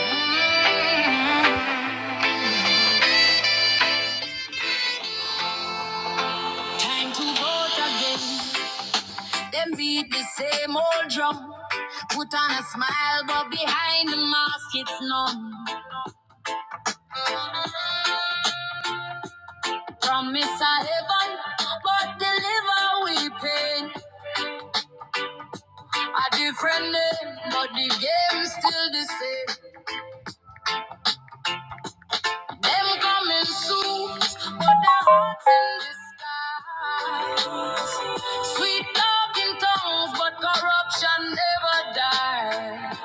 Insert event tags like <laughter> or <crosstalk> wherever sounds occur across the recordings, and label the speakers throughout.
Speaker 1: Mm. Time to vote again. Them beat the same old drum. Put on a smile, but behind the mask it's numb. Promise a heaven, but deliver we pain. A different name, but the game's still the same. Them coming soon, but their hearts in disguise. Sweet talking tongues, but corruption never dies.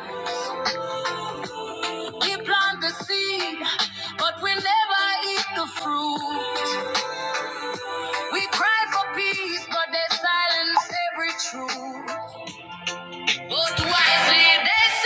Speaker 1: We plant the seed, but we never eat the fruit. We cry for peace, but they silence every truth. But wisely they say?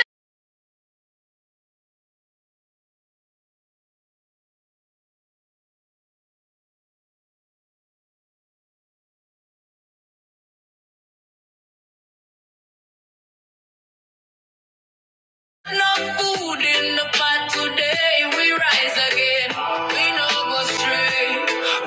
Speaker 1: No food in the pot today. We rise again. We no go stray.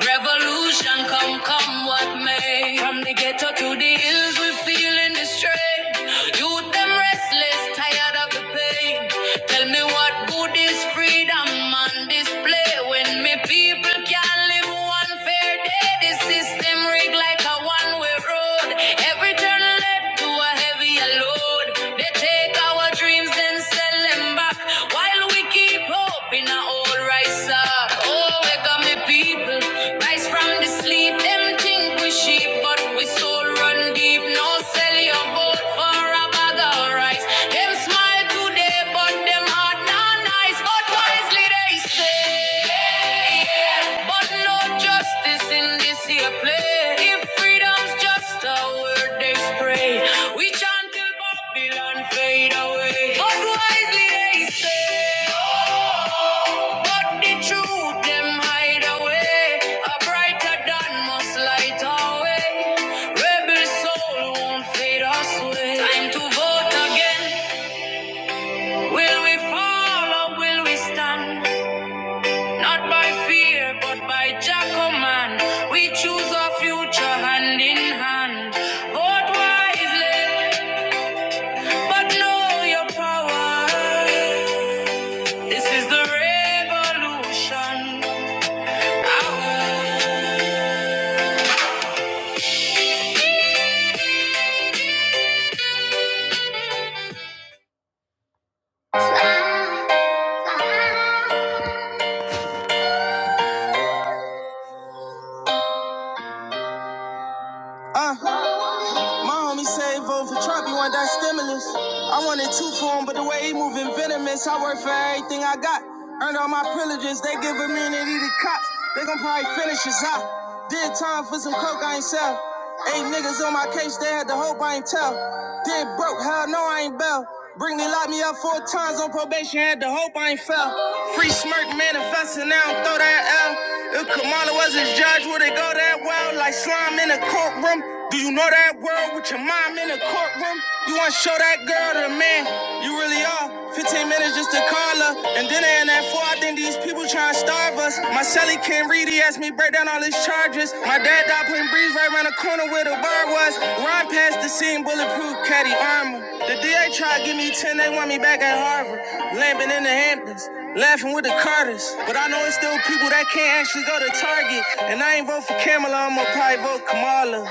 Speaker 1: Revolution come, come what may. From the ghetto to the hills, we feeling the strain. Youth them restless, tired of the pain. Tell me what good is freedom on display when me people can't live one fair day. This system rigged like a one-way road. Every turn led to a heavier load. They take our dreams and sell them back while we keep hope in our old rice sack. Oh, wake up, me people, rise from the sleep. Them think we sheep, but we soul run deep. No no sell your vote for a bag of rice. Them smile today, but them heart not nice. But wisely they say, yeah. But no justice in this here play. If freedom's just a word they spray, we chant till Babylon fade away. But wisely they say. But the truth, them hide away. A brighter dawn must light our way. Rebel soul won't fade us away. Time to vote again. Will we fall or will we stand? Not by fear, but by Jah command. We choose our future hand in hand. Vote wisely, but know your power. This is the revolution. Uh, my homie said vote for Trump, he want that stimulus. I wanted two for him, but the way he moving venomous, I work for everything I got. Earned all my privileges, they give immunity to cops. They gon' probably finish us out. Did time for some coke, I ain't sell. Eight niggas on my case, they had the hope I ain't tell. Did broke, hell no, I ain't. I ain't bell. Britney locked me up four times on probation, had the hope I ain't fell. Free smirk manifesting, now I'm throw that L. If Kamala was his judge, would it go that well? Like slime in a courtroom. Do you know that world with your mom in the courtroom? You wanna show that girl to the man you really are? 15 minutes just to call her. And then they in that four, I think these people trying to starve us. My celly can't read, he asked me break down all his charges. My dad died putting breeze right around the corner where the bar was. Run past the scene, bulletproof caddy armor. The DA tried to give me 10, they want me back at Harvard. Lamping in the Hamptons. Laughing with the Carters, but I know it's still people that can't actually go to Target. And I ain't vote for Kamala, I'ma probably vote Kamala.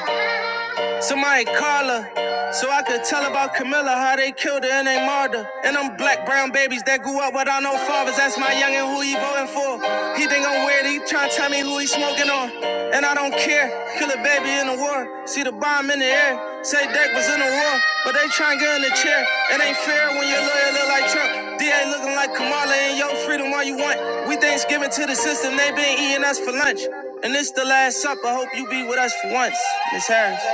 Speaker 1: Somebody call her so I could tell about Camilla how they killed her and they martyred her. And them black brown babies that grew up without no fathers. That's my youngin' who he voting for. He think I'm weird. He tryna tell me who he smoking on. And I don't care. Kill a baby in the war. See the bomb in the air. Say Dirk was in the war, but they tryna get in the chair. It ain't fair when your lawyer look like Trump. DA looking like Kamala and your freedom all you want. We Thanksgiving to the system. They been eating us for lunch. And this the last supper. Hope you be with us for once, Miss Harris.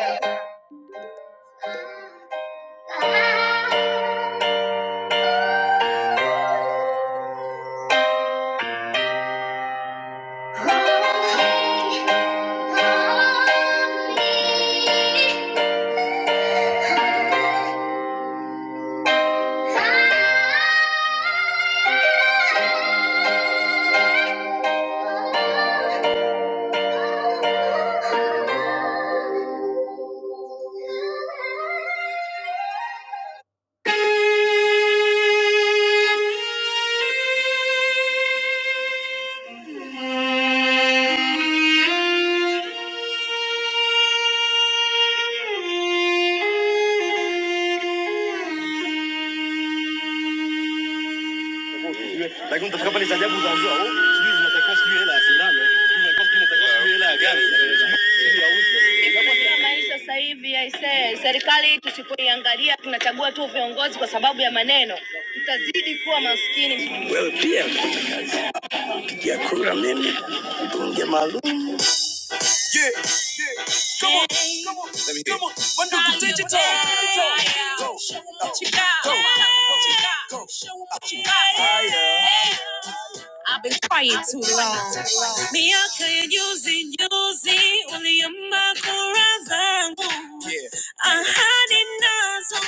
Speaker 1: Yule, Lakini utafika pale cha ajabu utaambiwa oh, sijui zinatakiwa sijui hela ya sindano, sijui unatakiwa sijui unatakiwa sijui hela ya gari, sijui sijui ya uso. Itakuwa ni- Ya maisha sasa hivi aisee, serikali tusipoiangalia, tunachagua tu viongozi kwa sababu ya maneno, tutazidi kuwa maskini. Wewe pia kupigia kura mimi mbunge maalum. zangu yeah. nazo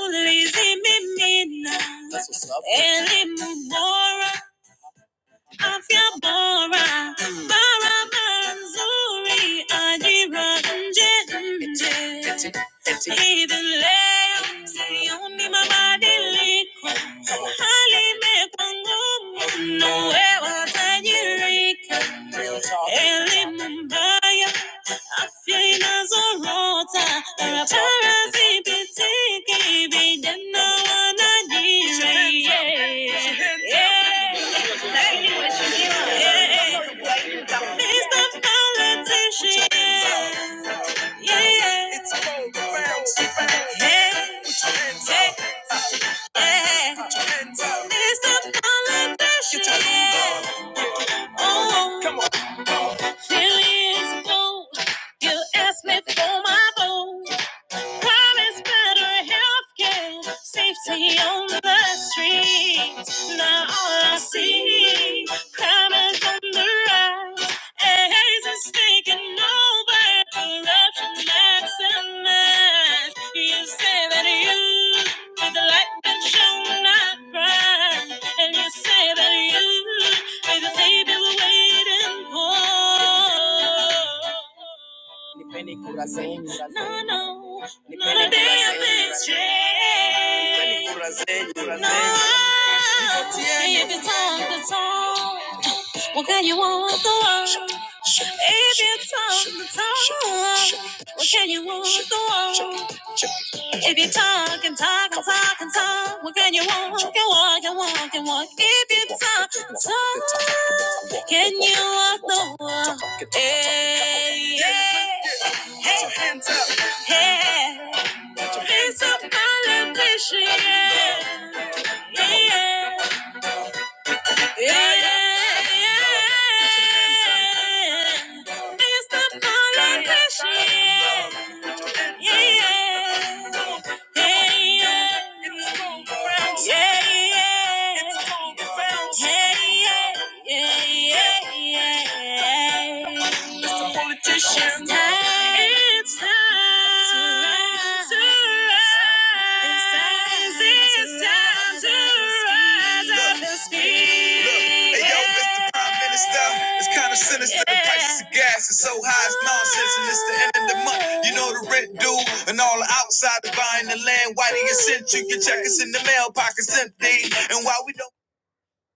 Speaker 1: ulizimimina That's what's afya bora barabara nzuri ajira nje nje Even mabadiliko, hali imekuwa ngumu, nawe watajirika. Elimu Nazarota, a parasite, baby, then no one Politician, yeah, yeah. Hey, hey. Politician. Oh, Come on. few years ago, you asked me for my vote. Promise better health care, safety on the streets. Now all I see, crime is on the rise. AIDS is taking over, corruption maximized. You say that you, with the light that shone not bright, and you say that you, with the savior we're waiting for no, no, not a damn thing's changed. No, if you talk the talk, what can you want the world? If you talk the talk, what can you want the world? If you talk and talk and talk and talk, what can you walk and walk and walk and walk? If you talk and talk, can you walk the walk? Hey, yeah. Hey, hands up. Hey, it's a politician. Yeah, yeah, yeah. It's the politician. Politician. It's time. It's time. It's time. It's time it's time to rise up and speak. Look, hey, yo, Mr. Prime Minister, it's kind of sinister. The price of gas is so high, it's nonsense, and it's the end of the month. You know the rent due, and all the outside buying the land. Why do you send you? Your check is in the mail, pockets empty, and why we don't.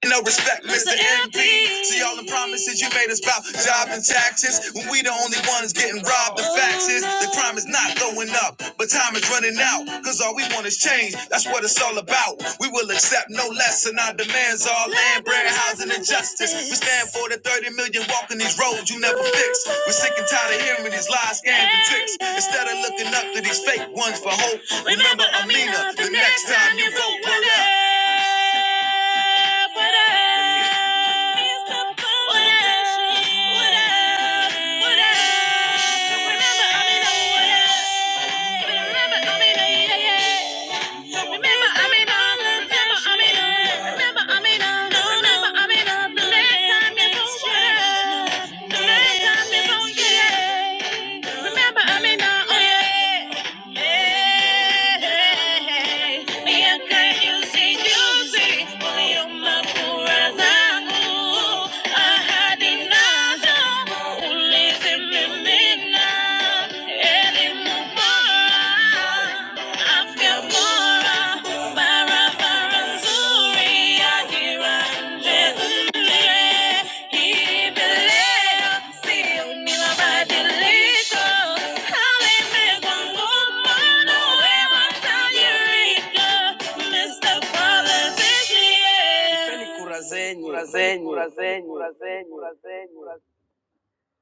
Speaker 1: No respect, Mr. MP. See all the promises you made us about job and taxes. When we the only ones getting robbed, the facts is the crime is not going up, but time is running out. Cause all we want is change. That's what it's all about. We will accept no less, and our demands are land. brand bread, housing, and justice. We stand for the 30 million walking these roads you never fix. We're sick and tired of hearing these lies, scams, and tricks. Instead of looking up to these fake ones for hope, remember Amina, the next time you vote, pull up. What up? What up? What up? What up? Remember Amina, what up? Remember, I'm in a, oh yeah. Hey, miaka juzi juzi uliuma kura zangu, ahadi nazo ulizimimina. Elimu bora, afya bora,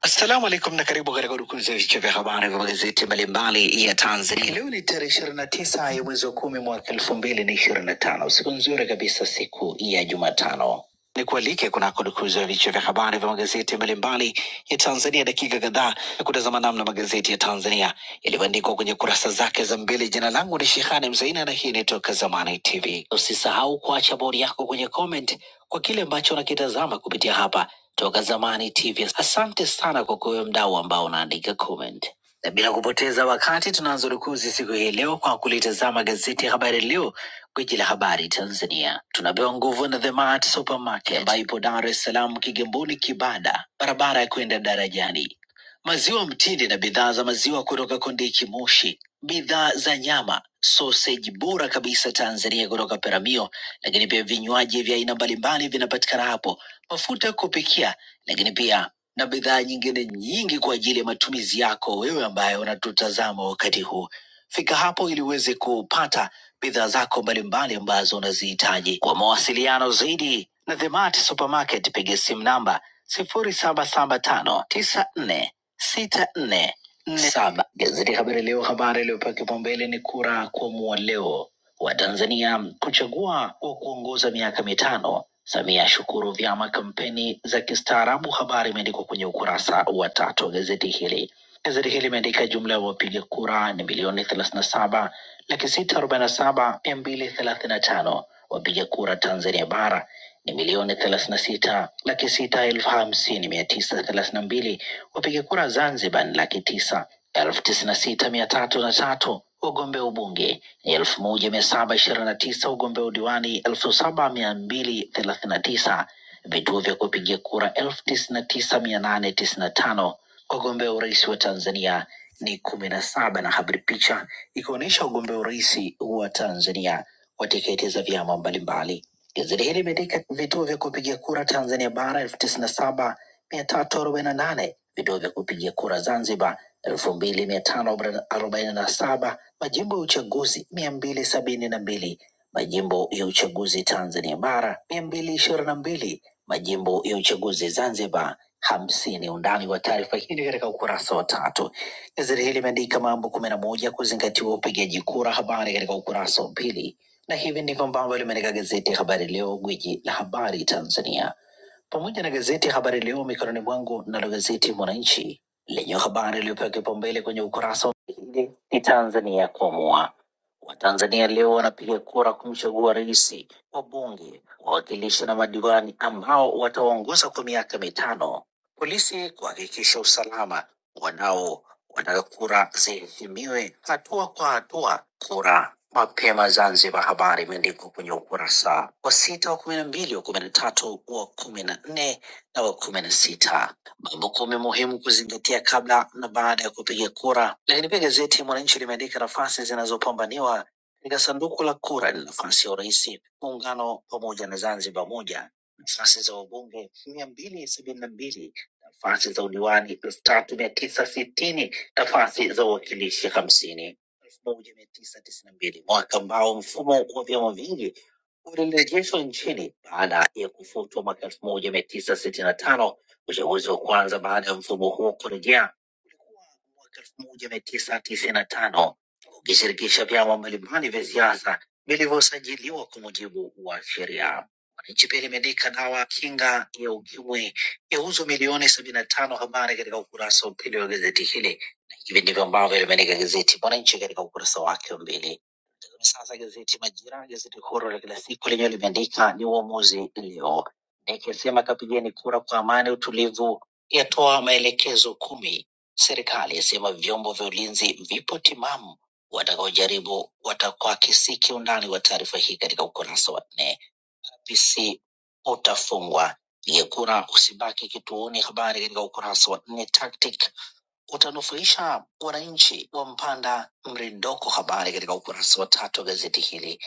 Speaker 1: Assalamu alaikum na karibu katika udukuzi ya vichwa vya habari vya magazeti mbalimbali ya Tanzania. elfu mbili na ishirini na tano. Siku nzuri kabisa, siku ya Jumatano. Ni kualike kunako dukuza vichwa vya habari vya magazeti mbalimbali ya Tanzania, dakika kadhaa ya kutazama namna magazeti ya Tanzania yalivyoandikwa kwenye kurasa zake za mbele. Jina langu ni Shehani Mzaina na hii ni Toka Zamani TV. Usisahau kuacha bodi yako kwenye comment kwa kile ambacho unakitazama kupitia hapa Toka Zamani TV. Asante sana kwa kuwe mdau ambao unaandika comment. Na bila kupoteza wakati tunaanza rukuzi siku hii leo kwa kulitazama gazeti ya Habari Leo, gwiji la habari Tanzania. Tunapewa nguvu na The Mart Supermarket ambayo ipo Dar es Salaam, Kigamboni, Kibada, barabara ya kwenda darajani. Maziwa mtindi na bidhaa za maziwa kutoka Kondiki Moshi, bidhaa za nyama, soseji bora kabisa Tanzania kutoka Peramio, lakini pia vinywaji vya aina mbalimbali vinapatikana hapo mafuta ya kupikia, lakini pia na bidhaa nyingine nyingi kwa ajili ya matumizi yako wewe ambaye unatutazama wakati huu. Fika hapo ili uweze kupata bidhaa zako mbalimbali ambazo unazihitaji. Kwa mawasiliano zaidi na The Mart Supermarket, piga simu namba sifuri saba saba tano tisa nne sita nne nne saba. Gazeti Habari Leo, habari iliyopewa kipaumbele ni kura kuamua leo, Watanzania kuchagua wa kuongoza miaka mitano. Samia shukuru vyama kampeni za kistaarabu. Habari imeandikwa kwenye ukurasa wa tatu wa gazeti hili. Gazeti hili limeandika jumla ya wapiga kura ni milioni thelathini na saba laki sita arobaini na saba mia mbili thelathini na tano. Wapiga kura Tanzania bara ni milioni thelathini na sita laki sita elfu hamsini mia tisa thelathini na mbili Wapiga kura Zanzibar ni laki tisa elfu tisini na sita mia tatu na tatu. Wagombea ubunge ni elfu moja mia saba ishirini na tisa. Wagombea udiwani elfu saba mia mbili thelathini na tisa. Vituo vya kupigia kura elfu tisini na tisa mia nane tisini na tano. Wagombea urais wa Tanzania ni kumi na saba na habari picha ikionyesha wagombea urais wa Tanzania wa tiketi za vyama mbalimbali. Gazeti hili limeandika vituo vya kupigia kura Tanzania bara elfu tisini na saba mia tatu arobaini na nane vituo vya kupigia kura Zanzibar elfu mbili mia tano arobaini na saba majimbo ya uchaguzi mia mbili sabini na mbili majimbo ya uchaguzi Tanzania bara mia mbili ishirini na mbili majimbo ya uchaguzi Zanzibar hamsini. Undani wa taarifa hii ni katika ukurasa wa tatu. Gazeti hili limeandika mambo kumi na moja kuzingatiwa upigaji kura, habari katika ukurasa wa pili, na hivi ndivyo ambavyo limeandika gazeti ya Habari Leo, gwiji la habari Tanzania pamoja na gazeti ya Habari Leo mikononi mwangu, nalo gazeti Mwananchi lenye habari iliyopewa kipaumbele kwenye ukurasa wa mbele ni Tanzania kuamua. Watanzania leo wanapiga kura kumchagua rais, wabunge, wawakilishi na madiwani ambao wataongoza kwa miaka mitano. Polisi kuhakikisha usalama, wanao wanataka kura ziheshimiwe hatua kwa hatua. Kura mapema Zanzibar, habari imeandikwa kwenye ukurasa wa sita, wa kumi na mbili, wa kumi na tatu, wa kumi na nne na wa kumi na sita. Mambo kumi muhimu kuzingatia kabla na baada ya kupiga kura. Lakini pia gazeti Mwananchi limeandika nafasi zinazopambaniwa katika sanduku la kura ni nafasi ya urais muungano pamoja na Zanzibar moja, nafasi za wabunge mia mbili sabini na mbili nafasi za udiwani elfu tatu mia tisa sitini nafasi za uwakilishi hamsini elfu moja mia tisa tisini na mbili mwaka ambao mfumo wa vyama vingi ulirejeshwa nchini baada ya kufutwa mwaka elfu moja mia tisa sitini na tano uchaguzi wa kwanza baada ya mfumo huo kurejea ulikuwa mwaka elfu moja mia tisa tisini na tano ukishirikisha vyama mbalimbali vya siasa vilivyosajiliwa kwa mujibu wa sheria wananchi pia limeandika dawa ya kinga ya ukimwi Yauzwa milioni sabini na tano. Habari katika ukurasa wa pili wa gazeti hili, na hivi ndivyo ambavyo limeandika gazeti Mwananchi katika ukurasa wake wa mbili. Tazame Sasa gazeti Majira, gazeti huru la kila siku, lenyewe limeandika ni uamuzi leo, nikisema kapigeni kura kwa amani, utulivu, yatoa maelekezo kumi. Serikali yasema vyombo vya ulinzi vipo timamu, watakaojaribu watakwakisi kiundani wa taarifa hii katika ukurasa wa nne visi utafungwa. Pige kura usibaki kituoni. Habari katika ukurasa wa nne. Tactic utanufaisha wananchi wa Mpanda mrindoko. Habari katika ukurasa wa tatu wa gazeti hili.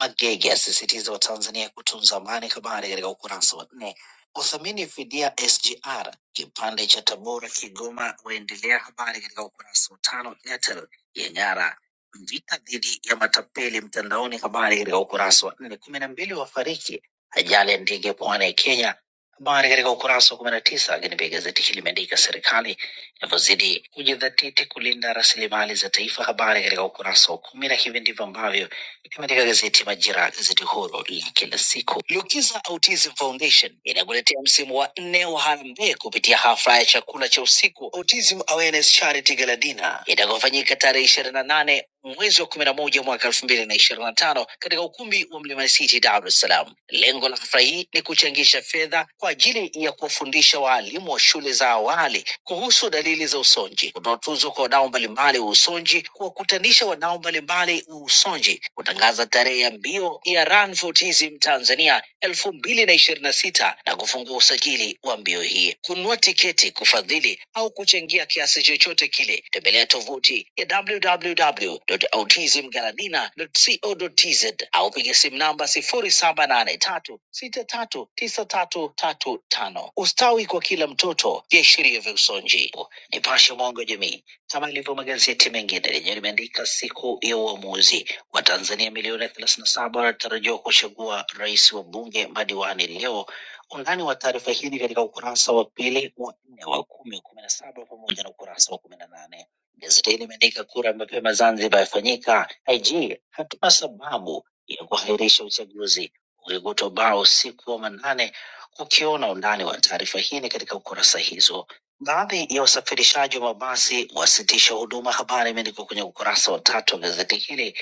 Speaker 1: Magege asisitiza Watanzania kutunza amani. Habari katika ukurasa wa nne. Kuthamini fidia SGR kipande cha Tabora Kigoma waendelea. Habari katika ukurasa wa tano. Airtel yang'ara vita dhidi ya matapeli mtandaoni. Habari katika ukurasa wa nne. kumi na mbili wafariki ajali ya ndege pwani ya Kenya. Habari katika ukurasa wa kumi na tisa. Lakini pia gazeti hili limeandika serikali inavyozidi kujidhatiti kulinda rasilimali za taifa. Habari katika ukurasa wa kumi, na hivi ndivyo ambavyo limeandika gazeti Majira, gazeti huru la kila siku. Lukiza Autism Foundation inakuletea msimu wa nne wa harambee kupitia hafla ya chakula cha usiku Autism Awareness Charity Gala Dinner itakofanyika tarehe ishirini na nane mwezi wa kumi na moja mwaka elfu mbili na ishirini na tano katika ukumbi wa Mlimani City, Dar es Salaam. Lengo la hafla hii ni kuchangisha fedha kwa ajili ya kuwafundisha waalimu wa shule za awali kuhusu dalili za usonji. Kutoa tuzo kwa wadau mbalimbali wa usonji, kuwakutanisha wadau mbalimbali wa usonji, kutangaza tarehe ya mbio ya Run for Autism Tanzania elfu mbili na ishirini na sita na kufungua usajili wa mbio hii. Kununua tiketi, kufadhili au kuchangia kiasi chochote kile, tembelea tovuti ya www.autismgaladina.co.tz au piga simu namba sifuri saba nane tatu sita tatu tisa tatu tatu tano. Ustawi kwa kila mtoto, viashiria vya usonji. Nipashe mwanga wa jamii, kama ilivyo magazeti mengine, lenyewe limeandika siku ya uamuzi. Watanzania milioni thelathini na saba wanatarajiwa kuchagua rais wa bunge madiwani leo. Undani wa taarifa hii ni katika ukurasa wa pili, wa nne, wa kumi, kumi na saba pamoja na ukurasa wa kumi na nane. Gazeti hili limeandika kura mapema Zanzibar yafanyika. IG, hatuna sababu ya kuahirisha uchaguzi. Ulikuta bao siku ya manane. Ukiona undani wa taarifa hii ni katika ukurasa hizo Baadhi ya usafirishaji wa mabasi wasitisha huduma. Habari imeandikwa kwenye ukurasa wa tatu wa gazeti hili.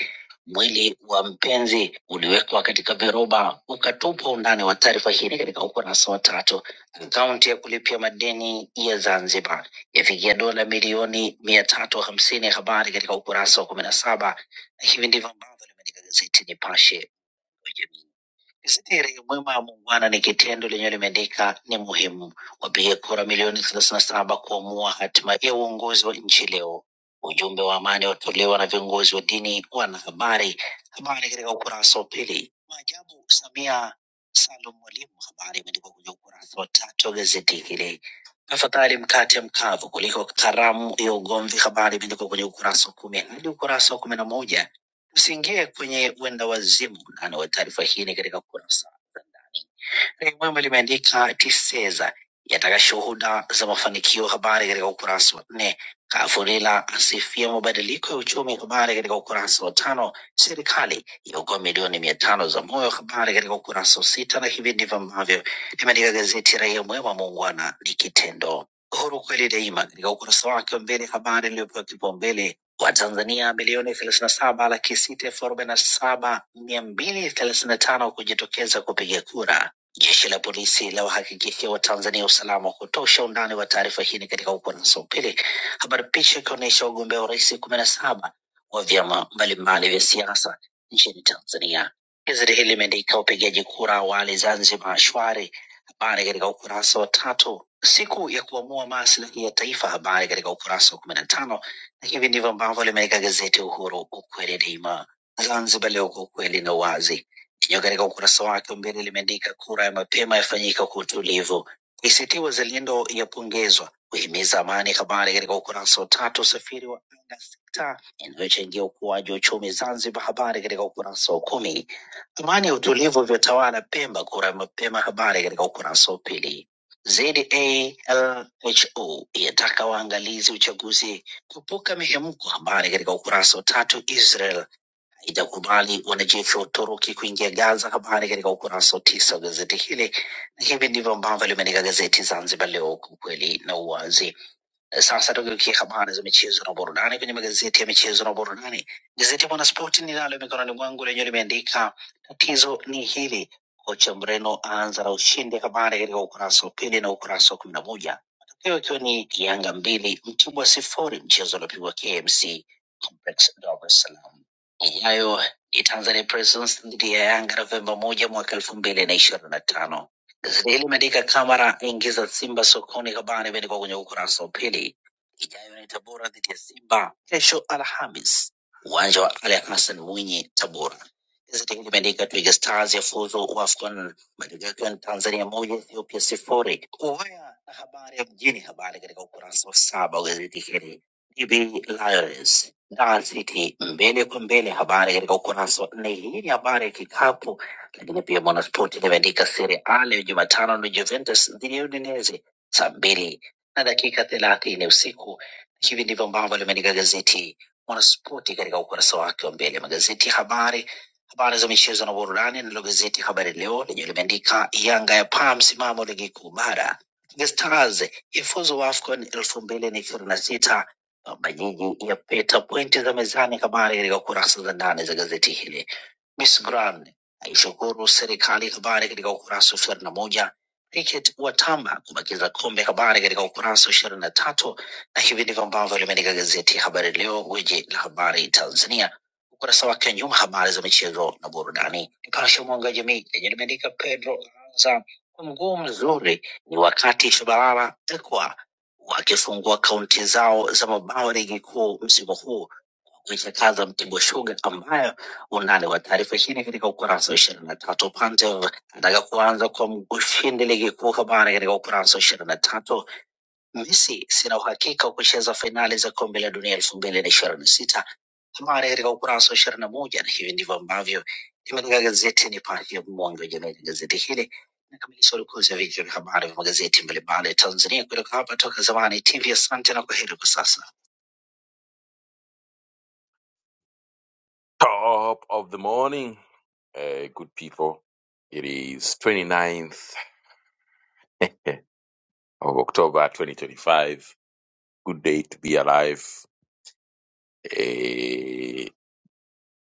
Speaker 1: Mwili wa mpenzi uliwekwa katika viroba ukatupwa. Undani wa taarifa hii ni katika ukurasa wa tatu. Akaunti ya kulipia madeni ya Zanzibar yafikia dola milioni mia tatu hamsini. Habari katika ukurasa wa kumi na saba. Na hivi ndivyo ambavyo limeandika gazeti Nipashe wa jamii. Sithiri mwema wa muungwana ni kitendo lenyewe limeandika ni muhimu. Wapiga kura milioni thelathini na saba kuamua hatima ya uongozi wa nchi leo. Ujumbe wa amani watolewa na viongozi wa dini, wanahabari. Habari katika ukurasa wa pili. Maajabu Samia Salum Mwalimu, habari imeandikwa kwenye ukurasa wa tatu wa gazeti hili. Afadhali mkate mkavu kuliko karamu ya ugomvi, habari imeandikwa kwenye ukurasa wa kumi hadi ukurasa wa kumi na moja Tusiingie kwenye uenda wazimu, undani wa taarifa hii ni katika kurasa za ndani. Daily Mwema limeandika TISEZA yataka shuhuda za mafanikio, habari katika ukurasa wa nne. Kafurila asifia mabadiliko ya uchumi, habari katika ukurasa wa tano. Serikali yaokoa milioni mia tano za moyo, habari katika ukurasa wa sita, na hivi ndivyo ambavyo limeandika gazeti Raia Mwema, muungwana ni kitendo. Uhuru kweli daima katika ukurasa wake wa mbele, habari iliyopewa kipaumbele Watanzania milioni thelathini na saba laki sita elfu arobaini na saba mia mbili thelathini na tano kujitokeza kupiga kura. Jeshi la polisi la wahakikishia Watanzania usalama wa kutosha. Undani wa taarifa hii ni katika ukurasa wa pili, habari picha ikionyesha wagombea urais kumi na saba wa vyama mbalimbali vya siasa nchini Tanzania. Gazeti hili limeandika upigaji kura awali Zanzibar shwari, habari katika ukurasa wa tatu. Siku ya kuamua maslahi ya taifa, habari katika ukurasa wa kumi na tano. Na hivi ndivyo ambavyo limeandika gazeti Uhuru, ukweli daima. Zanzibar leo kwa ukweli na uwazi Lenyewe katika ukurasa wake wa mbele limeandika kura ya mapema yafanyika kwa utulivu. ACT Wazalendo yapongezwa kuhimiza amani. Habari katika ukurasa wa tatu. Usafiri wa anga sekta inayochangia ukuaji wa uchumi Zanzibar. Habari katika ukurasa wa kumi. Amani ya utulivu vyotawala Pemba, kura ya mapema. Habari katika ukurasa wa pili. ZALHO yataka waangalizi uchaguzi kuepuka mihemko. Habari katika ukurasa wa tatu. Israel haijakubali wanajeshi wa Uturuki kuingia Gaza. Habari katika ukurasa wa tisa wa gazeti hili, na hivi ndivyo ambavyo limeandika gazeti Zanzibar Leo, kwa ukweli na uwazi. Sasa tugeukie habari za michezo na burudani kwenye magazeti ya michezo na burudani. Gazeti ya Mwanaspoti ninalo mikononi mwangu lenyewe limeandika tatizo ni hili, kocha Mreno aanza na ushindi, habari katika ukurasa wa pili na ukurasa wa kumi na moja matokeo ikiwa ni Yanga mbili Mtibwa sifuri, mchezo uliopigwa KMC Complex Dar es Salaam. Ijayo ni Tanzania Prisons dhidi ya Yanga Novemba moja mwaka elfu mbili na ishirini na tano. Gazeti hili imeandika Kamara aingiza Simba sokoni, habari imeandikwa kwenye ukurasa wa pili. Ijayo ni Tabora dhidi ya Simba kesho Alhamis, uwanja wa Ali Hassan Mwinyi, Tabora. Gazeti hili limeandika Twiga Stars yafuzu AFCON, matokeo yakiwa ni Tanzania moja Ethiopia sifuri. Uwaya na habari ya mjini, habari katika ukurasa wa saba wa gazeti hili. DB Lions Dar City mbele kwa mbele, habari katika ukurasa wa nne. Hii ni habari ya kikapu lakini pia Mwanaspoti limeandika Serie A leo Jumatano ni Juventus dhidi ya Udinese saa mbili na dakika thelathini usiku. Hivi ndivyo ambavyo limeandika gazeti Mwanaspoti katika ukurasa wake wa mbele, magazeti ya habari habari za michezo na burudani. Nalo gazeti Habari Leo lenye limeandika Yanga ya paa msimamo ligi kuu bara, The Stars ifuzu AFCON elfu mbili na ishirini na sita Baba Jiji yapeta pointi za mezani, habari katika kurasa za ndani za gazeti hili. Miss Grand aishukuru serikali. Habari katika ukurasa wa ishirini na moja. Cricket watamba kubakiza kombe, habari katika ukurasa wa ishirini na tatu. Na hivi ndivyo ambavyo limeandika gazeti ya Habari Leo, gwiji la habari Tanzania, ukurasa wake wa nyuma, habari za michezo na burudani. Nipashe mwanga wa jamii lenye limeandika Pedro Anza kwa mguu mzuri, ni wakati Shabalala Ekwa wakifungua kaunti zao za mabao ligi kuu msimu huu kuichakaza Mtibwa Sugar ambayo undani wa taarifa hii ni katika ukurasa wa ishirini na tatu. Upande wa- anataka kuanza kwa ushindi ligi kuu, habari katika ukurasa wa ishirini na tatu. Messi, sina uhakika wa kucheza fainali za kombe la dunia elfu mbili na ishirini na sita, habari katika ukurasa wa ishirini na moja. Na hivi ndivyo ambavyo limeandika gazeti Nipashe, ya mwanga wa jamii. Gazeti hili nakamilisha urukuzi wa vichwa vya habari vya magazeti mbalimbali Tanzania kutoka hapa Toka Zamani TV. Asante na kwaheri kwa sasa. Top of the morning, uh, good people. It is 29th <laughs> of October 2025. Good day to be alive. Eh,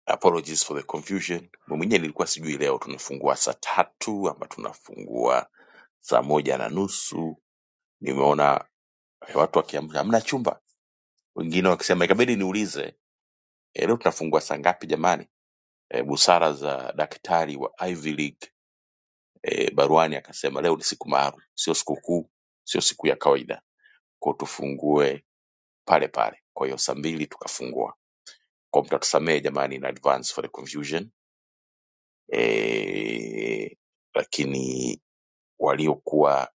Speaker 1: apologies for the confusion. Mwenyewe nilikuwa sijui leo tunafungua saa tatu ama tunafungua saa moja na nusu. Nimeona eh, watu wakiamka hamna chumba, wengine wakisema ikabidi niulize eh, leo tunafungua saa ngapi jamani? Eh, busara za daktari wa Ivy League e, baruani akasema leo ni siku maalum, sio sikukuu, sio siku ya kawaida, kwa tufungue pale pale. Kwa hiyo saa mbili tukafungua, kwa mtatusamehe jamani in advance for the confusion e, lakini waliokuwa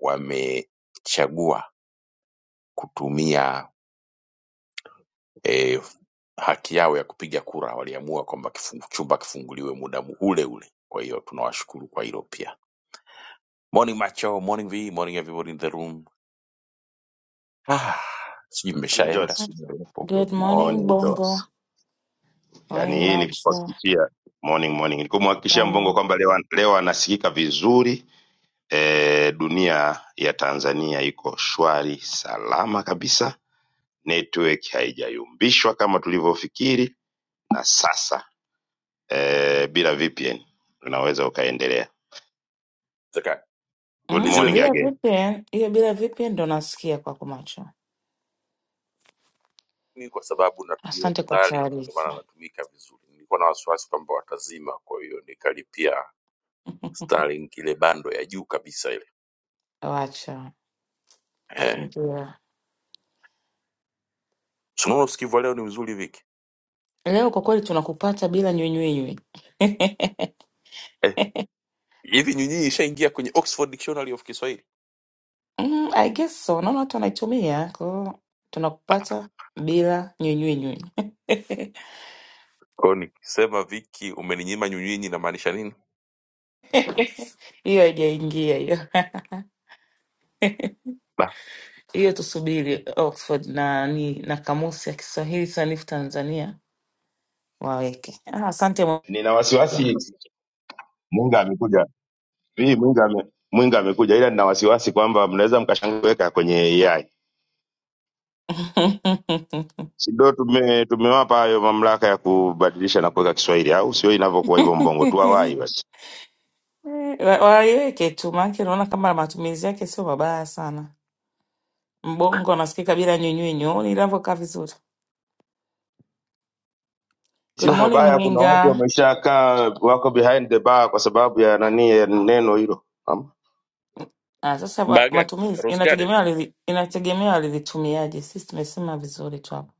Speaker 1: wamechagua kutumia e, haki yao ya kupiga kura waliamua kwamba kifungu, chumba kifunguliwe muda ule ule. Kwa hiyo tunawashukuru kwa hilo pia. Morning Macho, morning V, morning everybody in the room. Ah, sijui
Speaker 2: Morning
Speaker 1: mmeshaenda
Speaker 2: Jones.
Speaker 1: sijui mlipo.
Speaker 3: Good
Speaker 2: Good
Speaker 3: morning,
Speaker 2: morning
Speaker 3: Bongo.
Speaker 2: Jones. Yaani
Speaker 3: Morning,
Speaker 2: hii ni
Speaker 3: macho.
Speaker 2: kuhakikishia morning morning. Ni kumhakikishia Mbongo
Speaker 3: Jamani.
Speaker 2: kwamba leo leo anasikika vizuri. E, dunia ya Tanzania iko shwari salama kabisa. Network haijayumbishwa kama tulivyofikiri na sasa e, bila VPN unaweza ukaendelea.
Speaker 1: Zaka,
Speaker 2: Good
Speaker 3: Mm?
Speaker 1: nizime
Speaker 2: morning
Speaker 1: vipi?
Speaker 3: Bila
Speaker 2: again.
Speaker 3: VPN, hiyo bila VPN ndo nasikia kwako macho.
Speaker 1: Ni kwa sababu natumia
Speaker 3: Asante kwa
Speaker 1: Starlink ndio maana
Speaker 3: taarifa.
Speaker 1: natumika vizuri. Nilikuwa na wasiwasi kwamba watazima, kwa hiyo nikalipia Starlink ile bando ya juu kabisa ile.
Speaker 3: Wacha.
Speaker 1: Eh,
Speaker 3: Ndio.
Speaker 1: si unaona usikivu wa leo ni mzuri Viki?
Speaker 3: Leo kwa kweli tunakupata bila nywinywinywi. <laughs>
Speaker 1: Eh, hivi nyinyi ishaingia kwenye Oxford Dictionary of Kiswahili?
Speaker 3: Mm, I guess so. Naona watu wanaitumia. Kwa hiyo
Speaker 1: Ah,
Speaker 3: tunakupata bila nywinywinywi. <laughs>
Speaker 1: kwa hiyo nikisema Viki umeninyima nyunyi inamaanisha nini?
Speaker 3: Hiyo haijaingia hiyo.
Speaker 1: Ba,
Speaker 3: <laughs> Hiyo tusubiri Oxford na ni na kamusi ya Kiswahili sanifu Tanzania waweke. Ah, Asante
Speaker 2: Nina wasiwasi Mwinga amekuja. Mimi Mwinga ame, Mwinga amekuja ila nina wasiwasi kwamba mnaweza mkashangweka kwenye AI.
Speaker 3: <laughs>
Speaker 2: si ndo tume, tumewapa hayo mamlaka ya kubadilisha na kuweka Kiswahili, au sio? Inavyokuwa hivyo Mbongo, tuwawahi basi.
Speaker 3: Wa- waiweke tu, maanake naona kama matumizi yake sio mabaya sana. Mbongo nasikika bila nyunyu inavyokaa vizuri. Good
Speaker 2: Sio
Speaker 3: morning
Speaker 2: mabaya, kuna watu
Speaker 3: Mwinga.
Speaker 2: wameshakaa wako behind the bar kwa sababu ya nani, ya neno hilo. Naam.
Speaker 3: Ah, sasa wa-
Speaker 1: baa gani?
Speaker 3: matumizi
Speaker 1: Rose Garden.
Speaker 3: inategemea walizi- inategemea walivitumiaje. Sisi tumesema vizuri tu hapa.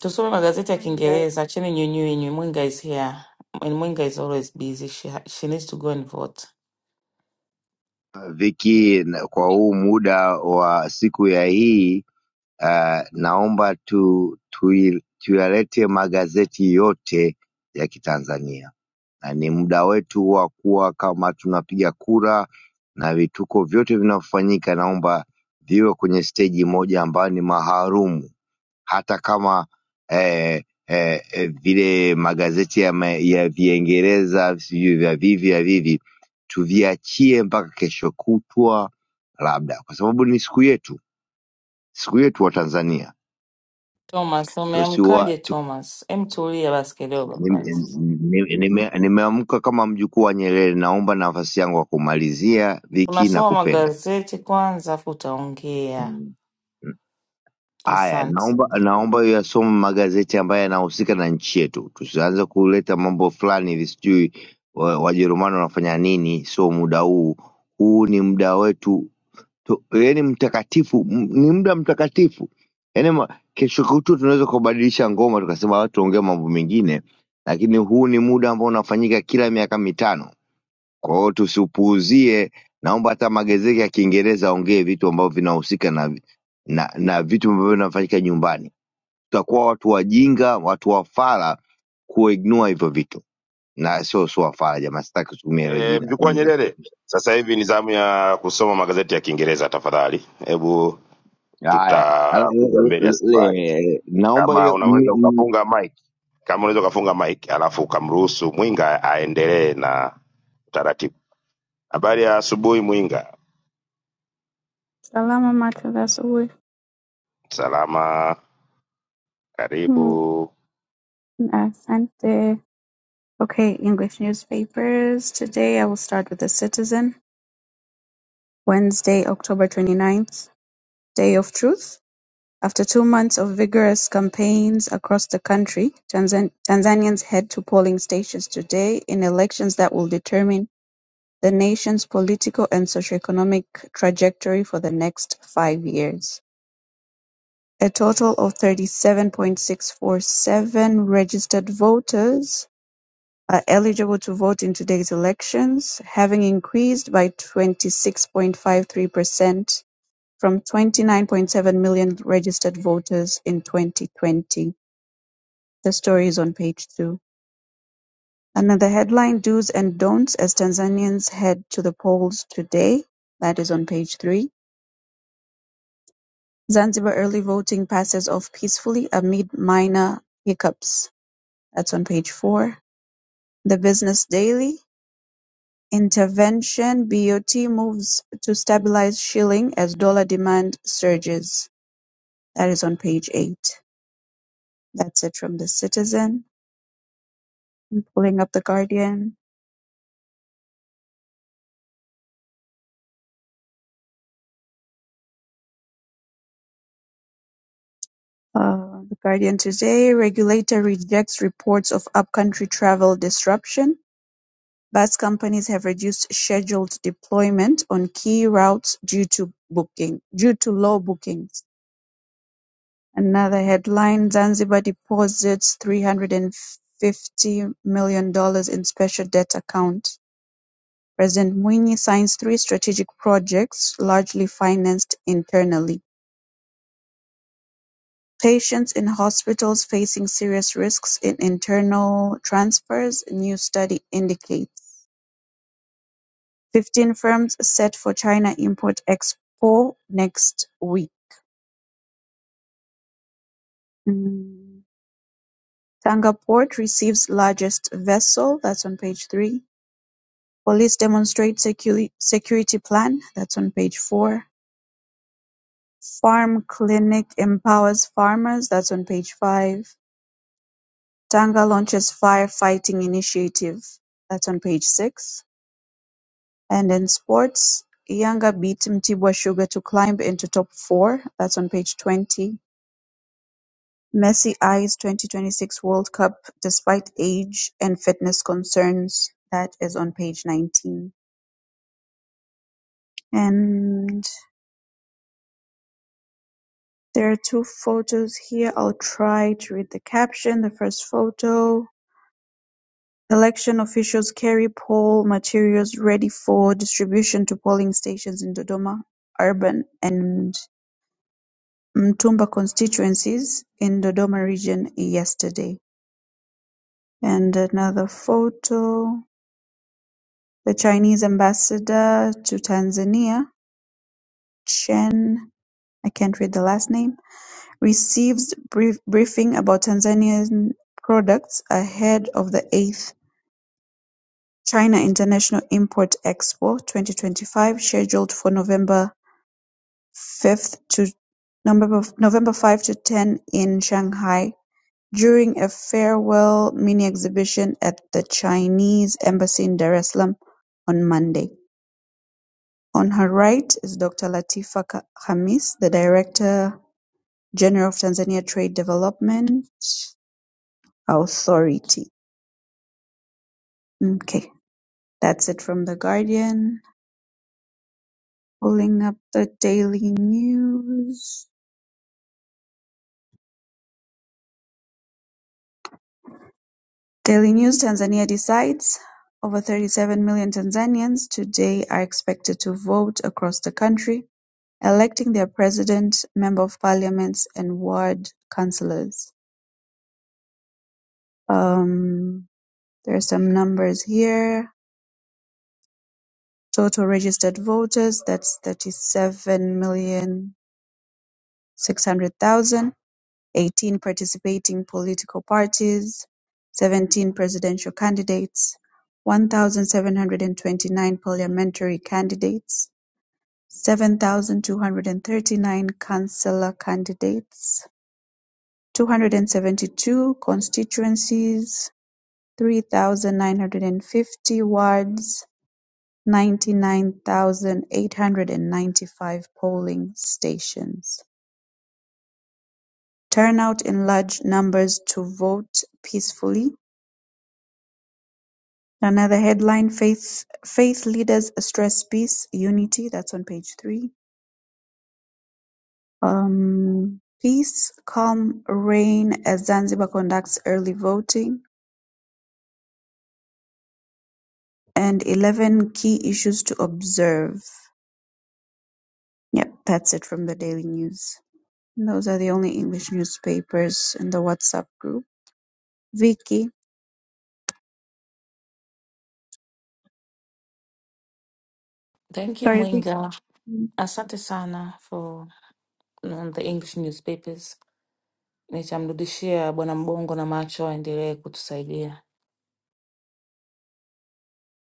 Speaker 3: Tusome magazeti ya
Speaker 4: Morning, guys.
Speaker 3: Kiingereza. Acheni nyunyu Mwinga is here and Mwinga is always busy. She, ha- she needs to go and vote.
Speaker 5: Vicky, na- kwa huu muda wa siku ya hii uh, naomba tu, tui- tuyalete magazeti yote ya Kitanzania, na ni muda wetu wa kuwa kama tunapiga kura, na vituko vyote vinavyofanyika naomba viwe kwenye steji moja ambayo ni maharumu hata kama eh, eh, eh, vile magazeti ya, ma, ya Viingereza sijui vya vivi vya vivi tuviachie mpaka kesho kutwa labda, kwa sababu ni siku yetu, siku yetu wa Tanzania
Speaker 3: Thomas,
Speaker 5: tusiwa
Speaker 3: umeamkaje
Speaker 5: tu,
Speaker 3: Thomas? Em tulia basi kidogo kwanza.
Speaker 5: nimeamka ni, ni, nime- nimeamka kama mjukuu wa Nyerere. Naomba nafasi yangu ya kumalizia Viki na
Speaker 3: Unasoma
Speaker 5: kupenda
Speaker 3: magazeti kwanza afu utaongea.
Speaker 5: mm. Haya,
Speaker 3: Asante.
Speaker 5: naomba naomba uyasome magazeti ambayo yanahusika na nchi yetu, tusianze kuleta mambo fulani hivi, sijui wa- Wajerumani wanafanya nini. Sio muda huu, huu ni muda wetu, tu- yaani mtakatifu, m- ni muda mtakatifu. Yaani ma- kesho kutu tunaweza kubadilisha ngoma, tukasema watu ongea mambo mengine, lakini huu ni muda ambao unafanyika kila miaka mitano. Kwa hiyo tusipuuzie, naomba hata magazeti ya Kiingereza aongee vitu ambavyo vinahusika na, na, na vitu ambavyo vinafanyika nyumbani. Tutakuwa watu wajinga, watu wafala kuignua hivyo vitu, na sio sio wafala jamaa, sitaki kutumia hilo
Speaker 2: E,
Speaker 5: jina. hata
Speaker 2: mjukuu wa
Speaker 5: mimi si-
Speaker 2: Nyerere, sasa hivi ni zamu ya kusoma magazeti ya Kiingereza. Tafadhali hebu
Speaker 5: Haya, al-
Speaker 2: tutakuja
Speaker 5: le-
Speaker 2: mbele ya
Speaker 5: le-
Speaker 2: safari,
Speaker 5: le- naomba
Speaker 2: kama
Speaker 5: hiyo m-
Speaker 2: unaweza
Speaker 5: m-
Speaker 2: ukafunga mic, kama unaweza ukafunga mic alafu ukamruhusu Mwinga aendelee na utaratibu. Habari ya asubuhi Mwinga,
Speaker 4: Salama Matata
Speaker 2: salama.
Speaker 4: Hmm,
Speaker 2: Karibu.
Speaker 4: Asante. Okay, English newspapers. Today I will start with The Citizen. Wednesday, October 29th, Day of Truth. After two months of vigorous campaigns across the country, Tanzan- Tanzanians head to polling stations today in elections that will determine the nation's political and socioeconomic trajectory for the next five years. A total of thirty-seven point six four seven registered voters are eligible to vote in today's elections, having increased by twenty-six point five three percent from twenty-nine point seven million registered voters in twenty twenty. The story is on page two. Another headline, Do's and Don'ts as Tanzanians Head to the Polls Today. That is on page three. Zanzibar early voting passes off peacefully amid minor hiccups. That's on page four. The Business Daily. Intervention BOT moves to stabilize shilling as dollar demand surges. That is on page eight. That's it from the Citizen. I'm pulling up the Guardian. Uh, the Guardian today. Regulator rejects reports of upcountry travel disruption. Bus companies have reduced scheduled deployment on key routes due to booking due to low bookings. Another headline: Zanzibar deposits three hundred and fifty million dollars in special debt account. President Mwinyi signs three strategic projects largely financed internally. Patients in hospitals facing serious risks in internal transfers, new study indicates. 15 firms set for China Import Expo next week. Mm. Tanga Port receives largest vessel, that's on page 3. Police demonstrate secu- security plan (that's on page four. Farm clinic empowers farmers (that's on page five. Tanga launches firefighting initiative (that's on page six. and in sports, Yanga beat Mtibwa Sugar to climb into top four (that's on page 20). Messi eyes 2026 World Cup despite age and fitness concerns. That is on page 19. And There are two photos here, I'll try to read the caption. The first photo, election officials carry poll materials ready for distribution to polling stations in Dodoma urban and Mtumba constituencies in Dodoma region yesterday. And another photo, the Chinese ambassador to Tanzania, Chen, I can't read the last name, Receives briefing about Tanzanian products ahead of the eighth China International Import-Expo twenty-twenty-five scheduled for November five to November fifth to ten in Shanghai during a farewell mini-exhibition at the Chinese Embassy in Dar es Salaam on Monday. On her right is Dr. Latifa Khamis, the Director General of Tanzania Trade Development Authority. Okay, that's it from The Guardian. Pulling up the Daily News. Daily News Tanzania decides. Over 37 million Tanzanians today are expected to vote across the country, electing their president, member of parliaments, and ward councillors. Um, there are some numbers here. Total registered voters, that's 37,600,000. eighteen participating political parties, seventeen presidential candidates, one thousand seven hundred and twenty-nine parliamentary candidates, seven thousand two hundred and thirty-nine councillor candidates, two hundred and seventy-two constituencies, three thousand nine hundred and fifty wards, ninety-nine thousand eight hundred and ninety-five polling stations turn out in large numbers to vote peacefully Another headline, Faith Faith Leaders Stress Peace, Unity, that's on page three. Um, peace, calm reign as Zanzibar conducts early voting and 11 key issues to observe. Yep, that's it from the Daily News. And those are the only English newspapers in the WhatsApp group. Vicky,
Speaker 3: Thank you
Speaker 4: sorry, Vicky.
Speaker 3: Mwinga. Asante sana for um, the English newspapers. Nitamrudishia Bwana Mbongo na macho aendelee kutusaidia.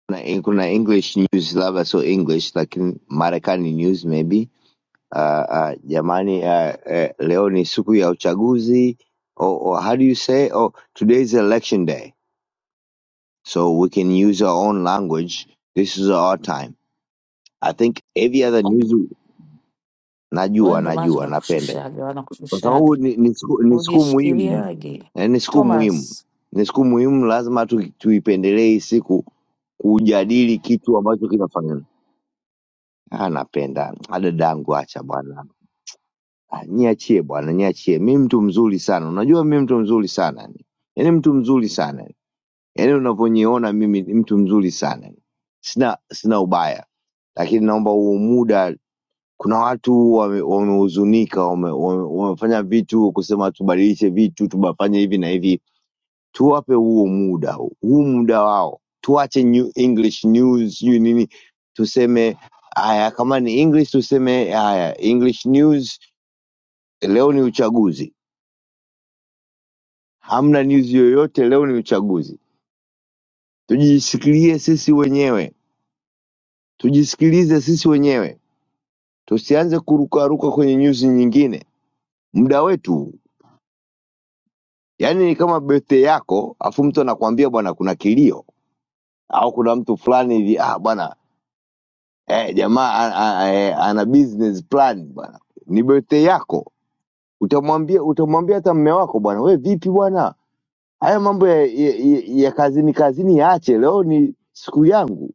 Speaker 5: kuna kuna English news, labda sio English, lakini Marekani news maybe uh, uh, jamani uh, uh, leo ni siku ya uchaguzi or, or how do you say oh today is election day so we can use our own language this is our time i think every other news
Speaker 3: Wewe
Speaker 5: najua
Speaker 3: ndo macho
Speaker 5: najua napenda
Speaker 3: nakushushaga,
Speaker 5: kwa
Speaker 3: wanakushushaga.
Speaker 5: sababu ni, ni, siku, ni siku
Speaker 3: Ujishikilie
Speaker 5: muhimu
Speaker 3: lagi.
Speaker 5: eh, ni siku muhimu
Speaker 3: Thomas,
Speaker 5: ni siku muhimu lazima tu, tuipendelee hii siku kujadili kitu ambacho kinafanyana Ah, napenda Ah, dadangu acha bwana Ah, niachie bwana, niachie. Mimi mtu mzuri sana, unajua mimi mtu mzuri sana yani, yaani mtu mzuri sana yani, yaani unavyoniona mimi ni mtu mzuri sana yani. Sina sina ubaya, lakini naomba huu muda, kuna watu wame- wamehuzunika, wame- wame- wamefanya vitu kusema tubadilishe vitu, tubafanye hivi na hivi. Tuwape huo muda, huu muda wao, tuache new English news, sijui nini, tuseme haya. Kama ni English tuseme haya, English news, leo ni uchaguzi hamna news yoyote. Leo ni uchaguzi, tujisikilie sisi wenyewe, tujisikilize sisi wenyewe, tusianze kurukaruka kwenye news nyingine muda wetu. Yaani ni kama birthday yako, afu mtu anakuambia bwana, kuna kilio au kuna mtu fulani hivi ah, bwana eh, jamaa a- a- eh, ana business plan bwana, ni birthday yako. Utamwambia utamwambia hata mme wako bwana, we vipi bwana, haya mambo ya, ya, ya, ya kazini kazini yaache, leo ni siku yangu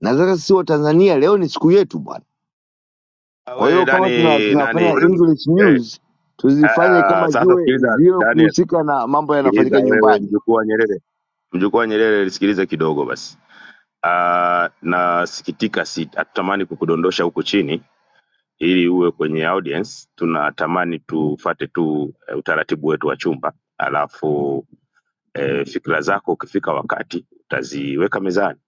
Speaker 5: na sasa sisi watanzania leo ni siku yetu bwana
Speaker 2: Ah,
Speaker 5: kwa
Speaker 2: We
Speaker 5: hiyo kama tuna,
Speaker 2: nani nani
Speaker 5: tunafanya english
Speaker 2: eh,
Speaker 5: news tuzifanye
Speaker 2: ah,
Speaker 5: kama
Speaker 2: sasa
Speaker 5: ziwe
Speaker 2: sikiliza
Speaker 5: ziwe
Speaker 2: Daniel,
Speaker 5: kuhusika na mambo
Speaker 2: sikiliza
Speaker 5: yanafanyika
Speaker 2: wewe,
Speaker 5: nyumbani
Speaker 2: mjukuu wa Nyerere, mjukuu wa Nyerere, sikiliza kidogo basi. Ah, nasikitika, si hatutamani kukudondosha huku chini ili uwe kwenye audience. Tunatamani tufate tu eh, utaratibu wetu wa chumba, alafu eh, fikra zako ukifika wakati utaziweka mezani.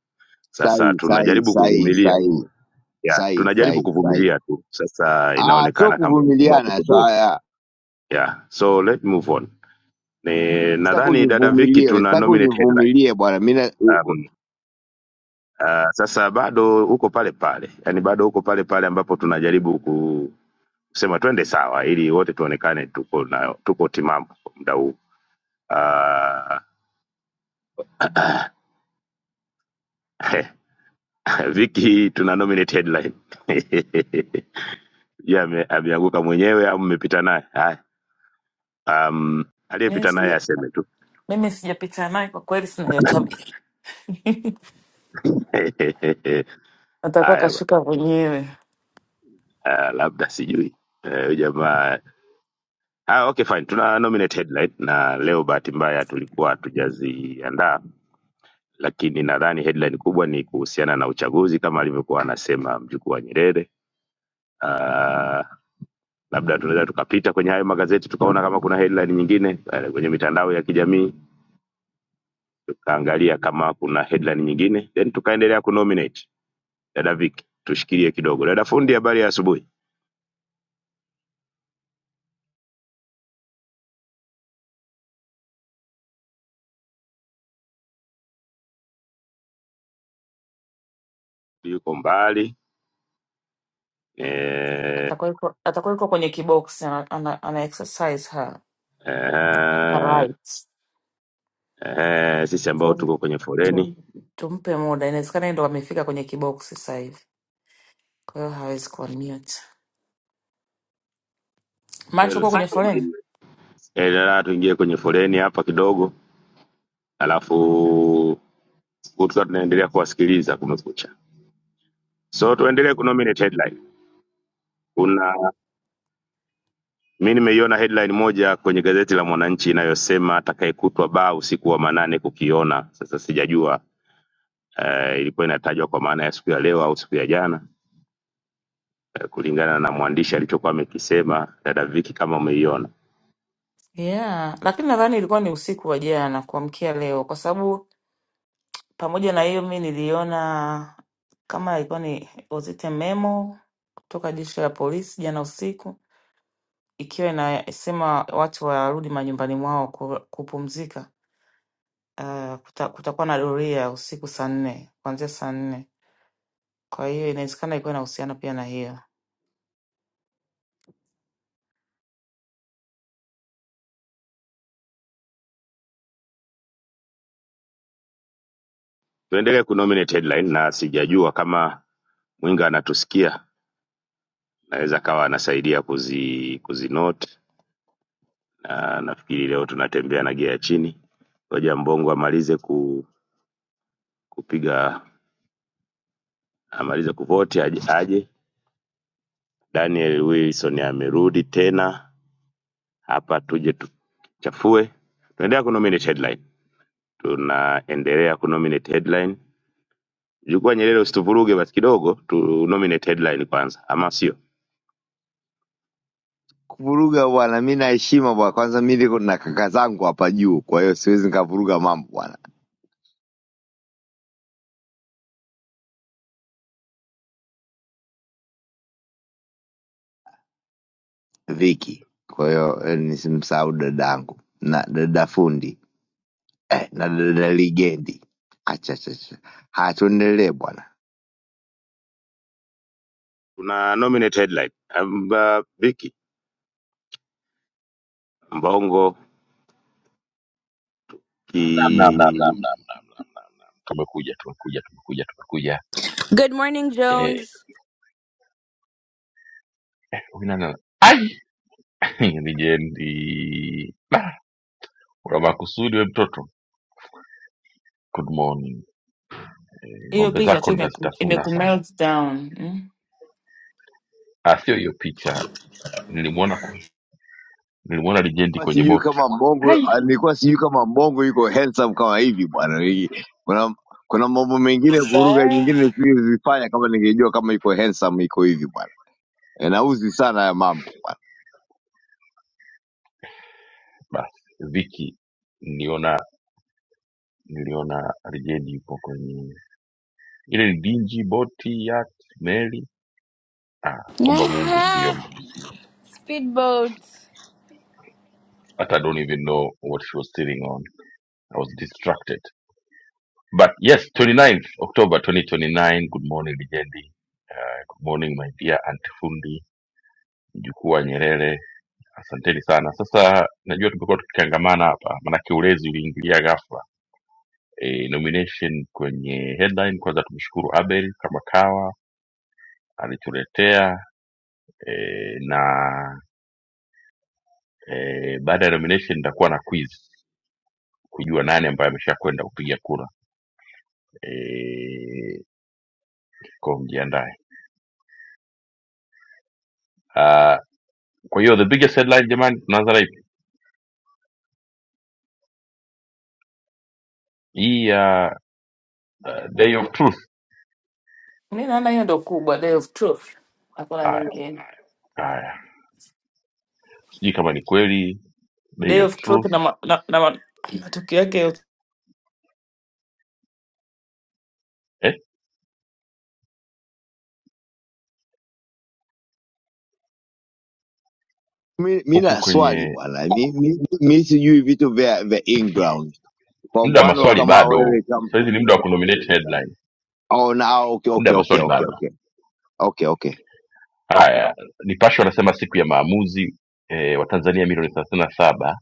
Speaker 2: Sasa
Speaker 5: sahi sahi
Speaker 2: tunajaribu
Speaker 5: sahi
Speaker 2: kuvumilia
Speaker 5: sahi
Speaker 2: ya,
Speaker 5: sahi
Speaker 2: tunajaribu
Speaker 5: sahi sahi
Speaker 2: kuvumilia tu. Sasa
Speaker 5: ah sio
Speaker 2: inaonekana kama unaamua
Speaker 5: kuvumiliana so,
Speaker 2: kutuburu
Speaker 5: ah,
Speaker 2: Yeah. So let's move on. Ni,
Speaker 5: sitaki
Speaker 2: nadhani dada Viki
Speaker 5: univumilie
Speaker 2: tuna
Speaker 5: sitaki
Speaker 2: nominate headline.
Speaker 5: univumilie bwana mi na- u- u-
Speaker 2: Um, uh, sasa bado uko pale pale. Yaani bado uko pale pale ambapo tunajaribu ku- kusema twende sawa ili wote tuonekane tuko na tuko timamu kwa muda huu. Uh, <laughs> Viki tuna nominate headline. <laughs> Ye ame- ameanguka mwenyewe au mmepita naye? Haya. Um,
Speaker 3: mimi
Speaker 2: aliyepita naye
Speaker 3: sija-
Speaker 2: aseme tu.
Speaker 3: mimi sijapita naye kwa kweli, sina hiyo tabia. <laughs>
Speaker 2: <laughs>
Speaker 3: Atakuwa
Speaker 2: Haya ba.
Speaker 3: kashuka mwenyewe,
Speaker 2: Uh, labda sijui. Eh, huyu jamaa Ah, okay fine. Tuna nominate headline na leo bahati mbaya tulikuwa hatujaziandaa, lakini nadhani headline kubwa ni kuhusiana na uchaguzi kama alivyokuwa anasema mjukuu wa Nyerere. Uh, labda tunaweza tukapita kwenye hayo magazeti tukaona kama kuna headline nyingine eh, kwenye mitandao ya kijamii tukaangalia kama kuna headline nyingine then tukaendelea kunominate. Dada Viki, tushikilie kidogo. Dada fundi, habari ya asubuhi. Yuko mbali eh,
Speaker 3: atakuwa yuko atakuwa yuko kwenye kiboksi ana, ana, ana exercise her, her
Speaker 2: eh,
Speaker 3: rights.
Speaker 2: eh, sisi ambao tuko kwenye foleni
Speaker 3: Tum, tumpe muda, inawezekana yeye ndo amefika kwenye kiboksi sasa hivi, kwa hiyo hawezi kuwa mute. Macho
Speaker 2: Well,
Speaker 3: kuwa kwenye foleni
Speaker 2: endelea tuingie kwenye foleni hapa kidogo, alafu tukiwa tunaendelea kuwasikiliza Kumekucha. So tuendelee kunominate headline. Kuna mi nimeiona headline moja kwenye gazeti la Mwananchi inayosema atakayekutwa baa usiku wa manane kukiona. Sasa sijajua uh, ilikuwa inatajwa kwa maana ya siku ya leo au siku ya jana uh, kulingana na mwandishi alichokuwa amekisema. Dada Viki, kama umeiona,
Speaker 3: yeah, lakini nadhani ilikuwa ni usiku wa jana kuamkia leo, kwa sababu pamoja na hiyo mi niliona kama ilikuwa ni was it a memo kutoka jeshi la polisi jana usiku ikiwa inasema watu warudi manyumbani mwao ku- kupumzika. Uh, kuta, kutakuwa na doria usiku saa nne kuanzia saa nne. Kwa hiyo inawezekana ilikuwa inahusiana pia na hiyo.
Speaker 2: tuendelee kunominate headline, na sijajua kama Mwinga anatusikia naweza kawa anasaidia kuzi kuzinote na nafikiri leo tunatembea na gia ya chini. Ngoja Mbongo amalize ku, kupiga amalize kuvoti aje, aje. Daniel Wilson amerudi tena hapa, tuje tuchafue. Tunaendelea kunominate headline, tunaendelea kunominate headline. Jukwa Nyerere, usituvuruge basi kidogo, tu nominate headline kwanza, ama sio?
Speaker 5: kuvuruga bwana mi naheshima bwana kwanza mi niko na kaka zangu hapa juu kwa hiyo siwezi nikavuruga mambo bwana viki kwa hiyo eh, nisimsahau dada yangu na dada fundi eh, na dada Ligendi. Acha sasa, haya tuendelee bwana.
Speaker 2: Tuna nominate headline. Amba, Vicky Mbongo
Speaker 1: Naam, naam, naam,
Speaker 2: ki
Speaker 1: naam, naam, naam, naam, naam, naam. Tumekuja, tumekuja, tumekuja, tumekuja.
Speaker 6: Good morning,
Speaker 1: Eh,
Speaker 6: Jones.
Speaker 1: huyu nani? <laughs> Nijendi Bah, una makusudi we mtoto. Good morning. Eh,
Speaker 3: hiyo
Speaker 1: Ng'ombe
Speaker 3: picha tu
Speaker 1: zako
Speaker 3: imeku,
Speaker 1: nitazitafuna
Speaker 3: imeku
Speaker 1: sana.
Speaker 3: melt down mm.
Speaker 1: Ah, sio hiyo picha. Nilimwona nilimwona Lijendi
Speaker 5: Kwa
Speaker 1: kwenye
Speaker 5: sijui
Speaker 1: boti.
Speaker 5: kama mbongo ah, nilikuwa sijui kama mbongo yuko handsome kama hivi bwana Hii- kuna kuna mambo mengine ya kuruga
Speaker 6: Sir?
Speaker 5: nyingine nisingezifanya kama ningejua kama yuko handsome iko hivi bwana Eh, nauzi sana ya mambo bwana
Speaker 1: Basi Viki niliona niliona Lijendi yupo kwenye ile ni dingi boti yacht meli. Ah, omba Mungu siombe.
Speaker 6: Aha! Speedboat.
Speaker 1: Hata I don't even know what she was sitting on. I was distracted. But yes, 29th October 2029. Good morning, Lijendi. Good morning, my dear Aunt Fundi. mjukuu wa Nyerere. Asanteni sana. Sasa najua tumekuwa tukichangamana hapa, maanake ulezi uliingilia ghafla e, nomination kwenye headline. Kwanza tumshukuru Abel kama kawa alituletea e, na e, baada ya nomination nitakuwa na quiz kujua nani ambaye ameshakwenda kupiga kura e, kwa mjiandae. Ah, kwa hiyo the biggest headline jamani, tunaanza na ipi hii ya uh, day of truth?
Speaker 3: Mi naona hiyo ndo kubwa, day of truth, hakuna
Speaker 1: Haya,
Speaker 3: nyingine.
Speaker 1: haya, sijui kama ni kweli day
Speaker 3: Day
Speaker 1: of
Speaker 3: of truth
Speaker 1: truth
Speaker 3: na, ma, na, na ma, matukio yake yote.
Speaker 1: eh?
Speaker 5: mi mi
Speaker 1: huku
Speaker 5: na swali
Speaker 1: kwenye
Speaker 5: bwana mi, mi, mi sijui vitu vya vya inground kwa
Speaker 1: muda wa
Speaker 5: mfano
Speaker 1: maswali
Speaker 5: kama
Speaker 1: bado
Speaker 5: wewe kama
Speaker 1: sahizi ni muda wa kunominate headline
Speaker 5: oh, na, ah, okay,
Speaker 1: muda
Speaker 5: okay,
Speaker 1: wa
Speaker 5: okay,
Speaker 1: maswali
Speaker 5: okay,
Speaker 1: bado
Speaker 5: okay. okay okay
Speaker 1: haya nipashe wanasema siku ya maamuzi e, watanzania milioni thelathini na saba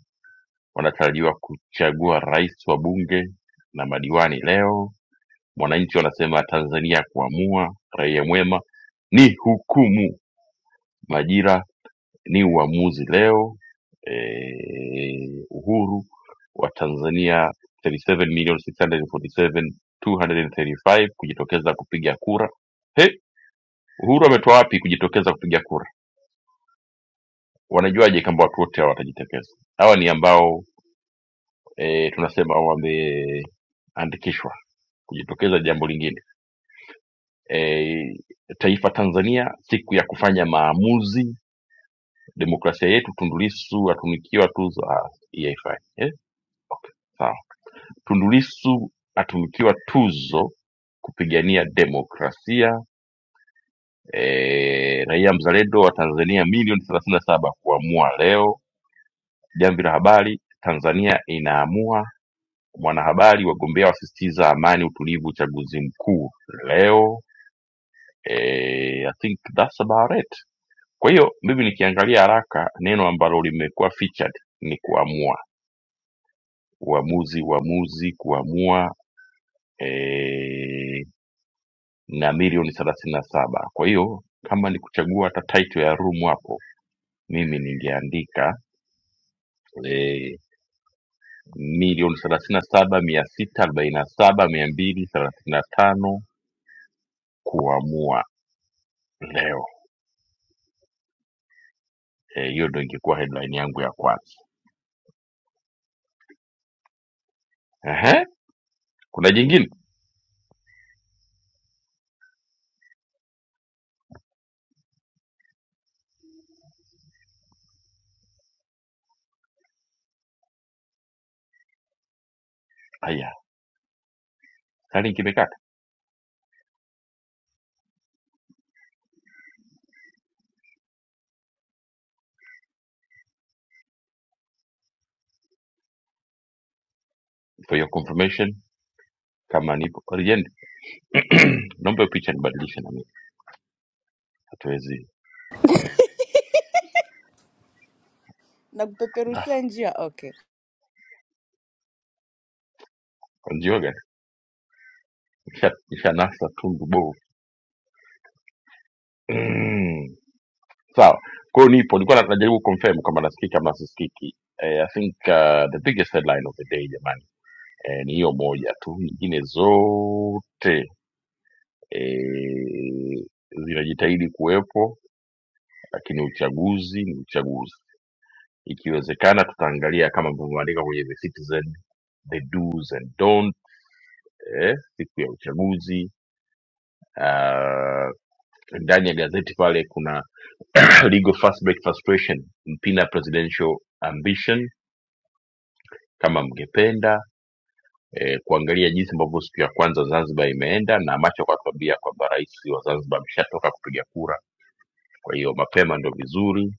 Speaker 1: wanatarajiwa kuchagua rais wa bunge na madiwani leo mwananchi wanasema tanzania ya kuamua raia mwema ni hukumu majira ni uamuzi leo eh, uhuru wa tanzania 37,647,235 kujitokeza kupiga kura He, uhuru ametoa wapi kujitokeza kupiga kura wanajuaje kwamba watu wote hawa watajitokeza hawa ni ambao eh, tunasema wameandikishwa kujitokeza jambo lingine eh, taifa tanzania siku ya kufanya maamuzi demokrasia yetu tundulisu atunikiwa tuzo ah, EFI. eh? sawa Tundu Lissu atunukiwa tuzo kupigania demokrasia eh, raia mzalendo wa Tanzania milioni thelathini na saba kuamua leo. Jamvi la Habari, Tanzania inaamua. Mwanahabari, wagombea wasisitiza amani, utulivu, uchaguzi mkuu leo. Eh, I think that's about it. Kwa hiyo mimi nikiangalia haraka, neno ambalo limekuwa featured ni kuamua, uamuzi, uamuzi, kuamua eh, na milioni thelathini na saba kwa hiyo kama ni kuchagua hata title ya room hapo mimi ningeandika eh, milioni thelathini na saba mia sita arobaini na saba mia mbili thelathini na tano kuamua leo Eh, hiyo ndo ingekuwa headline yangu ya kwanza Ehe, kuna jingine haya tayari kimekata for your confirmation kama nipo legend <clears throat> naomba hiyo picha nibadilishe na mimi hatuwezi Ah,
Speaker 6: Nagpeperushia njia? Okay.
Speaker 1: kwa njia gani nisha nisha nasa tundu bovu <clears throat> sawa kwao nipo nilikuwa najaribu confirm kwamba nasikika ama nasikiki eh, i think uh, the biggest headline of the day jamani eh, ni hiyo moja tu nyingine zote eh, zinajitahidi kuwepo lakini uchaguzi ni uchaguzi ikiwezekana tutaangalia kama mlivyoandika kwenye the citizen the do's and don't eh, siku ya uchaguzi uh, ndani ya gazeti pale kuna <clears throat> legal fastback frustration mpina presidential ambition kama mngependa eh, kuangalia jinsi ambavyo siku ya kwanza Zanzibar imeenda, na macho akatuambia kwamba rais wa Zanzibar ameshatoka kupiga kura, kwa hiyo mapema ndo vizuri.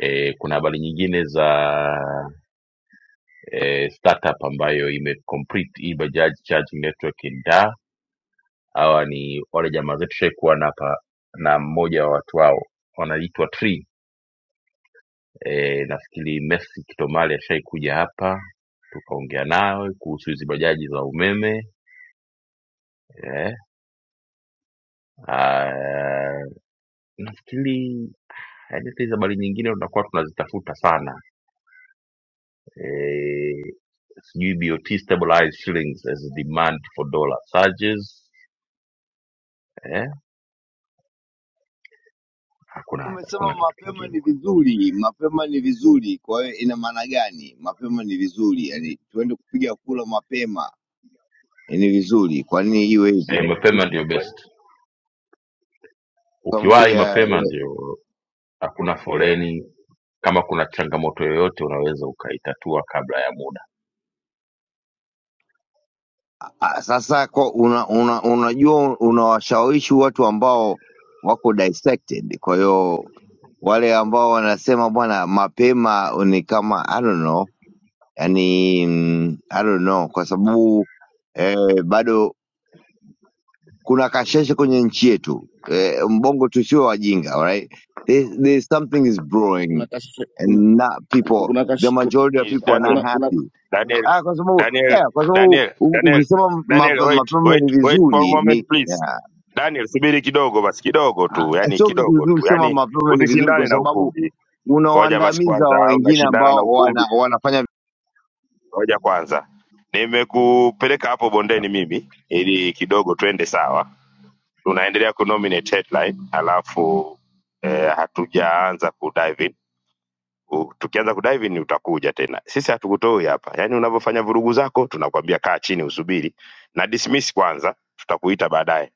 Speaker 1: E, kuna habari nyingine za e, startup ambayo ime complete hii Bajaj charging network in Dar. Hawa ni wale jamaa zetu shaikuwa na hapa na mmoja wa watu wao wanaitwa Tree. E, nafikiri Messi Kitomali ashaikuja hapa tukaongea nawe kuhusu hizi bajaji za umeme E, Ah, nafikiri hadithi za habari nyingine tunakuwa tunazitafuta sana eh, sijui BOT stabilize shillings as demand for dollar surges eh, hakuna
Speaker 5: Umesema
Speaker 1: hakuna kitu
Speaker 5: mapema
Speaker 1: kingine
Speaker 5: ni vizuri, mapema ni vizuri. Kwa hiyo ina maana gani mapema ni vizuri? Yani tuende kupiga kura mapema eh, ni vizuri. Kwa nini iwe hivyo?
Speaker 1: eh, mapema ndio best.
Speaker 5: Kwa sababu
Speaker 1: Ukiwahi
Speaker 5: ya
Speaker 1: mapema
Speaker 5: eh,
Speaker 1: ndio, hakuna foleni. Kama kuna changamoto yoyote unaweza ukaitatua kabla ya muda.
Speaker 5: ah, sasa kwa una, una, unajua unawashawishi watu ambao wako dissected. Kwa hiyo wale ambao wanasema bwana, mapema ni kama I don't know, yani I don't know, kwa sababu eh, bado kuna kasheshe kwenye nchi yetu eh, mbongo tusiwe wajinga alright there, there's something is
Speaker 7: kuna
Speaker 5: brewing
Speaker 7: kashi, kuna
Speaker 5: and not people
Speaker 7: kuna
Speaker 5: the
Speaker 7: kashi,
Speaker 5: majority of people are
Speaker 2: Daniel
Speaker 5: not
Speaker 7: kuna kuna
Speaker 5: happy
Speaker 2: Daniel,
Speaker 5: ah, kwa sababu
Speaker 2: Daniel,
Speaker 5: yeah, kwa sababu
Speaker 2: Daniel,
Speaker 5: u-
Speaker 2: Daniel,
Speaker 5: ukisema
Speaker 2: Daniel,
Speaker 5: mape-
Speaker 2: wait,
Speaker 5: mapema
Speaker 2: wait,
Speaker 5: ni
Speaker 2: wait for a
Speaker 5: vizuri ni
Speaker 2: moment please.
Speaker 5: yeah,
Speaker 2: Daniel, subiri kidogo basi, kidogo tu,
Speaker 5: ah,
Speaker 2: yani
Speaker 5: sio kitu
Speaker 2: kidogo
Speaker 5: vizuri
Speaker 2: tu,
Speaker 5: kusema
Speaker 2: yani
Speaker 5: mapema ni vizuri kwa
Speaker 2: usishindane na
Speaker 5: sababu
Speaker 2: ukumbi. Ngoja basi
Speaker 5: unawaandamiza
Speaker 2: kwanza, au
Speaker 5: wengine
Speaker 2: unashindana na
Speaker 5: ambao wana,
Speaker 2: ukumbi?
Speaker 5: wanafanya
Speaker 2: Ngoja kwanza, nimekupeleka hapo bondeni mimi ili kidogo twende sawa. Tunaendelea kunominate headline, alafu eh, hatujaanza kudive u- tukianza kudive in utakuja tena. Sisi hatukutoi hapa, yaani unavyofanya vurugu zako tunakwambia kaa chini usubiri na dismiss kwanza, tutakuita baadaye.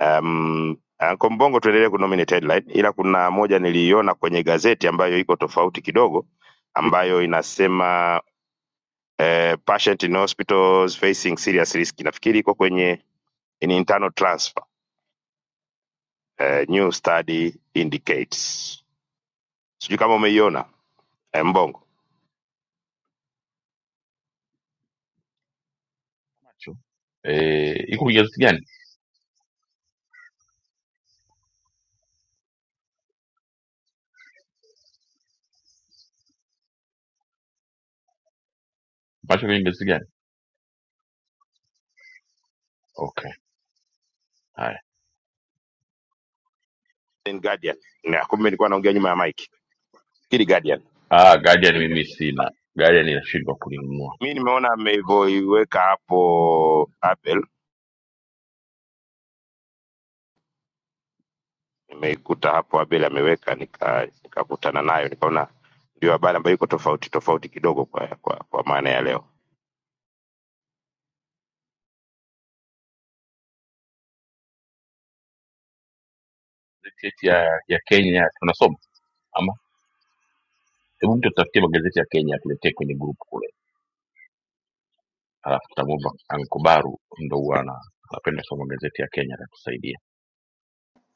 Speaker 2: Um, Anko Mbongo, tuendelee kunominate headline, ila kuna moja niliiona kwenye gazeti ambayo iko tofauti kidogo, ambayo inasema eh, patient in hospitals facing serious risk. Nafikiri iko kwenye in internal transfer, eh, new study indicates. Sijui kama umeiona eh, Mbongo.
Speaker 1: Macho. Eh, iko kwenye gazeti gani? Macho kwenye gazeti gani? Okay, haya.
Speaker 2: in Guardian. Na kumbe nilikuwa naongea nyuma ya mic. Hili Guardian.
Speaker 1: Ah, Guardian mimi sina. Guardian inashindwa kulinunua.
Speaker 2: Mimi nimeona ameivoiweka hapo Abel, nimeikuta hapo Abel ameweka nika nikakutana nayo nikaona ndio habari ambayo iko tofauti tofauti kidogo kwa kwa, kwa maana ya leo.
Speaker 1: magazeti ya, ya Kenya tunasoma ama hebu mtu tutafutie magazeti ya Kenya atuletee kwenye group kule, alafu tutamwomba ankubaru ndo huwa ana- anapenda soma magazeti ya Kenya atatusaidia.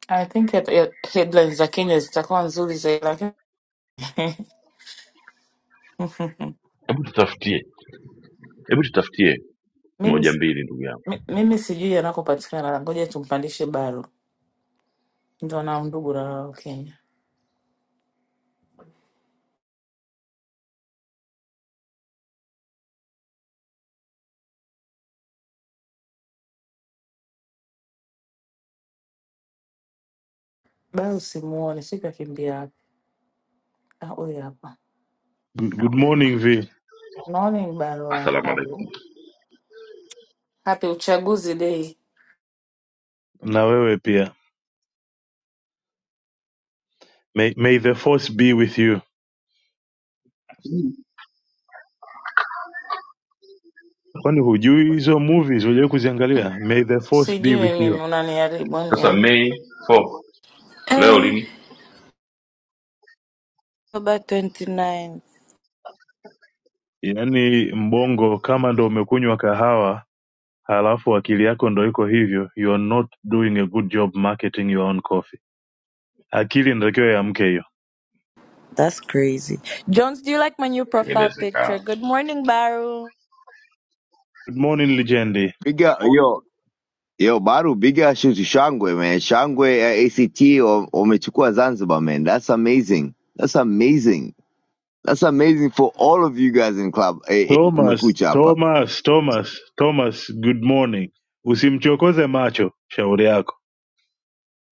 Speaker 3: I think ya, ya headlines za Kenya zitakuwa nzuri zaidi, lakini <laughs>
Speaker 1: Hebu tutafutie, hebu tutafutie
Speaker 3: mimi,
Speaker 1: moja
Speaker 3: si-
Speaker 1: mbili, ndugu yangu.
Speaker 3: mi- mimi sijui yanakopatikana. Ngoja tumpandishe Baru, ndo na ndugu na wao Kenya. Baru simuoni, siku akimbia wapi? Ah, huyu hapa.
Speaker 8: Good good morning V,
Speaker 3: Morning Baru, and
Speaker 1: Asalamu
Speaker 3: how are
Speaker 1: alaikum.
Speaker 3: you? happy uchaguzi day.
Speaker 8: na wewe pia. May, may the force be with you. Kwani hujui hizo movies, hujawai kuziangalia? May the force be
Speaker 3: Sijui
Speaker 8: with
Speaker 3: mimi,
Speaker 8: you.
Speaker 3: unaniharibu
Speaker 1: Sasa Mei 4 leo
Speaker 6: Uh,
Speaker 1: lini?
Speaker 6: about 29.
Speaker 8: Yaani mbongo kama ndo umekunywa kahawa halafu akili yako ndo iko hivyo, you are not doing a good job marketing your own coffee. Akili inatakiwa iamke hiyo.
Speaker 6: That's crazy. Jones, do you like my new profile
Speaker 1: Tengeneza
Speaker 6: picture? Good morning, Baru.
Speaker 8: Good morning Lijendi.
Speaker 5: piga yo yo baru piga shuti shangwe man. shangwe ya act wa- wamechukua zanzibar man that's amazing that's amazing That's amazing for all of you guys in club eh, in
Speaker 8: Thomas,
Speaker 5: kumekucha hapa.
Speaker 8: Thomas, Thomas, Thomas, good morning. Usimchokoze macho, shauri yako.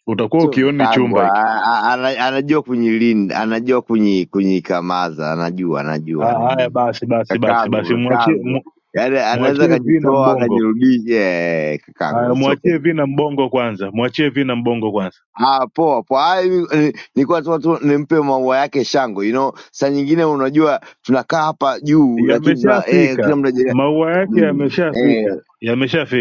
Speaker 8: Utakuwa
Speaker 5: Sio
Speaker 8: ukioni
Speaker 5: kakaangu
Speaker 8: chumba hiki.
Speaker 5: a- a- ana- anajua kunyilinda, anajua kunyi kunyikamaza, anajua anajua
Speaker 8: Ah, Haya
Speaker 5: anajua.
Speaker 8: basi basi basi
Speaker 5: Kakaangu
Speaker 8: basi, mwachie
Speaker 5: kakaangu.
Speaker 8: mu-
Speaker 5: Yaani anaweza
Speaker 8: mwachie vina
Speaker 5: akajitoa
Speaker 8: mbongo.
Speaker 5: akajirudisha eh, kakaangu.
Speaker 8: Haya,
Speaker 5: It's okay.
Speaker 8: mwachie vina mbongo kwanza, mwachie vina mbongo kwanza.
Speaker 5: Ah, poa poa. Ah, hivi, eh, Nilikuwa tu tu nimpe maua yake shangwe. You know, saa nyingine unajua tunakaa hapa juu lakini tuna eh, kila
Speaker 8: Yameshafika
Speaker 5: mtu anajiangalia.
Speaker 8: maua yake,
Speaker 5: Mm, eh
Speaker 8: yameshafika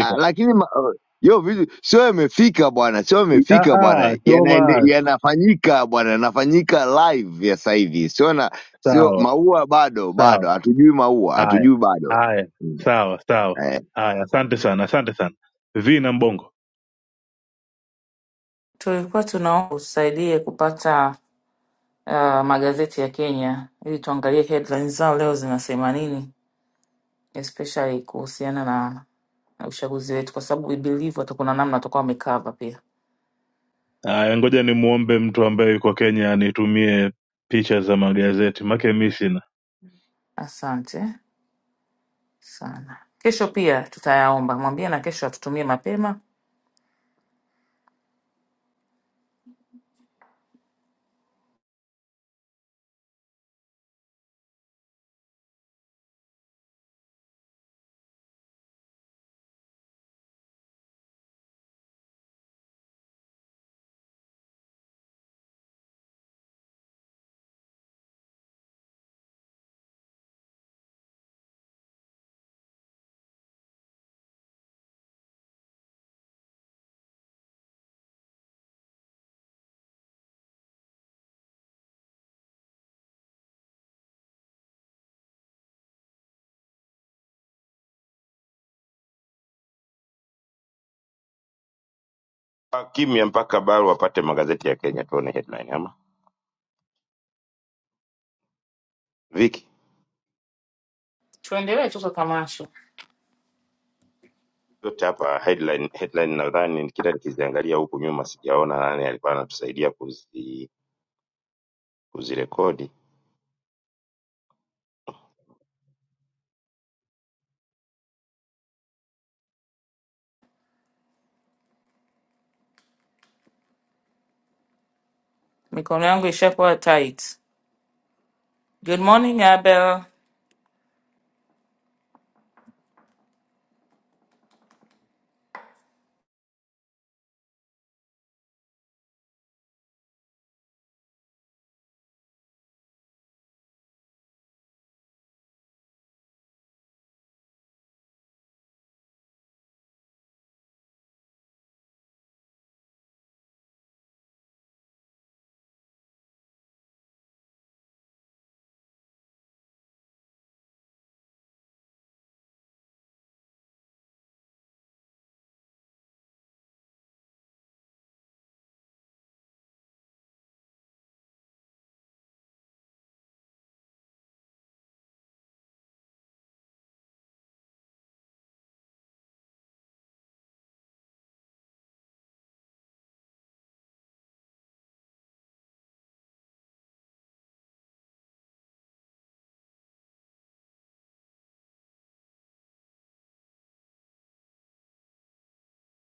Speaker 5: Ah, lakini ma- oh, yo vitu sio imefika bwana, sio
Speaker 8: I- Ah,
Speaker 5: imefika
Speaker 8: ah,
Speaker 5: bwana, yanaende
Speaker 8: Thomas,
Speaker 5: yanafanyika bwana, yanafanyika live ya sasa hivi, sio na sio
Speaker 8: sawa
Speaker 5: maua bado, bado
Speaker 8: sawa.
Speaker 5: hatujui maua,
Speaker 8: Haya
Speaker 5: hatujui bado
Speaker 8: haya,
Speaker 5: Mm.
Speaker 8: sawa sawa.
Speaker 5: eh,
Speaker 8: Haya, asante sana, asante sana vina mbongo.
Speaker 3: Tulikuwa tunaomba utusaidie kupata uh, magazeti ya Kenya ili tuangalie headlines zao leo zinasema nini, especially kuhusiana na, na uchaguzi wetu, kwa sababu we believe watakuwa na namna watakuwa wamecover pia.
Speaker 8: Haya, ngoja nimwombe mtu ambaye yuko Kenya anitumie picha za magazeti, make mi sina.
Speaker 3: Asante sana. Kesho pia tutayaomba, mwambie na kesho atutumie mapema,
Speaker 2: Kwa Kimya mpaka bado wapate magazeti ya Kenya tuone headline ama Viki
Speaker 3: tuendelee tu kwa tamasha.
Speaker 2: yote hapa headline headline nadhani kila nikiziangalia huku nyuma sijaona nani alikuwa anatusaidia kuzi kuzirekodi
Speaker 3: Mikono yangu ishakuwa tight. Good morning Abel.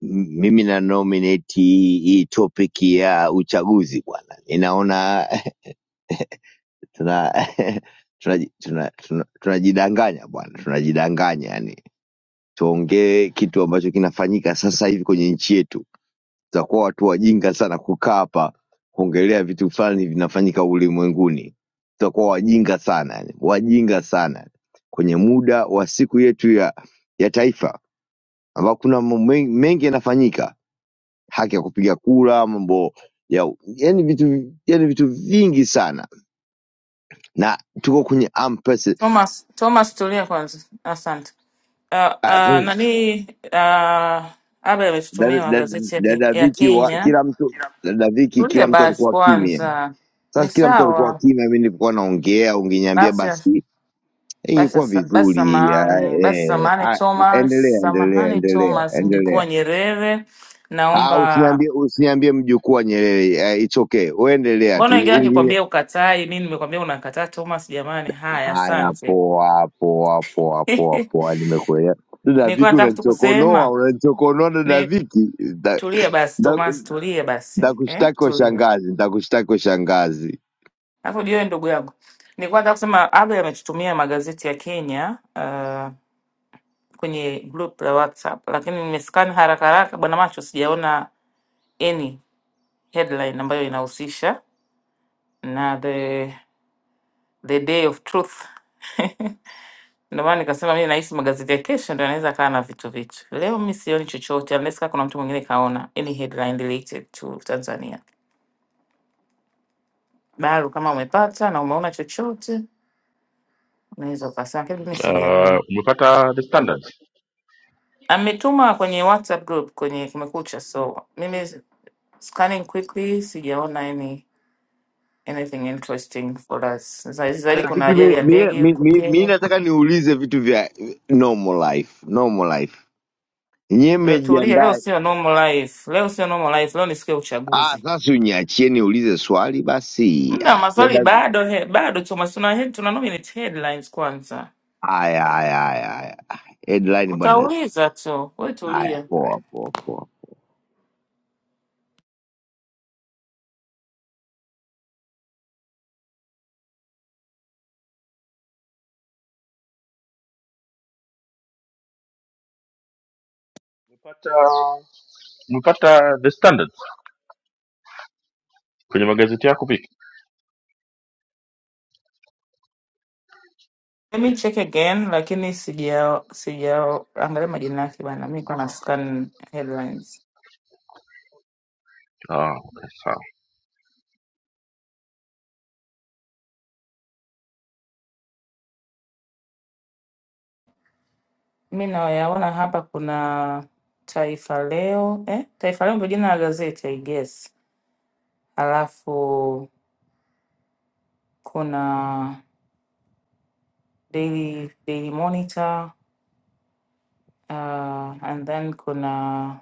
Speaker 5: m- mimi na nominate hii hii topic ya uchaguzi bwana, ninaona <laughs> tuna <laughs> tunaji- tuna- tuna- tunajidanganya bwana, tunajidanganya yani, tuongee kitu ambacho kinafanyika sasa hivi kwenye nchi yetu. tutakuwa watu wajinga sana kukaa hapa kuongelea vitu fulani vinafanyika ulimwenguni tutakuwa wajinga sana yani, wajinga sana kwenye muda wa siku yetu ya ya taifa ambao kuna mambo men- mengi yanafanyika haki ya kupiga kura mambo ya yani vitu yani vitu vingi sana na tuko kwenye ampesi
Speaker 3: Thomas, Thomas tulia kwanza. Asante. Uh, uh, nani uh, Abe
Speaker 5: dada
Speaker 3: ametutumia
Speaker 5: dada-
Speaker 3: magazeti ya, Ke-
Speaker 5: dada
Speaker 3: ya
Speaker 5: viki wa
Speaker 3: Kenya.
Speaker 5: kila mtu dada viki
Speaker 3: Tulia
Speaker 5: kila mtu
Speaker 3: basi
Speaker 5: alikuwa kimya
Speaker 3: kwanza, ni
Speaker 5: sasa kila mtu alikuwa
Speaker 3: sawa
Speaker 5: kimya, mi nilikuwa naongea, ungeniambia
Speaker 3: basi,
Speaker 5: basi
Speaker 3: basi,
Speaker 5: ingekuwa
Speaker 3: basi.
Speaker 5: vizuri ah,
Speaker 3: Samahani basi,
Speaker 5: eh,
Speaker 3: samahani
Speaker 5: ah,
Speaker 3: Thomas,
Speaker 5: endelea endelea
Speaker 3: samahani
Speaker 5: endelea
Speaker 3: Thomas, mjukuu wa
Speaker 5: endelea
Speaker 3: Nyerere,
Speaker 5: Ah,
Speaker 3: naomba.
Speaker 5: usiniambie usiniambie mjukuu wa Nyerere eh, it's okay. Uendelea tu.
Speaker 3: Mbona ingia
Speaker 5: Ungi
Speaker 3: akikwambia ukatai, mi nimekwambia unakataa Thomas? Jamani, haya,
Speaker 5: haya
Speaker 3: asante.
Speaker 5: poa poa poa poa
Speaker 3: <laughs>
Speaker 5: poa nimekuelewa. Dada
Speaker 3: Nilikuwa
Speaker 5: Viki
Speaker 3: nataka tu
Speaker 5: unanichokonoa,
Speaker 3: kusema
Speaker 5: unanichokonoa dada
Speaker 3: ni
Speaker 5: Viki. Da-
Speaker 3: tulie basi
Speaker 5: da-
Speaker 3: Thomas, tulie basi eh,
Speaker 5: Nitakushtaki kwa
Speaker 3: tulie.
Speaker 5: shangazi, nitakushtaki kwa shangazi.
Speaker 3: Alafu jiwe ndugu yangu, ni kwanza kusema Abe ametutumia magazeti ya Kenya uh, kwenye group la WhatsApp, lakini nimescan haraka haraka, bwana macho, sijaona any headline ambayo inahusisha na the the day of truth <laughs> ndio maana nikasema mimi nahisi magazeti ya kesho ndio anaweza kaa na vitu vitu. Leo mimi sioni chochote unless kama kuna mtu mwingine kaona any headline related to Tanzania. Baru, kama umepata na umeona chochote unaweza ukasema, lakini mimi sijaona. Ametuma kwenye WhatsApp group kwenye Kumekucha, so mimi scanning quickly sijaona any anything interesting for us. Za- Zaidi
Speaker 5: Dada
Speaker 3: kuna
Speaker 5: Viki
Speaker 3: ajali
Speaker 5: mi
Speaker 3: ya
Speaker 5: mi-
Speaker 3: ndege
Speaker 5: mi-
Speaker 3: huko
Speaker 5: mi- mi
Speaker 3: Kenya.
Speaker 5: nataka niulize vitu vya normal life, normal life. Nyie
Speaker 3: Eh, Tulia, leo
Speaker 5: mmejiandaa
Speaker 3: sio normal life, leo sio normal life, leo ni siku ya
Speaker 5: Ah,
Speaker 3: uchaguzi.
Speaker 5: sasa uniachie niulize swali basi.
Speaker 3: Muda wa
Speaker 5: Ah,
Speaker 3: maswali
Speaker 5: Dada,
Speaker 3: bado he, bado Thomas, tuna head, tuna nominate headlines kwanza,
Speaker 5: haya haya haya haya. Ah, Headline bwana.
Speaker 3: utauliza tu, we
Speaker 5: Haya,
Speaker 3: tulia.
Speaker 5: poa poa poa.
Speaker 1: umepata the standard kwenye magazeti yako vipi?
Speaker 3: Let me check again, lakini sija sijaangalia majina yake bana, mi kwa na scan headlines.
Speaker 1: Ah, okay, sawa.
Speaker 3: Mi nayaona hapa kuna Taifa Leo eh? Taifa Leo ndio jina la gazeti I guess. Alafu kuna Daily, Daily Monitor uh, and then kuna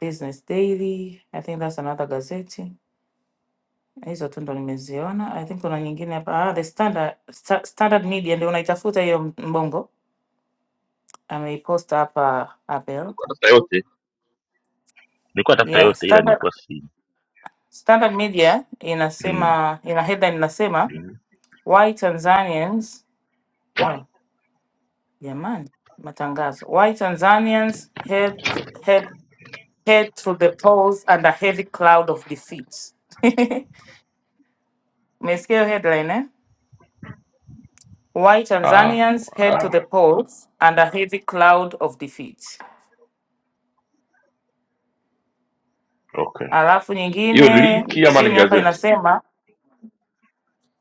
Speaker 3: Business Daily I think that's another gazeti. Hizo tu ndo nimeziona. I think kuna nyingine hapa ah, the Standard, Sta- Standard Media ndio unaitafuta hiyo m- mbongo ameiposta hapa Abel.
Speaker 1: Tafuta yote, nilikuwa tafuta
Speaker 3: Yeah,
Speaker 1: yote ila
Speaker 3: Standard,
Speaker 1: nilikuwa si
Speaker 3: Standard Media
Speaker 1: mm,
Speaker 3: inasema ina headline inasema
Speaker 1: mm.
Speaker 3: Why Tanzanians, oh jamani, matangazo. Why Tanzanians head head head to the polls under heavy cloud of defeats. <laughs> Umesikia hiyo headline eh? Why
Speaker 1: ah,
Speaker 3: Tanzanians head
Speaker 1: ah.
Speaker 3: to the polls under heavy cloud of defeat.
Speaker 1: Okay,
Speaker 3: Alafu
Speaker 1: hiyo ni
Speaker 3: nyingine
Speaker 1: linki ama ni
Speaker 3: chini hapa
Speaker 1: gazeti
Speaker 3: inasema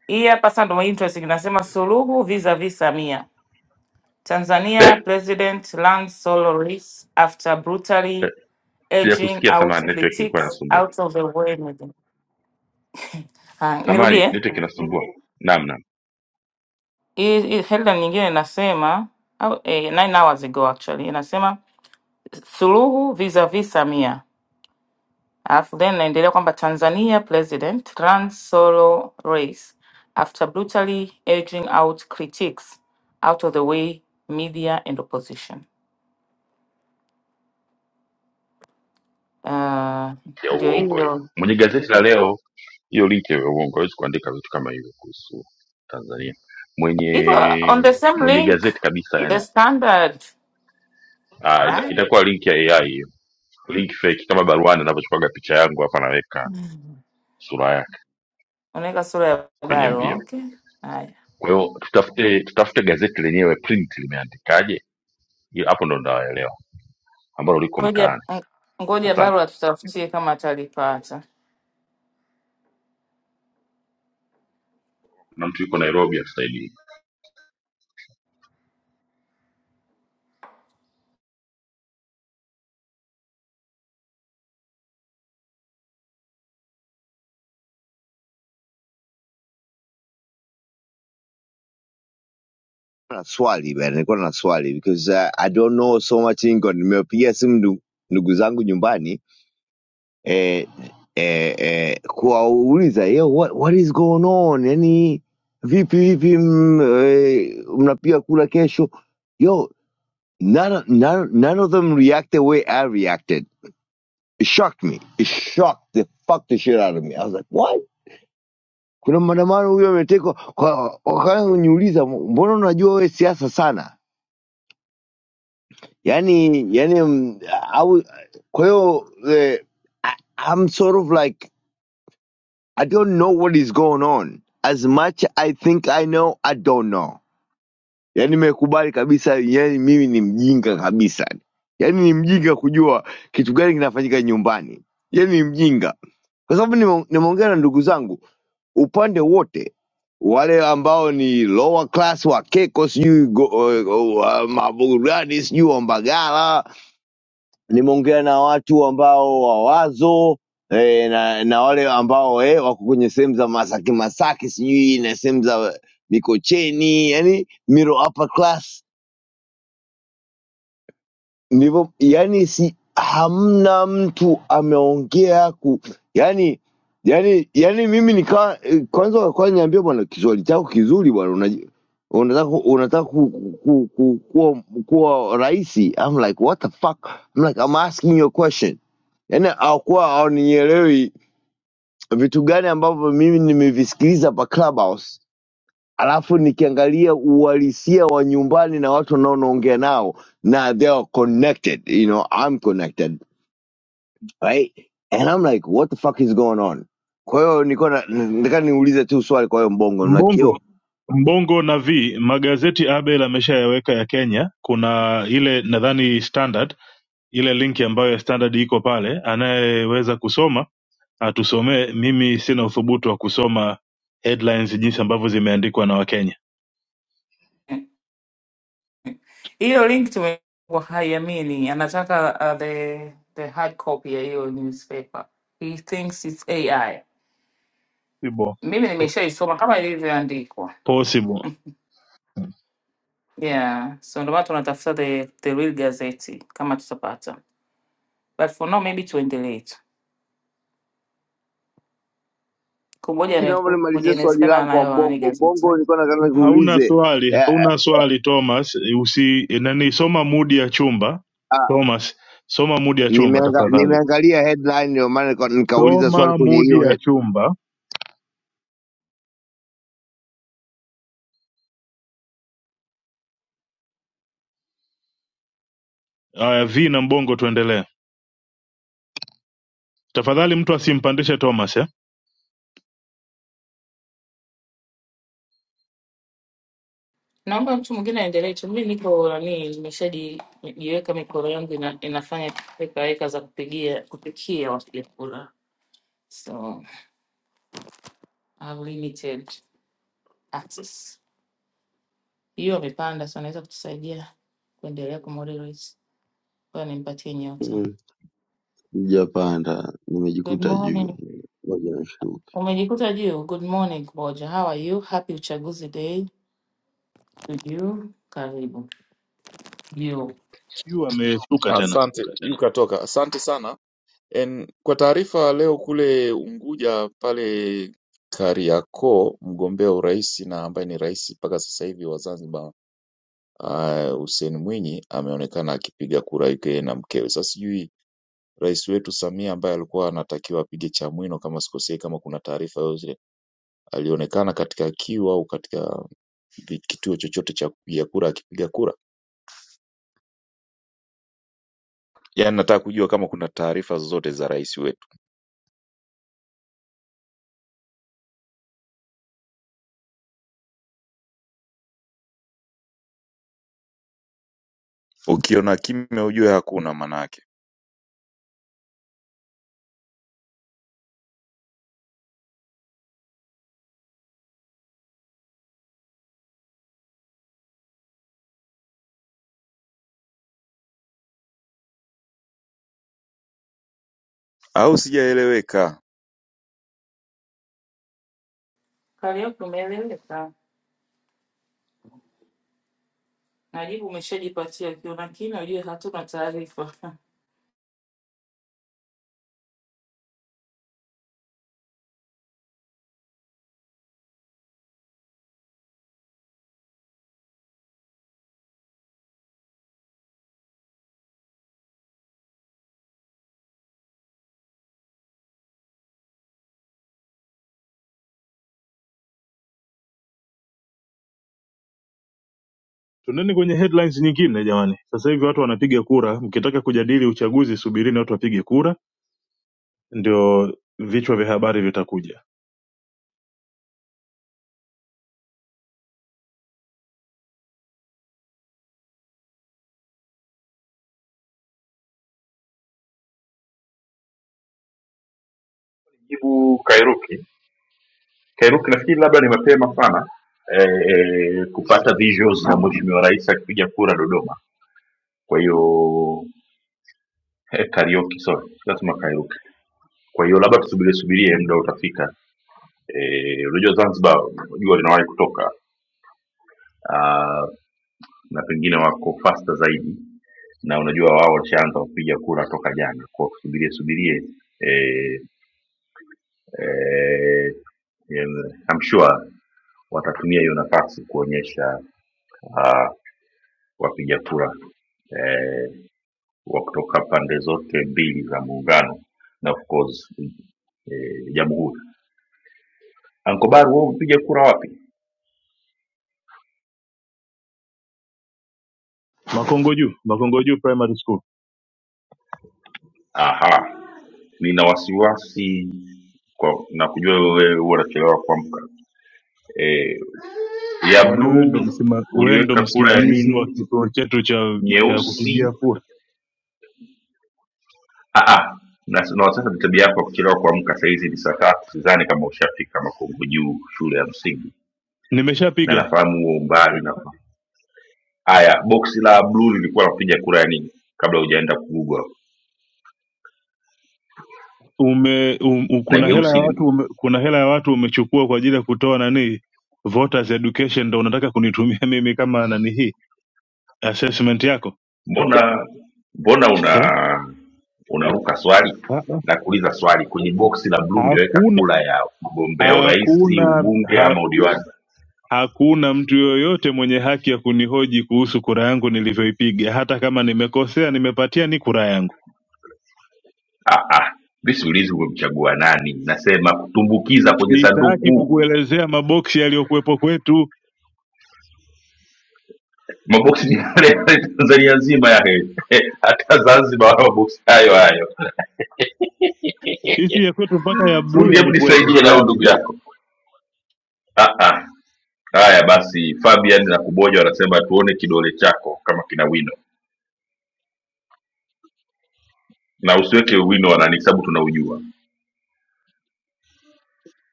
Speaker 3: hii hapa sasa ndio interesting, inasema Suluhu vis-a-vis Samia. Tanzania
Speaker 1: eh?
Speaker 3: president lands solo race after
Speaker 1: Eh,
Speaker 3: brutally edging
Speaker 1: sijakusikia.
Speaker 3: out
Speaker 1: Samani, network ilikuwa
Speaker 3: critiques
Speaker 1: inasumbua.
Speaker 3: out of the way meeting. Haya,
Speaker 1: Samani,
Speaker 3: nirudie
Speaker 1: network inasumbua. Naam, naam,
Speaker 3: hii hii headline nyingine inasema au, eh, nine hours ago actually inasema suluhu vis-a-vis Samia, alafu then inaendelea kwamba Tanzania president runs solo race after brutally edging out critics out of the way media and opposition. Uh,
Speaker 1: ya
Speaker 3: ndio
Speaker 1: uongo hiyo.
Speaker 3: hiyo
Speaker 1: Mwenye gazeti la leo, hiyo linki ya uongo, hawezi kuandika vitu kama hivyo kuhusu Tanzania. Mwenye
Speaker 3: iko on the same
Speaker 1: mwenye
Speaker 3: link
Speaker 1: gazeti kabisa, yani
Speaker 3: the standard.
Speaker 1: ah, ita, itakuwa linki ya AI hiyo, link fake, kama baruani anavyochukuaga picha yangu hapa, anaweka sura yake
Speaker 3: Unaweka sura ya
Speaker 1: kwenye
Speaker 3: barua.
Speaker 1: mbio.
Speaker 3: Okay, haya,
Speaker 1: Kwa hiyo tutafute tutafute gazeti lenyewe print limeandikaje, Hiyo- hapo ndo ndawaelewa ambalo liko
Speaker 3: ngoja
Speaker 1: mtaani.
Speaker 3: ng- ngoja
Speaker 1: Asante.
Speaker 3: barua tutafutie kama atalipata
Speaker 1: Kuna mtu yuko Nairobi atusaidie.
Speaker 5: Na swali bwana, nilikuwa na swali because uh, I don't know so much English. Nimepigia simu ndu- ndugu zangu nyumbani eh, eh, eh, kuwauliza yo what, what is going on? Yani vipi vipi mm, eh, mnapiga kura kesho? Yo, none, of- none, none of them react the way I reacted. It shocked me. It shocked the fuck the shit out of me. I was like, what? Kuna maandamano huyo ametekwa kwa wakaanza kuniuliza mbona unajua wewe siasa sana? Yaani yaani mm, au kwa hiyo eh, I- I'm sort of like I don't know what is going on. As much I think I know, I don't know. Yaani nimekubali kabisa, yaani mimi ni mjinga kabisa. Yaani ni mjinga kujua kitu gani kinafanyika nyumbani. Yaani ni mjinga. Kwa sababu nime- nimeongea na ndugu zangu upande wote wale ambao ni lower class wakeko sijui go- uh, uh, maburudani sijui wambagala nimeongea na watu ambao wawazo eh, na, na wale ambao eh, wako kwenye sehemu za masaki masaki sijui na sehemu za mikocheni yani middle upper class ndivyo yani si hamna mtu ameongea ku yani yani yani mimi nika kwanza walikuwa niambia bwana kiswahili chako kizuri bwana unaji- unataka unataka ku, ku, ku, kuwa kuwa rahisi I'm like what the fuck I'm like I'm asking you a question yani hawakuwa hawanielewi vitu gani ambavyo mimi nimevisikiliza pa clubhouse alafu nikiangalia uhalisia wa nyumbani na watu wanaonaongea nao na they are connected you know i'm connected right and i'm like what the fuck is going on kwa hiyo nilikuwa na- nataka niulize tu swali kwa hiyo mbongo na kio
Speaker 8: Mbongo Mbongo na V magazeti Abel ameshayaweka ya Kenya. Kuna ile nadhani Standard, ile linki ambayo ya Standard iko pale, anayeweza kusoma atusomee. Mimi sina uthubutu wa kusoma headlines jinsi ambavyo zimeandikwa na Wakenya.
Speaker 3: hiyo link. Tumekuwa haiamini, anataka uh, the the hard copy ya hiyo newspaper. He thinks it's AI.
Speaker 8: Possible.
Speaker 3: Mimi nimeshaisoma kama ilivyoandikwa.
Speaker 8: Possible.
Speaker 3: Yeah, so ndio maana tunatafuta the, the real gazeti kama tutapata, but for now maybe tuendelee tu kungoja
Speaker 5: Hiki naomba
Speaker 3: anayekuja,
Speaker 5: nimalizie swali
Speaker 3: inawezekana
Speaker 5: langu kwa
Speaker 3: anayo nani
Speaker 5: mbongo
Speaker 3: gazeti.
Speaker 5: mbongo nilikuwa nataka
Speaker 8: Hauna
Speaker 5: nikuulize
Speaker 8: swali,
Speaker 5: eh,
Speaker 8: hauna swali Thomas, usi nani, soma mudi ya chumba
Speaker 5: ah,
Speaker 8: Thomas, soma mudi ya chumba
Speaker 5: nimeanga-
Speaker 8: tafadhali,
Speaker 5: nimeangalia headline ndio maana nika- nikauliza swali
Speaker 8: soma
Speaker 5: kwenye
Speaker 8: mudi
Speaker 5: hiyo
Speaker 8: ya
Speaker 5: head.
Speaker 8: chumba. Aya, V na Mbongo tuendelee. Tafadhali mtu asimpandishe Thomas eh
Speaker 3: naomba mtu mwingine aendelee tu. Mimi niko nani, nimeshajiweka mikoro yangu ina, inafanya weka weka za kupigia kupikia wapiga kura, so I have limited access. Hiyo amepanda, so anaweza kutusaidia kuendelea kumoderate. Kwa hiyo nimpatie nyota.
Speaker 9: Mm, Sijapanda,
Speaker 3: Good
Speaker 9: nimejikuta juu.
Speaker 3: morning,
Speaker 9: Ngoja nishuke.
Speaker 3: umejikuta juu. Good morning Kuboja, how are you? Happy uchaguzi day to you. Karibu juu.
Speaker 8: yu ameshuka tena.
Speaker 10: Asante, ukatoka. Asante sana. En, kwa taarifa leo kule Unguja pale Kariakoo, mgombea urais na ambaye ni rais mpaka sasa hivi wa Zanzibar uh, Hussein Mwinyi ameonekana akipiga kura yake yeye na mkewe. Sasa sijui rais wetu Samia ambaye alikuwa anatakiwa apige Chamwino kama sikosei, kama kuna taarifa yoyote, alionekana katika kiu au katika vi- kituo chochote cha kupiga kura akipiga kura yaani nataka kujua kama kuna taarifa zozote za rais wetu ukiona kimya ujue hakuna maanake au sijaeleweka
Speaker 3: Karaoke umeeleweka. Najibu umeshajipatia, ukiona kina ujue hatuna taarifa.
Speaker 8: Tuendeni kwenye headlines nyingine jamani. Sasa hivi watu wanapiga kura, mkitaka kujadili uchaguzi subirini watu wapige kura, ndio vichwa vya habari vitakuja.
Speaker 1: jibu Kairuki. Kairuki, nafikiri labda ni mapema sana eh, eh, kupata visuals za mheshimiwa rais akipiga kura Dodoma. Kwa hiyo eh, Kariuki, sorry, lazima Kairuki. Kwa hiyo labda tusubirie subirie, muda utafika. Eh, Unajua Zanzibar jua linawahi kutoka ah, na pengine wako faster zaidi, na unajua wao walishaanza kupiga kura toka jana, kwa hiyo tusubirie subirie eh, eh, em, I'm sure watatumia hiyo nafasi kuonyesha uh, wapiga kura eh, wa kutoka pande zote mbili za muungano na of course eh, jamhuri. Ankobar, wewe umepiga kura wapi?
Speaker 8: Makongo juu, Makongo juu primary school.
Speaker 1: Aha, nina wasiwasi kwa, na kujua wewe huwa unachelewa kuamka. Eh, ya
Speaker 8: Kwani wewe ndo
Speaker 1: bluu
Speaker 8: msima, wewe ndo
Speaker 1: uliweka kura ya
Speaker 8: msimamizi wa
Speaker 1: nini?
Speaker 8: kituo chetu cha cha kupigia
Speaker 1: Nyeusi
Speaker 8: kura?
Speaker 1: Ah, ah. Na, na sasa ni tabia yako ya kuchelewa kuamka. Saa hizi ni saa tatu, sidhani kama ushafika Makungu juu shule ya msingi, na
Speaker 8: Nimeshapiga.
Speaker 1: nafahamu huo umbali. Na haya, boksi la bluu lilikuwa napiga kura ya nini kabla hujaenda kugugwa?
Speaker 8: Ume um, um,
Speaker 1: Na
Speaker 8: kuna hela ya
Speaker 1: jeusi
Speaker 8: watu
Speaker 1: lilikuwa
Speaker 8: ume, kuna hela ya watu umechukua kwa ajili ya kutoa nani voters education, ndo unataka kunitumia <laughs> mimi kama nani hii assessment yako
Speaker 1: mbona, mbona una
Speaker 8: eh?
Speaker 1: unaruka swali
Speaker 8: Ha- ha-
Speaker 1: na kuuliza swali kwenye boksi la bluu uliweka
Speaker 8: Hakuna
Speaker 1: kura ya mgombea urais,
Speaker 8: hakuna
Speaker 1: ubunge
Speaker 8: ha,
Speaker 1: ama udiwani?
Speaker 8: hakuna mtu yoyote mwenye haki ya kunihoji kuhusu kura yangu nilivyoipiga. Hata kama nimekosea, nimepatia ni kura yangu.
Speaker 1: Ah, ah. Mimi siulizi umemchagua nani, nasema kutumbukiza kwenye
Speaker 8: Sitaki
Speaker 1: sanduku
Speaker 8: kukuelezea maboksi yaliyokuwepo kwetu
Speaker 1: maboksi ni yale <laughs> yale tanzania nzima yale <laughs> hata zanzibar wana maboksi hayo hayo
Speaker 8: Sisi ya kwetu mpaka ya bluu
Speaker 1: fundi hebu
Speaker 8: yalikuwepo,
Speaker 1: nisaidie nao
Speaker 8: tuache.
Speaker 1: ndugu yako ah, ah. haya basi fabian na kuboja wanasema tuone kidole chako kama kina wino na usiweke wino wanani sababu tunaujua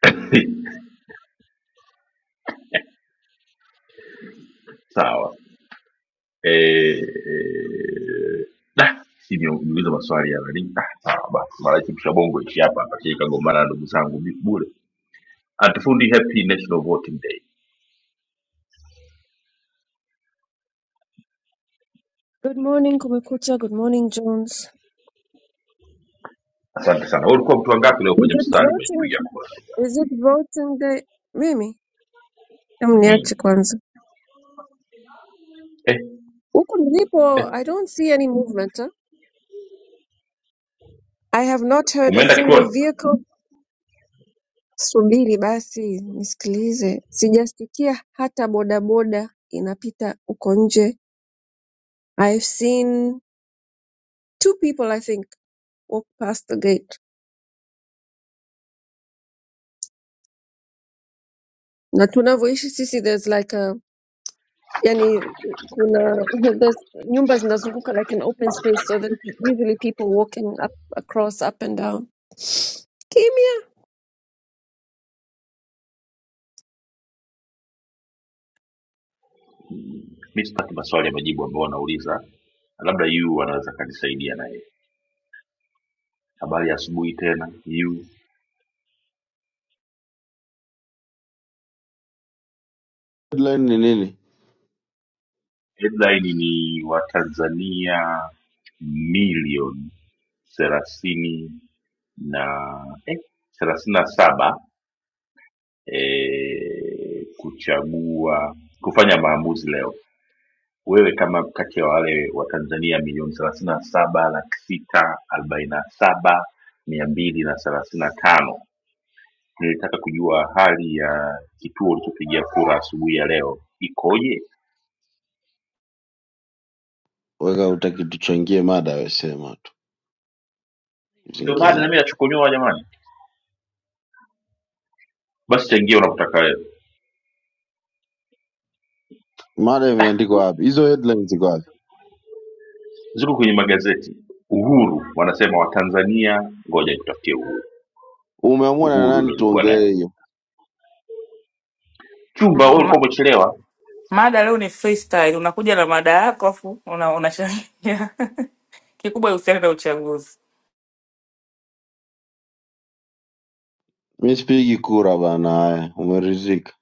Speaker 1: <laughs> sawa Eh, eh. da, si niuliza maswali ya nani Ah, sawa basi mara hii kisha bongo ishi hapa hapa sije kagombana na ndugu zangu bi- bure atufundi happy national voting day
Speaker 11: Good morning, Kumekucha. Good morning, Jones.
Speaker 1: Asante sana. Wewe ulikuwa mtu wangapi leo
Speaker 11: Is
Speaker 1: kwenye
Speaker 11: it
Speaker 1: mstari kwenye kupiga
Speaker 11: voting?
Speaker 1: kura?
Speaker 11: Is it voting day? Mimi, hebu
Speaker 1: Hmm.
Speaker 11: niache kwanza.
Speaker 1: Eh,
Speaker 11: Huku nilipo,
Speaker 1: eh.
Speaker 11: I don't see any movement. Huh? I have not heard a
Speaker 1: Umeenda
Speaker 11: single
Speaker 1: kituoni?
Speaker 11: vehicle. Subiri basi nisikilize. Sijasikia hata bodaboda inapita huko nje. I've seen two people I think walk past the gate. Na tunavyoishi sisi there's like a Yani kuna <laughs> there's nyumba zinazunguka like an open space so there's usually people walking up across up and down
Speaker 1: Mimi sitaki maswali ya majibu ambayo wanauliza. Labda yu anaweza kanisaidia naye. Habari ya asubuhi tena yu.
Speaker 9: Headline ni nini?
Speaker 1: Headline ni Watanzania milioni thelathini na eh, thelathini na saba eh, kuchagua kufanya maamuzi leo wewe kama kati ya wale watanzania milioni thelathini na saba laki sita arobaini na saba mia mbili na thelathini na tano nilitaka kujua hali ya kituo ulichopigia kura asubuhi ya leo ikoje
Speaker 9: Weka utaki tuchangie mada, we sema tu
Speaker 1: ndio maana
Speaker 9: zingine.
Speaker 1: nami nachokonyoa jamani basi changia unapotaka wewe
Speaker 9: Mada imeandikwa wapi? Hizo headlines ziko wapi?
Speaker 1: ziko kwenye magazeti uhuru wanasema watanzania ngoja nitafutie uhuru
Speaker 9: Umeamua na
Speaker 1: uhuru
Speaker 9: nani
Speaker 1: ndo ilikuwa naye
Speaker 9: tuongelee hiyo?
Speaker 1: chumba wewe
Speaker 3: <laughs>
Speaker 1: ulikuwa umechelewa
Speaker 3: Mada leo ni freestyle, unakuja na mada yako afu una unachangia <laughs> kikubwa, husiana na uchaguzi.
Speaker 9: Mi sipigi kura bana. Haya, umeridhika?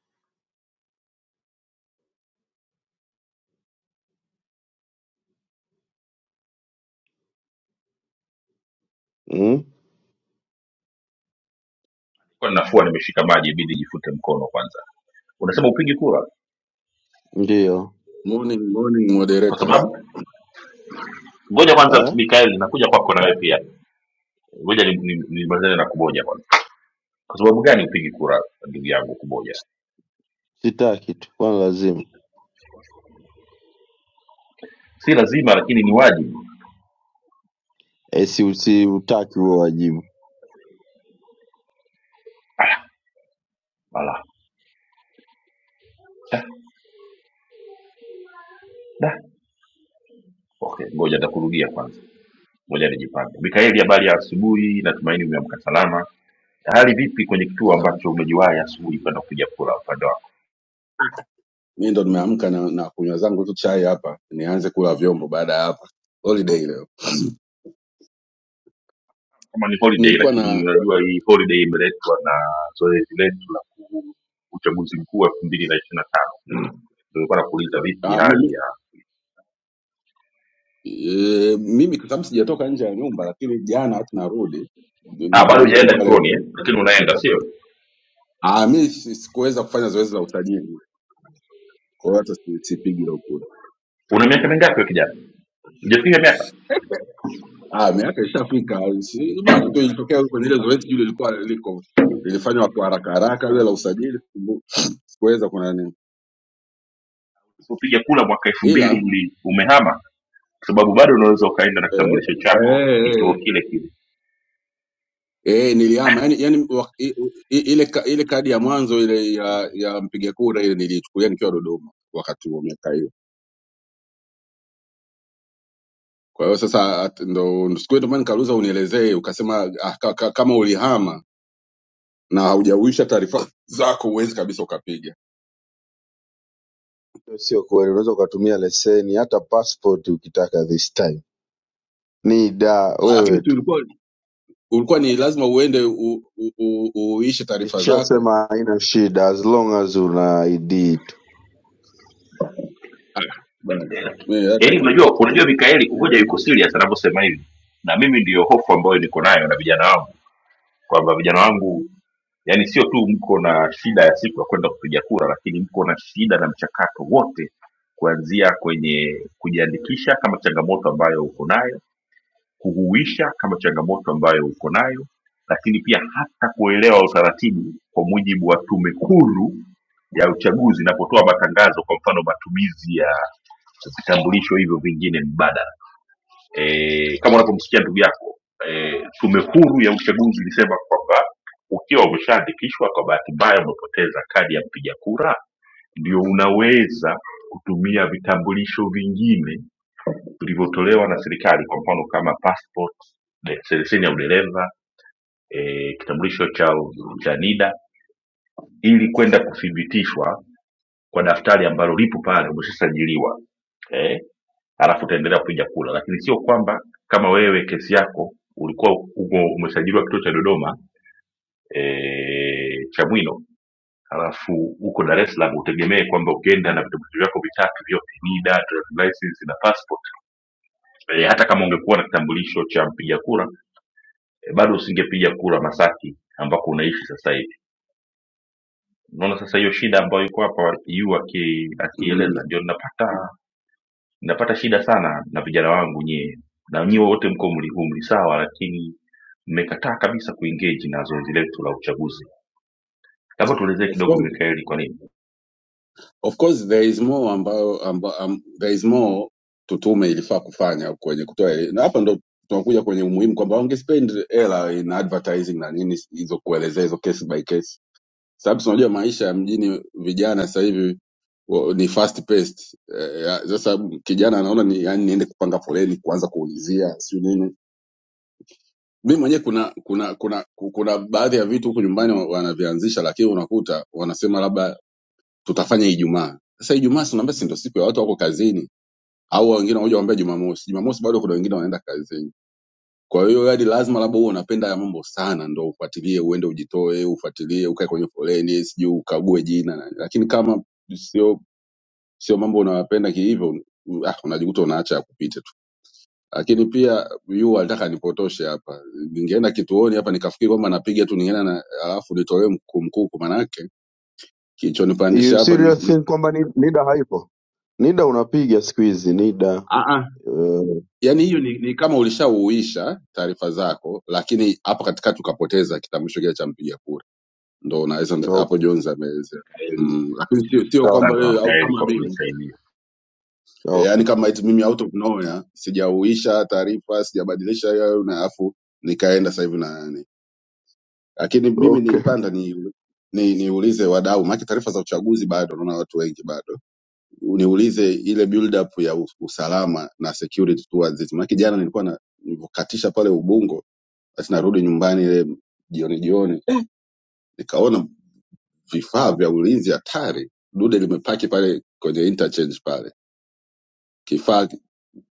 Speaker 9: Mm?
Speaker 1: Kwa ninafua nimeshika maji ibidi jifute mkono kwanza unasema upigi kura
Speaker 9: Ndio
Speaker 12: Morning, morning
Speaker 1: kwa
Speaker 12: moderators.
Speaker 1: sababu Ngoja kwanza,
Speaker 9: eh?
Speaker 1: Mikael, nakuja kwako na wewe pia. Ngoja nimalizane ni, ni nimalizane na kuboja kwanza. Kwa sababu gani upigi kura, ndugu yangu Kuboja?
Speaker 9: Sitaki tu, kwani lazima
Speaker 1: Si lazima, lakini ni wajibu.
Speaker 9: eh, si usiutaki huo wajibu.
Speaker 1: Ah, ala. Da, da. Okay, ngoja nitakurudia kwanza, ngoja nijipange. Mikaeli, habari ya asubuhi, natumaini umeamka salama. Hali vipi kwenye kituo
Speaker 12: Ah,
Speaker 1: ambacho umejiwahi asubuhi kwenda kupiga kura upande wako?
Speaker 12: Mimi ndo nimeamka na, na kunywa zangu tu chai hapa, nianze kula vyombo baada ya hapa. Holiday leo
Speaker 1: Kama ni holiday,
Speaker 12: nilikuwa
Speaker 1: lakini
Speaker 12: na
Speaker 1: unajua hii holiday imeletwa na zoezi letu la ku- uchaguzi mkuu wa elfu mbili na ishirini na tano. Ndio nilikuwa nakuuliza vipi
Speaker 12: ah,
Speaker 1: hali
Speaker 12: mimi,
Speaker 1: ya
Speaker 12: e, mimi kwa sababu sijatoka nje ya nyumba, lakini jana wakati narudi ni-
Speaker 1: Ah,
Speaker 12: ni-
Speaker 1: bado
Speaker 12: niko
Speaker 1: hujaenda
Speaker 12: pale.
Speaker 1: chuoni eh? Lakini unaenda sio?
Speaker 12: Ah, mimi si- sikuweza kufanya zoezi la usajili, kwa hiyo hata si- sipigi leo kura.
Speaker 1: Una miaka mingapi wewe kijana? Hujafika miaka
Speaker 12: <laughs> Ah, miaka ishafika, si- basi tu ilitokea kwenye ile zoezi jule lilikuwa liko lilifanywa kwa haraka haraka, ile la usajili siku- <sniffs> sikuweza kuna nini,
Speaker 1: kupiga kula mwaka elfu
Speaker 12: ila
Speaker 1: mbili uli umehama, kwa sababu bado unaweza ukaenda na
Speaker 12: eh,
Speaker 1: kitambulisho chako kituo
Speaker 12: eh,
Speaker 1: kile kile.
Speaker 12: eh, nilihama yani, yani wa, i, i, ile ka, ile kadi ya mwanzo ile ya, ya mpiga kura ile niliichukulia nikiwa Dodoma wakati huo miaka hiyo. Kwa hiyo sasa at- ndo siku hiyo ndio maana nikauliza unielezee, ukasema ah, ka, ka, kama ulihama na haujauisha taarifa <laughs> zako huwezi kabisa ukapiga.
Speaker 9: Hiyo Sio kweli, unaweza ukatumia leseni hata passport ukitaka this time. Ni da
Speaker 12: Ah, Lakini
Speaker 9: wewe
Speaker 12: tu ulikuwa ulikuwa ni lazima uende u, u, u, uishe taarifa zako.
Speaker 9: Nishasema haina shida as long as una ID tu.
Speaker 12: Ah, bana. Mimi hata
Speaker 1: Yaani unajua unajua Mikaeli kumoja yuko serious anavyosema hivi, na mimi ndiyo hofu ambayo niko nayo na vijana wangu kwamba vijana wangu yani sio tu mko na shida ya siku ya kwenda kupiga kura lakini mko na shida na mchakato wote kuanzia kwenye kujiandikisha kama changamoto ambayo uko nayo kuhuisha kama changamoto ambayo uko nayo lakini pia hata kuelewa utaratibu kwa mujibu wa tume huru ya uchaguzi inapotoa matangazo kwa mfano matumizi ya vitambulisho hivyo vingine mbadala e, kama unavyomsikia ndugu yako e, tume huru ya uchaguzi ilisema kwamba ukiwa umeshaandikishwa kwa bahati mbaya umepoteza kadi ya mpiga kura ndio unaweza kutumia vitambulisho vingine vilivyotolewa na serikali kwa mfano kama passport de- leseni ya udereva eh, kitambulisho cha cha NIDA ili kwenda kuthibitishwa kwa daftari ambalo lipo pale umeshasajiliwa eh, alafu utaendelea kupiga kura, lakini sio kwamba kama wewe kesi yako ulikuwa uko umesajiliwa kituo cha Dodoma e, cha Mwino alafu uko Dar es Salaam utegemee kwamba ukienda na vitambulisho vyako vitatu vyote NIDA, driving license na passport e, hata kama ungekuwa na kitambulisho cha mpiga kura Eh, bado usingepiga kura Masaki ambako unaishi sasa hivi. Unaona sasa hiyo shida ambayo iko hapa yu aki-
Speaker 12: mm,
Speaker 1: akieleza, ndio napata napata shida sana na vijana wangu nyie, na nyie wote mko mli humli sawa, lakini mmekataa kabisa kuengage na zoezi letu la uchaguzi. Labda tuelezee
Speaker 12: of
Speaker 1: kidogo,
Speaker 12: course
Speaker 1: Mikaeli, kwa nini?
Speaker 12: Of course there is more ambayo amba, um, there is more tu- tume ilifaa kufanya kwenye kutoa eli- na hapa ndo tunakuja kwenye umuhimu kwamba wangespend hela in advertising na nini hizo kuelezea hizo case by case, sababu tunajua maisha ya mjini vijana sasa hivi wa- ni fast paced. Eh, ya- Sasa kijana anaona ni yani niende kupanga foleni kuanza kuulizia sio nini. Mimi mwenyewe kuna kuna kuna ku- kuna baadhi ya vitu huku nyumbani wa- wanavianzisha, lakini unakuta wanasema labda tutafanya Ijumaa. Sasa Ijumaa si unaambia si ndio siku ya watu wako kazini, au wengine wanakuja kuambia Jumamosi. Jumamosi bado kuna wengine wanaenda kazini. Kwa hiyo yaani lazima labda uwe unapenda haya mambo sana ndo ufuatilie, uende ujitoe, ufuatilie, ukae kwenye foleni, sijui ukague jina na, nini. lakini kama sio sio mambo unayopenda kihivyo u- ah, unajikuta unaacha ya kupita tu. Lakini pia yu alitaka nipotoshe hapa, ningeenda kituoni hapa nikafikiri kwamba napiga tu ningeenda na alafu nitolewe mkuu mkuu, kwa manake
Speaker 9: You
Speaker 12: kilichonipandisha hapa
Speaker 9: serious
Speaker 12: ni-
Speaker 9: think kwamba ni- NIDA haipo? NIDA unapiga siku hizi NIDA. Uh,
Speaker 12: yani hiyo ni, ni kama ulishauisha taarifa zako, lakini hapo katikati ukapoteza kitambulisho kile cha mpiga kura, ndo unaweza hapo
Speaker 9: okay,
Speaker 12: Jones ameweza
Speaker 1: Mikaeli,
Speaker 12: Mm, lakini sio sio
Speaker 9: sawa
Speaker 12: kwamba
Speaker 1: Asante
Speaker 12: wewe
Speaker 9: sawa.
Speaker 12: au
Speaker 1: Mikaeli
Speaker 12: kama
Speaker 1: kwa
Speaker 12: mimi
Speaker 1: kunisaidia.
Speaker 12: e,
Speaker 9: Okay.
Speaker 12: yani kama eti mimi out of nowhere sijauisha taarifa sijabadilisha yao na afu nikaenda sasa hivi na nani, lakini mimi
Speaker 9: Okay.
Speaker 12: nilipanda ni ni niulize wadau, maana taarifa za uchaguzi bado naona watu wengi bado, niulize ile build up ya u- usalama na security towards it, maana jana nilikuwa na nilivyokatisha pale Ubungo Basi narudi nyumbani ile jioni jioni, nikaona vifaa vya ulinzi hatari, dude limepaki pale kwenye interchange pale, kifaa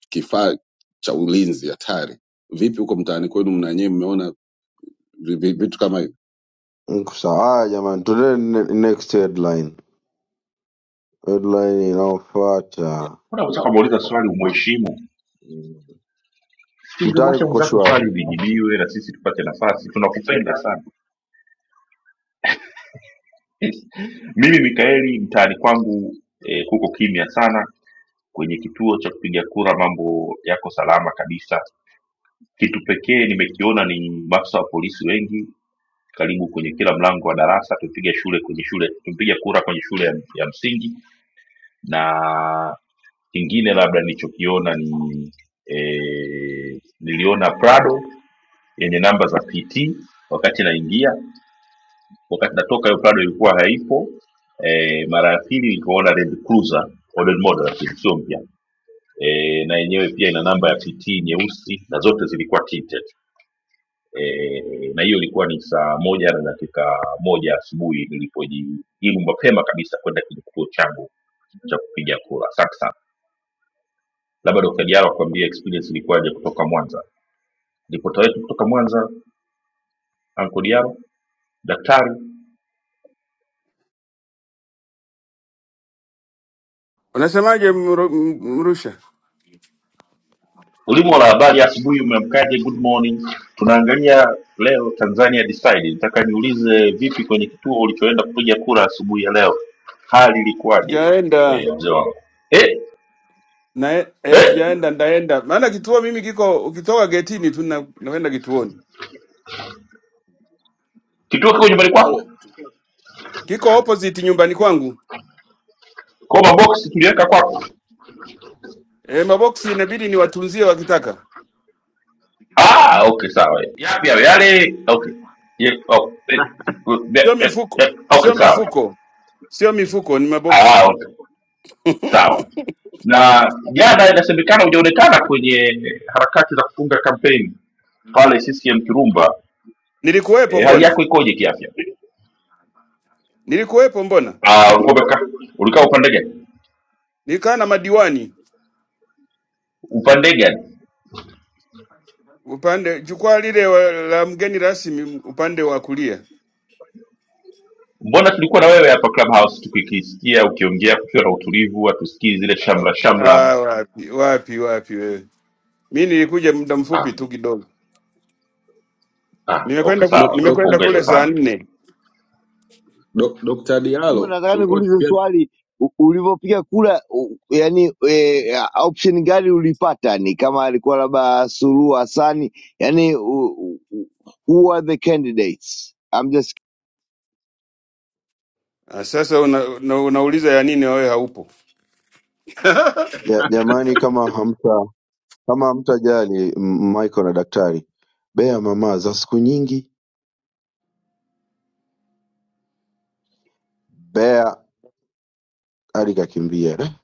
Speaker 12: kifaa cha ulinzi hatari. Vipi huko mtaani kwenu mnanyie mmeona vi- vi- vitu kama hivi?
Speaker 9: Mko Sawa Haya jamani, tuende ne- next headline. Headline inayofuata.
Speaker 1: Unaweza kumuuliza swali umheshimu,
Speaker 9: Mm.
Speaker 1: si
Speaker 9: Mtaani
Speaker 1: ungemwacha
Speaker 9: kuko
Speaker 1: mwenzako
Speaker 9: shwari.
Speaker 1: swali lijibiwe na sisi tupate nafasi. Tunakupenda sana. <laughs> Mimi Mikaeli, mtaani kwangu eh, kuko kimya sana. Kwenye kituo cha kupiga kura mambo yako salama kabisa. Kitu pekee nimekiona ni maafisa wa polisi wengi karibu kwenye kila mlango wa darasa. Tupiga shule kwenye shule, tupiga kura kwenye shule ya, ya msingi, na kingine labda nilichokiona ni eh, niliona Prado yenye namba za PT wakati naingia wakati natoka hiyo prado ilikuwa haipo e, mara ya pili nikaona land cruiser model model lakini sio mpya e, na yenyewe pia ina namba ya pt nyeusi na zote zilikuwa tinted e, na hiyo ilikuwa ni saa moja na dakika moja asubuhi nilipojiimu mapema kabisa kwenda kwenye kituo changu cha kupiga kura asante sana labda dokta diaro akuambia experience ilikuwaje kutoka mwanza ripota wetu kutoka mwanza anko diaro daktari
Speaker 13: Unasemaje Mru- M- Mrusha?
Speaker 1: Ulimwa la habari asubuhi umeamkaje? Good morning. Tunaangalia leo Tanzania Decide. Nataka niulize vipi kwenye kituo ulichoenda kupiga kura asubuhi ya leo, hali ilikuwaje?
Speaker 13: Sijaenda
Speaker 1: Eh, mzee wangu eh,
Speaker 13: na eh,
Speaker 1: eh,
Speaker 13: sijaenda, ndaenda maana kituo mimi kiko, ukitoka getini tu na- naenda kituoni,
Speaker 1: kituo kiko nyumbani kwako?
Speaker 12: Dialo tulikuwa
Speaker 13: kiko opposite nyumbani kwangu.
Speaker 1: Kwa box tuliweka kwako?
Speaker 13: E, maboksi inabidi niwatunzie wakitaka,
Speaker 1: Ah, okay, sawa. Yapi hayo yale? Okay. Ye, oh, eh, eh,
Speaker 13: sio
Speaker 1: eh,
Speaker 13: mifuko,
Speaker 1: eh, okay,
Speaker 13: sio
Speaker 1: sawa.
Speaker 13: mifuko, sio mifuko, ni maboksi.
Speaker 1: Ah, okay. sawa na jana inasemekana hujaonekana kwenye harakati za kufunga kampeni pale ccm kirumba
Speaker 13: Nilikuwepo
Speaker 1: e, hali
Speaker 13: mbona,
Speaker 1: yako ikoje kiafya
Speaker 13: nilikuwepo mbona,
Speaker 1: Ah, ulikuwa umekaa ulikaa upande gani
Speaker 13: nikaa na madiwani
Speaker 1: upande gani
Speaker 13: upande jukwaa lile wa- la mgeni rasmi upande wa kulia.
Speaker 1: mbona tulikuwa na wewe hapa clubhouse tukikisikia ukiongea kukiwa na utulivu hatusikii zile
Speaker 13: Ah,
Speaker 1: shamla shamla
Speaker 13: ah, wapi wapi wapi wewe, mi nilikuja muda
Speaker 1: ah,
Speaker 13: mfupi tu kidogo.
Speaker 1: ah, okay
Speaker 13: Nimekwenda ku,
Speaker 1: sawa
Speaker 12: Dok- Dr.
Speaker 13: nimekwenda
Speaker 1: tunakupongeza
Speaker 13: kule saa
Speaker 1: sana
Speaker 13: nne.
Speaker 12: Dok- Dr.
Speaker 5: Mungu,
Speaker 12: Dialo
Speaker 5: nataka
Speaker 12: tulikuwa
Speaker 5: nikuulize
Speaker 12: tukienda
Speaker 5: swali U- ulivyopiga kura u- yani e, option gani ulipata ni kama alikuwa labda Suluhu Hassani yani who who are the candidates I'm just
Speaker 13: Ah, Sasa una, una, unauliza ya nini wewe haupo?
Speaker 9: Ja- Jamani kama hamta kama hamtajali M- Michael na daktari. Bea mama za siku nyingi. Bea hadi kakimbia.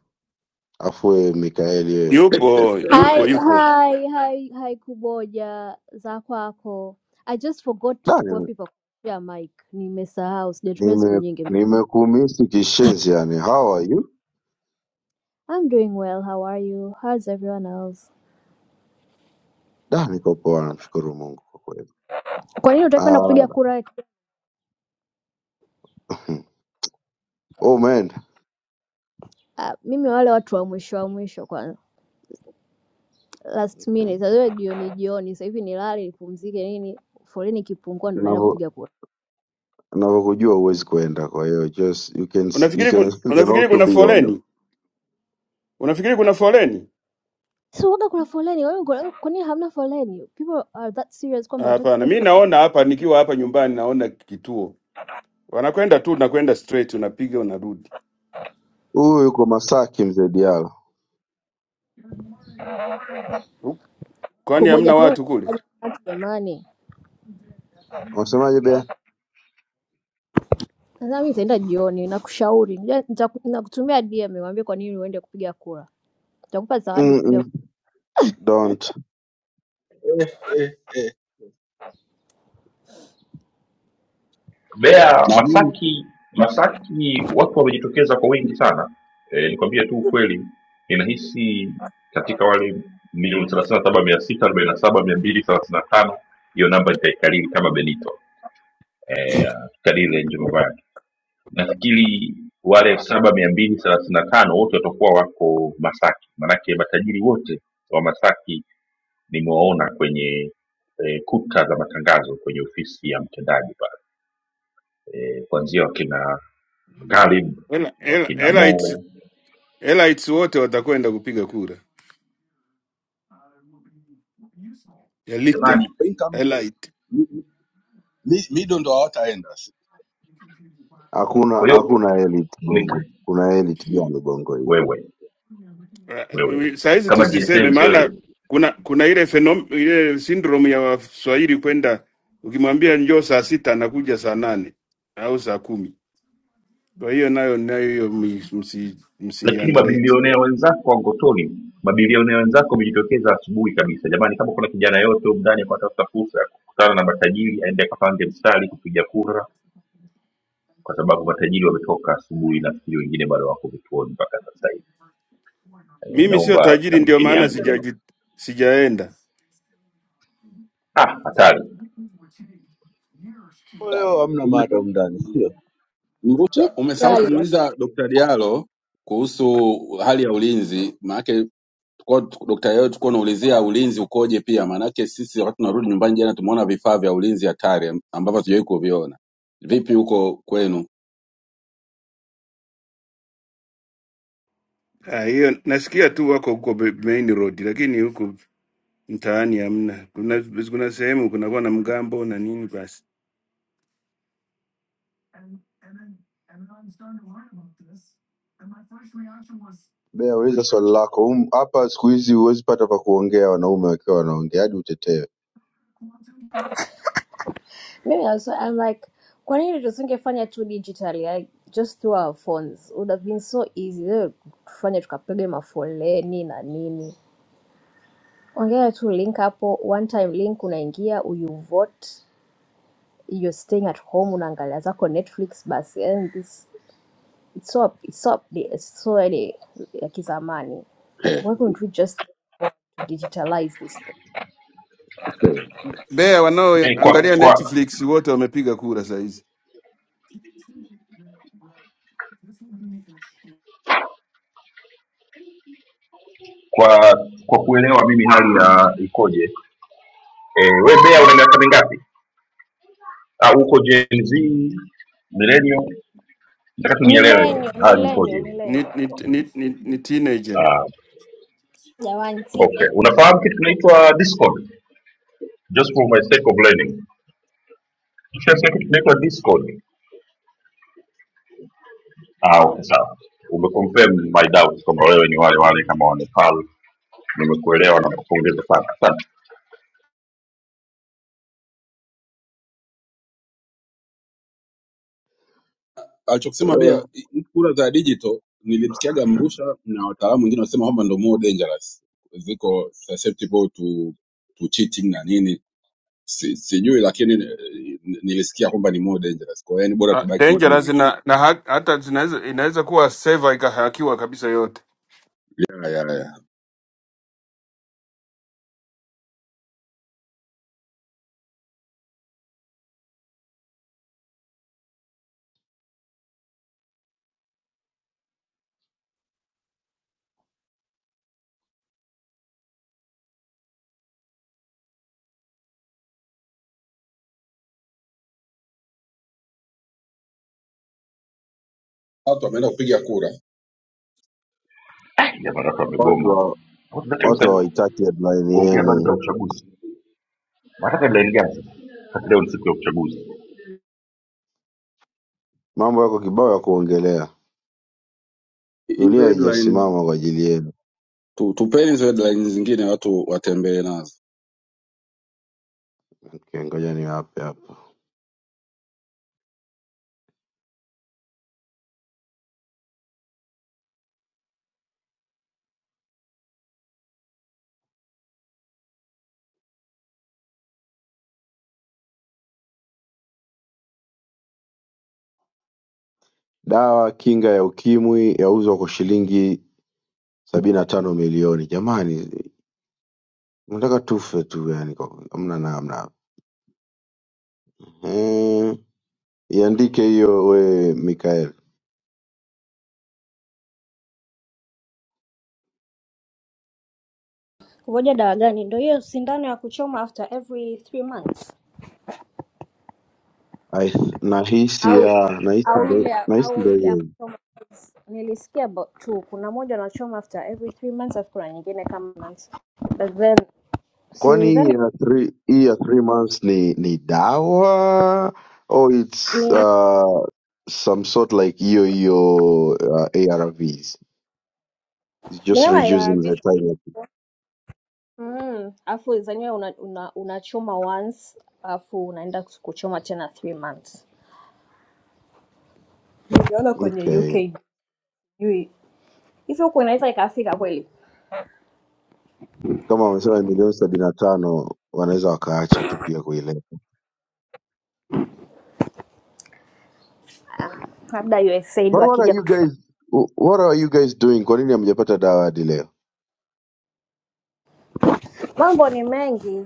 Speaker 9: Afu wewe Mikaeli
Speaker 13: Yupo, yupo,
Speaker 14: Hi,
Speaker 13: yupo.
Speaker 14: hi, hi, hi Kuboja za kwako. I just forgot
Speaker 9: Da, nime-
Speaker 14: wapi pa kutumia mic. Nimesahau, sijatumia siku
Speaker 9: nime-
Speaker 14: nyingi.
Speaker 9: nimekumisi kishenzi yani. How are you?
Speaker 14: I'm doing well. How are you? How's everyone else?
Speaker 9: Da, niko poa, namshukuru Mungu kwa kweli.
Speaker 14: Kwa nini utaki kwenda
Speaker 9: Ah,
Speaker 14: kupiga kura?
Speaker 9: <laughs> oh, umeenda
Speaker 14: Uh, mimi wale watu wa mwisho wa mwisho kwa last
Speaker 9: okay.
Speaker 14: minute. Sasa jioni jioni, sasa hivi nilale nipumzike nini? Foleni ikipungua ndo naenda
Speaker 9: Navo-
Speaker 14: kupiga kura.
Speaker 9: Navokujua huwezi kuenda, kwa hiyo just you can you
Speaker 13: Unafikiri
Speaker 9: can
Speaker 13: kun,
Speaker 9: <laughs> you can
Speaker 13: unafikiri
Speaker 9: also
Speaker 13: kuna
Speaker 9: be honest.
Speaker 13: foleni? Unafikiri kuna foleni?
Speaker 14: So waga kuna foleni. Wewe uko- kwa nini hamna foleni? People are that serious
Speaker 13: Ah,
Speaker 14: kwamba wataki
Speaker 13: Hapana,
Speaker 14: kupiga
Speaker 13: mi
Speaker 14: kura.
Speaker 13: naona hapa nikiwa hapa nyumbani naona kituo. Wanakwenda tu nakwenda straight unapiga unarudi.
Speaker 9: Huyu yuko Masaki, mzee Diallo,
Speaker 13: Hu- Kwani
Speaker 14: Kuboja
Speaker 13: hamna
Speaker 14: kwa wewe
Speaker 13: watu kule?
Speaker 14: jamani.
Speaker 9: unasemaje bea?
Speaker 14: Sasa mimi nitaenda jioni, nakushauri. Nja- nita- Nakutumia DM niambie kwa nini uende kupiga kura. Nitakupa zawadi
Speaker 9: Mm
Speaker 14: kupiga kura.
Speaker 9: -mm. Don't,
Speaker 1: Mbeya,
Speaker 12: na mimi
Speaker 1: Masaki, Masaki watu wamejitokeza kwa wingi sana. E, nikwambie tu ukweli, ninahisi katika wale milioni thelathini na saba mia sita arobaini na saba mia mbili thelathini na tano hiyo namba nitaikariri kama Benito e, tukariri Njomobadi. Nafikiri wale elfu saba mia mbili thelathini na tano wote watakuwa wako Masaki, maanake matajiri wote wa Masaki nimewaona kwenye e, kuta za matangazo kwenye ofisi ya mtendaji pale eh, kuanzia wakina Ghalib,
Speaker 13: Ela
Speaker 1: wakina
Speaker 13: ela elites
Speaker 1: Mo
Speaker 13: elites wote watakwenda kupiga kura.
Speaker 1: jamani.
Speaker 13: Elite,
Speaker 12: income
Speaker 13: elite.
Speaker 12: mi- mi- mido ndo hawataenda.
Speaker 9: hakuna
Speaker 1: Kwa hiyo
Speaker 9: hakuna elite
Speaker 1: nika
Speaker 9: bongo. Kuna elite gani bongo hii?
Speaker 1: wewe wewe
Speaker 13: Eh, Sahizi
Speaker 1: kama
Speaker 13: tusiseme,
Speaker 1: GSM sio wewe,
Speaker 13: maana kuna kuna ile fenom, ile syndrome ya Waswahili kwenda ukimwambia njoo saa sita anakuja saa nane au saa kumi. Kwa hiyo nayo nayo hiyo mi- msi
Speaker 1: lakini
Speaker 13: msiandareti.
Speaker 1: mabilionea wenzako wa Ngotoni, mabilionea wenzako wamejitokeza asubuhi kabisa. Jamani, kama kuna kijana yote humu ndani akatafuta fursa ya kukutana na matajiri, aende akapange mstari kupiga kura, kwa sababu matajiri wametoka asubuhi. Nafikiri wengine bado wako vituoni mpaka sasa hivi. Eh,
Speaker 13: Mimi sio
Speaker 1: naomba
Speaker 13: tajiri, ndio
Speaker 1: kamisheni
Speaker 13: maana
Speaker 1: yangu
Speaker 13: sijaji
Speaker 1: jamani.
Speaker 13: sijaenda.
Speaker 1: Ah, hatari
Speaker 12: Sasa,
Speaker 9: Leo hamna
Speaker 12: umesa-
Speaker 9: madam ndani, sio?
Speaker 14: Mimi
Speaker 12: Mrusha, umesahau
Speaker 14: swali like,
Speaker 12: kumuuliza Dr. Dialo kuhusu hali ya ulinzi, maanake Kwa daktari leo tulikuwa tunaulizia ulinzi ukoje pia, maanake sisi wakati tunarudi nyumbani jana tumeona vifaa vya ulinzi hatari ambavyo hatujawahi kuviona. Vipi huko kwenu?
Speaker 13: Ah, hiyo nasikia tu wako huko Be- main road, lakini huku mtaani hamna. Kuna kuna sehemu kunakuwa na mgambo na nini. Basi
Speaker 9: Bea uliza swali lako Hum- hapa siku hizi huwezi pata pa kuongea wanaume wakiwa wanaongea hadi utetewe
Speaker 14: mimi na swali, I'm like kwa nini tusingefanya tu digitally like just through our phones would have been so easy Leo tufanye tukapiga mafoleni na nini ongea tu link hapo one time link unaingia you vote you're staying at home unaangalia zako netflix basi and this, it's so, it's so, it's so yani ya kizamani
Speaker 12: Eh.
Speaker 14: why couldn't we just digitalize this thing.
Speaker 13: Mbeya
Speaker 1: eh, kwa
Speaker 13: wanaoangalia
Speaker 1: kwa
Speaker 13: Netflix wote wamepiga kura saa hizi.
Speaker 1: kwa kwa kuelewa mimi hali ya ikoje eh, we bea una miaka mingapi Ah, uko Gen Z millennial nataka tu nielewe
Speaker 14: Millennium,
Speaker 1: hali
Speaker 14: millennium,
Speaker 1: ikoje
Speaker 13: ni,
Speaker 14: millennium.
Speaker 13: ni, ni, ni, ni teenager.
Speaker 1: Ah, uh,
Speaker 14: Jamani,
Speaker 1: okay
Speaker 14: tia
Speaker 1: unafahamu kitu kinaitwa discord just for my sake of learning ukishasikia kitu kinaitwa discord ah, okay sawa umeconfirm my doubt kwamba wewe ni wale wale kama wanepal nimekuelewa na kupongeza sana asante
Speaker 12: Alichokisema
Speaker 9: eh,
Speaker 12: Bea, i- kura za digital nilimsikiaga Mrusha na wataalamu wengine wanasema kwamba ndo more dangerous, ziko susceptible to, to cheating na nini si, sijui lakini eh, nilisikia kwamba ni more dangerous. Kwa hiyo yani bora
Speaker 13: Ah,
Speaker 12: tubaki hivi
Speaker 13: dangerous
Speaker 12: hivi.
Speaker 13: na, na ha- hata zinaweza inaweza kuwa seva ikahakiwa kabisa yote
Speaker 12: Ya, ya, ya. Watu wameenda kupiga kura.
Speaker 1: Eh, jamaa watu wamegoma
Speaker 9: watu wa-
Speaker 1: Watu wanataka
Speaker 9: watu
Speaker 1: kabisa
Speaker 9: hawahitaki headline
Speaker 1: kuongea habari
Speaker 9: yenu
Speaker 1: za uchaguzi Nataka dalili gani sasa? Hata leo ni siku ya uchaguzi.
Speaker 9: mambo yako kibao ya kuongelea dunia
Speaker 12: Hizo headline.
Speaker 9: haijasimama kwa ajili yenu
Speaker 12: tu, tupeni hizo headlines zingine watu watembee nazo.
Speaker 9: okay, ngoja niwape hapa dawa kinga ya ukimwi yauzwa kwa shilingi sabini na tano milioni jamani mnataka tufe tu yani kwa- hamna namna Eh, iandike hiyo we mikael
Speaker 14: kuvoja dawa gani? Ndio hiyo sindano ya kuchoma after every three months.
Speaker 9: I- nahisi ya nahisi ndo nahisi ndo hiyo
Speaker 14: Nilisikia about two. Kuna moja wanachoma after every three months, alafu kuna nyingine kama months. Then,
Speaker 9: kwani
Speaker 14: then
Speaker 9: ina three, hii ya three months ni ni dawa or it's
Speaker 14: ni
Speaker 9: uh, some sort like hiyo hiyo uh, ARVs it's
Speaker 14: ni
Speaker 9: just
Speaker 14: kama ya
Speaker 9: reducing the
Speaker 14: visa.
Speaker 9: time
Speaker 14: Mm, alafu zenyewe una, una, unachoma once alafu unaenda kuchoma tena three months. Niliona kwenye UK
Speaker 9: okay
Speaker 14: sijui hivyo huku inaweza ikafika kweli,
Speaker 9: kama wamesema milioni sabini na tano wanaweza wakaacha tu pia kuileta
Speaker 14: labda USAID
Speaker 9: but what are
Speaker 14: wakija
Speaker 9: you
Speaker 14: kutufa.
Speaker 9: guys what are you guys doing kwa nini hamjapata dawa hadi leo
Speaker 14: Mambo ni mengi,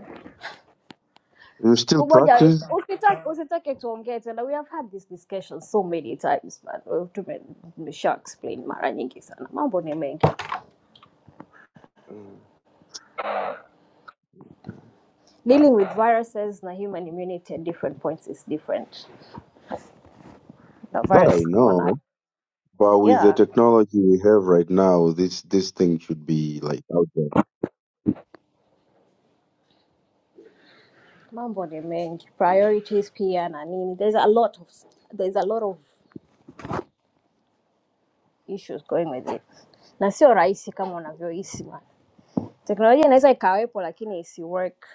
Speaker 9: you still
Speaker 14: Kumoja,
Speaker 9: practice
Speaker 14: usitake usitake tuongee tena. We have had this discussion so many times man. We've- tume- Nimesha explain mara nyingi sana, mambo ni mengi.
Speaker 9: Mm.
Speaker 14: Dealing with viruses na human immunity at different points is different. The
Speaker 9: that
Speaker 14: virus
Speaker 9: I
Speaker 14: wana
Speaker 9: know but with the
Speaker 14: yeah,
Speaker 9: technology we have right now this this thing should be like out there
Speaker 14: mambo ni mengi, priorities pia na nini. There's a lot of there's a lot of issues going with it, na sio rahisi kama unavyohisi man. Teknolojia inaweza ikawepo lakini isi work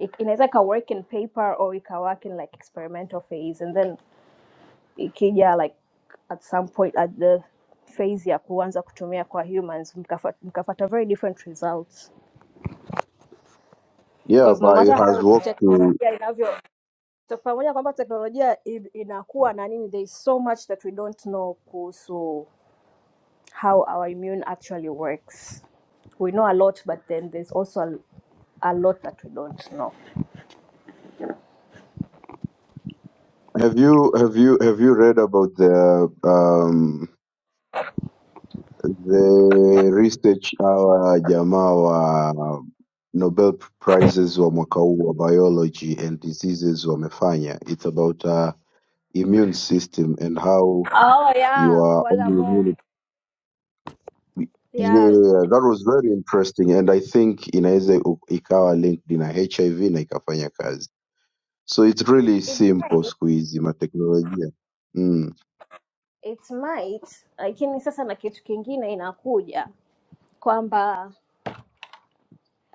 Speaker 14: it- inaweza ika work in paper or ika work in like experimental phase and then ikija like at some point at the phase ya kuanza kutumia kwa humans mkafa- mkapata very different results
Speaker 9: Yeah,
Speaker 14: because no
Speaker 9: but it
Speaker 14: matter
Speaker 9: has
Speaker 14: how
Speaker 9: worked to.
Speaker 14: teknolojia inavyo so pamoja kwamba teknolojia i- inakuwa na nini there is so much that we don't know kuhusu how our immune actually works we know a lot but then there's also a, a lot that we don't know
Speaker 9: Have you have you have you read about the um the research our jamaa wa Nobel prizes wa mwaka huu wa biology and diseases wamefanya? It's about uh, immune system and how
Speaker 14: oh yeah
Speaker 9: your own
Speaker 14: wale ambao
Speaker 9: immune.
Speaker 14: yeah
Speaker 9: Yeah, that was very interesting and I think inaweza u- ikawa linked na HIV na ikafanya kazi. So it's really simple siku hizi mateknolojia. Mm.
Speaker 14: it might lakini sasa na kitu kingine inakuja kwamba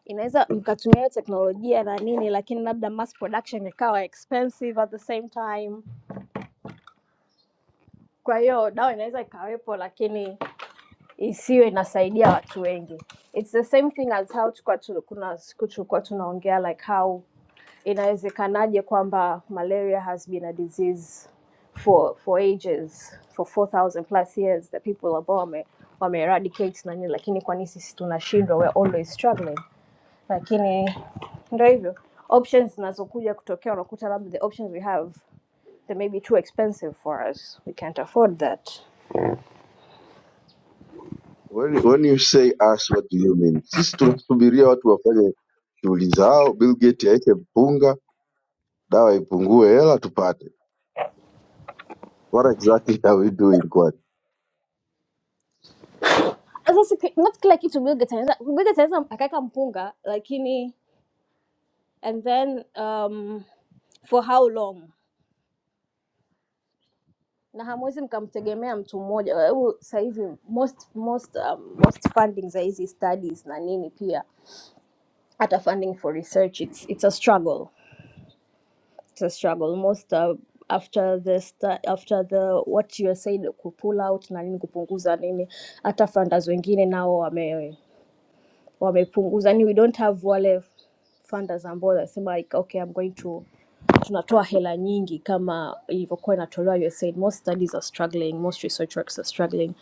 Speaker 14: inaweza mkatumia hiyo teknolojia na nini lakini labda mass production ikawa expensive at the same time kwa hiyo dawa inaweza ikawepo lakini isiwe inasaidia watu wengi its the same thing as how tukua tu, kuna siku tulikuwa tunaongea like how inawezekanaje kwamba malaria has been a disease for for ages for 4000 plus years the people ambao wame, wame eradicate na nini lakini kwa nini sisi tunashindwa we're always struggling lakini ndo hivyo options zinazokuja kutokea unakuta labda the options we have they may be too expensive for us we can't afford that
Speaker 9: When, when you say us what do you mean? Sisi tunasubiria watu wafanye shughuli zao, Bill Gates aweke mpunga, dawa ipungue, hela tupate. What exactly are we doing? Kwa
Speaker 14: sasa si ki- not kila kitu mwiga tanaweza mwiga tanaweza akaweka mpunga lakini and then um, for how long na hamwezi mkamtegemea mtu mmoja Hebu sasa hivi most most um, most funding za hizi studies na nini pia hata funding for research it's, it's a struggle it's a struggle most uh, after the sta- after the what you said kupull out na nini kupunguza nini hata funders wengine nao wame wamepunguza yani we don't have wale funders ambao wanasema like, okay i'm going to tunatoa hela nyingi kama ilivyokuwa inatolewa USAID. Most studies are struggling, most research works are struggling.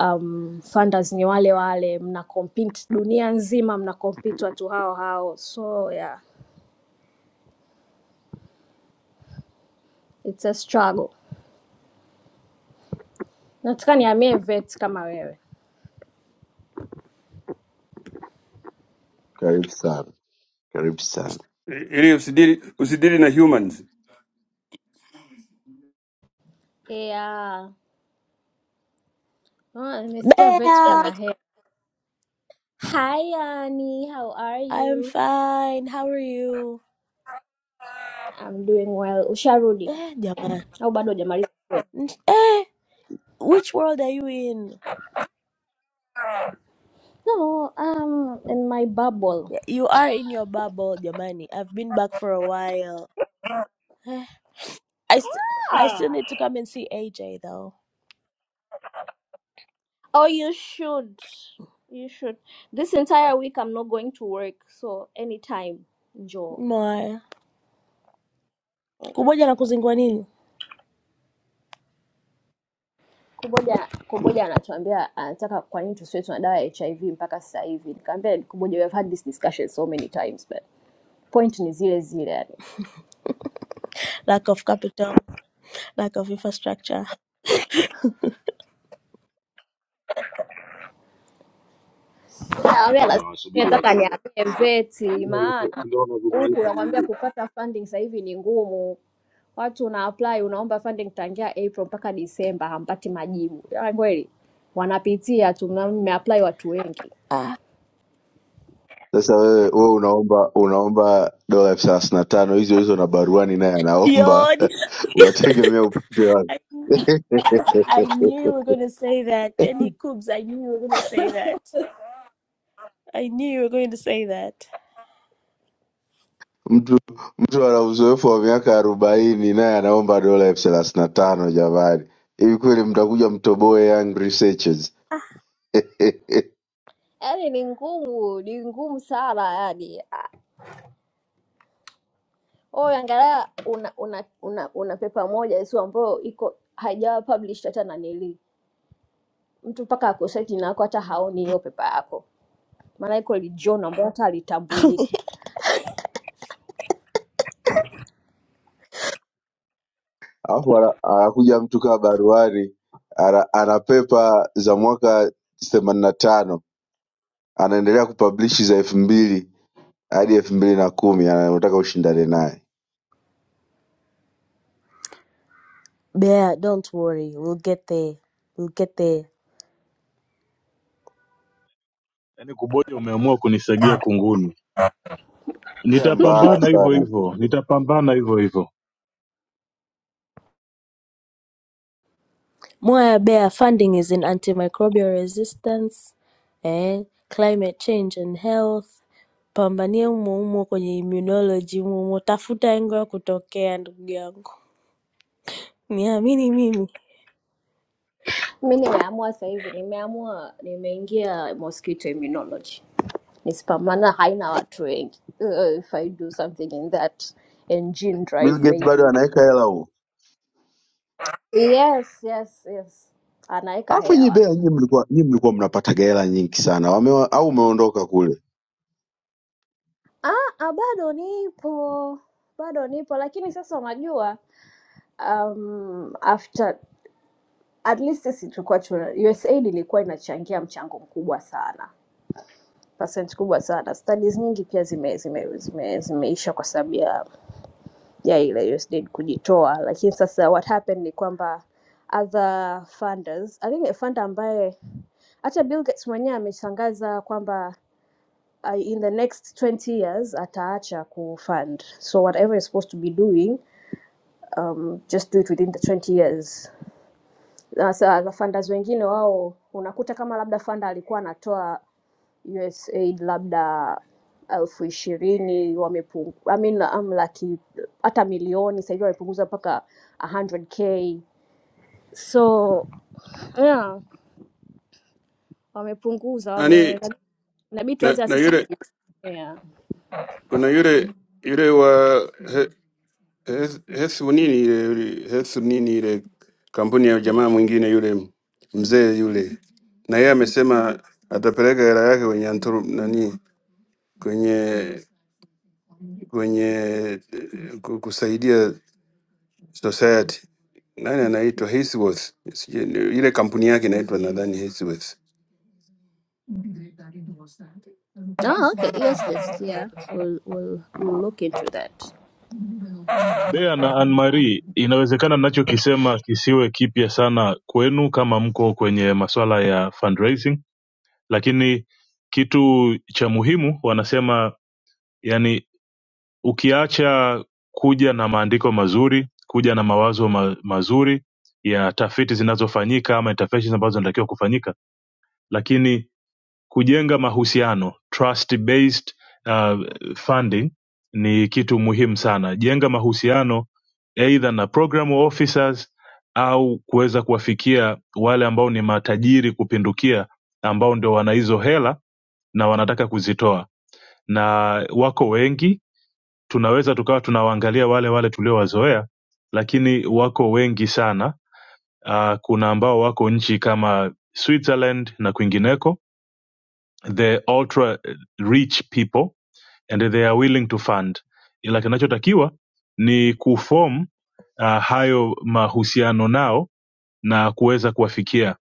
Speaker 14: Um, funders ni wale wale, mna compete dunia nzima, mna compete watu hao hao, so yeah, it's a struggle. Nataka nihamie vet kama wewe.
Speaker 9: karibu sana, karibu sana.
Speaker 13: Usi- ili usidili usidili na humans
Speaker 14: Yeah. Oh, nimesikia vet
Speaker 15: Bea,
Speaker 14: kuna hea. Hi Annie, how are
Speaker 15: I'm
Speaker 14: you?
Speaker 15: fine. How are you?
Speaker 14: I'm doing well. Usharudi
Speaker 15: Eh, jamani.
Speaker 14: au bado hujamaliza?
Speaker 15: Eh, which world are you in?
Speaker 14: No, um in my bubble.
Speaker 15: You are in your bubble, jamani. I've been back for a while. Eh, I, st- I still need to come and see AJ though.
Speaker 14: Oh, you should. You should. This entire week I'm not going to work, so anytime njoo.
Speaker 15: My kuboja na kuzingua nini?
Speaker 14: Kuboja Kuboja anatuambia anataka kwa nini tusiwe tuna dawa ya HIV mpaka sasa hivi. Nikamwambia Kuboja we have had this discussion so many times but point ni zile zile yani.
Speaker 15: Lack of capital, lack of infrastructure.
Speaker 2: kwamba
Speaker 14: Awe anasimamia
Speaker 2: tunawasubiri
Speaker 14: taka
Speaker 2: wazungu
Speaker 14: niambie
Speaker 2: watufikie. Si
Speaker 14: VETA
Speaker 2: ndio wanacho-
Speaker 14: maana
Speaker 2: si ndio
Speaker 14: huku
Speaker 2: wanavyomaanisha
Speaker 14: unakwambia
Speaker 2: Anmari?
Speaker 14: kupata funding sasa hivi ni ngumu. Watu una apply unaomba funding tangia April mpaka Disemba hampati majibu. Yaani kweli wanapitia tu na mmeapply watu wengi.
Speaker 15: Ah,
Speaker 9: Sasa wewe wewe unaomba unaomba dola elfu thelathini na tano hizo hizo na baruani naye anaomba,
Speaker 15: yoni.
Speaker 9: <laughs> unategemea upate wapi?
Speaker 15: I,
Speaker 9: <laughs>
Speaker 15: dude, I knew you were going to say that. Any coops, I knew you were going to say that. I knew you were going to say that.
Speaker 9: mtu mtu ana uzoefu wa miaka arobaini naye anaomba dola elfu thelathini na tano jamani. Hivi kweli mtakuja mtoboe young researchers? <laughs>
Speaker 14: Yaani ni ngumu, ni ngumu sana yani. Oh, angalia una una una, una pepa moja tu ambayo iko haijawa published hata nanili. Mtu mpaka akusearch na yako hata haoni hiyo pepa yako. Maana iko li journal ambayo hata halitambuliki.
Speaker 9: alafu ana- anakuja mtu kaa baruani ana, ana pepa za mwaka themanini na tano anaendelea kupablishi za elfu mbili hadi elfu mbili na kumi anataka ushindane naye
Speaker 15: Bear, don't worry, we'll get there. We'll get there.
Speaker 8: Yaani kuboja, umeamua kunisagia kunguni.
Speaker 9: pia mbaya
Speaker 8: Nitapambana hivyo
Speaker 9: sana
Speaker 8: hivyo, nitapambana hivyo hivyo.
Speaker 15: Moya Bear funding is in antimicrobial resistance, eh, climate change and health. Pambanie humo humo kwenye immunology humo humo, tafuta engo ya kutokea ndugu yangu, niamini mimi,
Speaker 14: mi nimeamua sasa hivi nimeamua nimeingia mosquito immunology nisipamana haina watu wengi uh, if i do something in that engine
Speaker 9: Bill
Speaker 14: drive
Speaker 9: Gates bado
Speaker 14: maybe
Speaker 9: anaweka hela huo
Speaker 14: yes yes yes anaweka
Speaker 9: alafu nyie
Speaker 14: hela
Speaker 9: bea nyie mlikuwa nyie mlikuwa mnapataga hela nyingi sana Wame, au umeondoka kule
Speaker 14: Ah, bado nipo bado nipo lakini sasa unajua um, after at least sisi tulikuwa tuna usaid ilikuwa inachangia mchango mkubwa sana percent kubwa sana studies nyingi pia zime, zime, zime, zimeisha kwa sababu ya ya ile USDA kujitoa, lakini sasa what happened ni kwamba other funders, I think a funder ambaye hata Bill Gates mwenyewe ametangaza kwamba uh, in the next 20 years ataacha kufund, so whatever you're supposed to be doing um, just do it within the 20 years. Sasa the funders wengine wao unakuta kama labda funder alikuwa anatoa USAID labda elfu ishirini wamepungu, I mean, um, laki hata milioni sasa hivi wamepunguza mpaka 100k so yeah, wamepunguza
Speaker 13: Yaani
Speaker 14: wame inabidi
Speaker 13: na,
Speaker 14: tuanze na
Speaker 13: na
Speaker 14: sisi
Speaker 13: yule
Speaker 14: kujitegemea.
Speaker 13: kuna yule yule wa he, Hes- Hesu nini ile yule- Hesu nini ile kampuni ya jamaa mwingine yule mzee yule, na yeye amesema atapeleka hela yake kwenye anturu, nani kwenye kwenye eh, ku- kusaidia society nani anaitwa Hisworth, sijui ni- ile kampuni yake inaitwa nadhani Hisworth.
Speaker 14: Ah, okay. Yes, yes, yeah. We'll, we'll, we'll look into that.
Speaker 8: Bea na Anne Marie, inawezekana ninachokisema kisiwe kipya sana kwenu kama mko kwenye masuala ya fundraising, lakini kitu cha muhimu wanasema, yani ukiacha kuja na maandiko mazuri, kuja na mawazo ma mazuri ya tafiti zinazofanyika ama interventions ambazo zinatakiwa kufanyika, lakini Kujenga mahusiano trust based uh, funding ni kitu muhimu sana. Jenga mahusiano either na program officers au kuweza kuwafikia wale ambao ni matajiri kupindukia, ambao ndio wana hizo hela na wanataka kuzitoa, na wako wengi. Tunaweza tukawa tunawaangalia wale wale tuliowazoea, lakini wako wengi sana. Uh, kuna ambao wako nchi kama Switzerland na kwingineko the ultra rich people and they are willing to fund ila kinachotakiwa ni kufom uh, hayo mahusiano nao na kuweza kuwafikia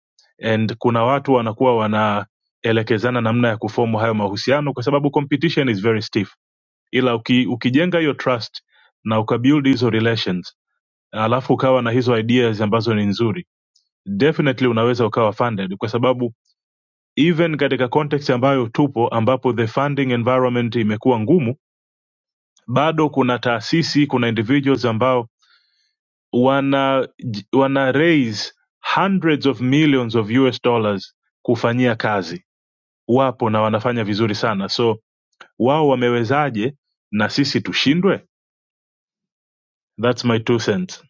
Speaker 8: and kuna watu wanakuwa wanaelekezana namna ya kufomu hayo mahusiano kwa sababu competition is very stiff ila uki, ukijenga hiyo trust na ukabuild hizo relations alafu ukawa na hizo ideas ambazo ni nzuri definitely unaweza ukawa funded kwa sababu even katika context ambayo tupo ambapo the funding environment imekuwa ngumu bado kuna taasisi kuna individuals ambao wana j- wana raise hundreds of millions of US dollars kufanyia kazi wapo na wanafanya vizuri sana so wao wamewezaje na sisi tushindwe thats my two cents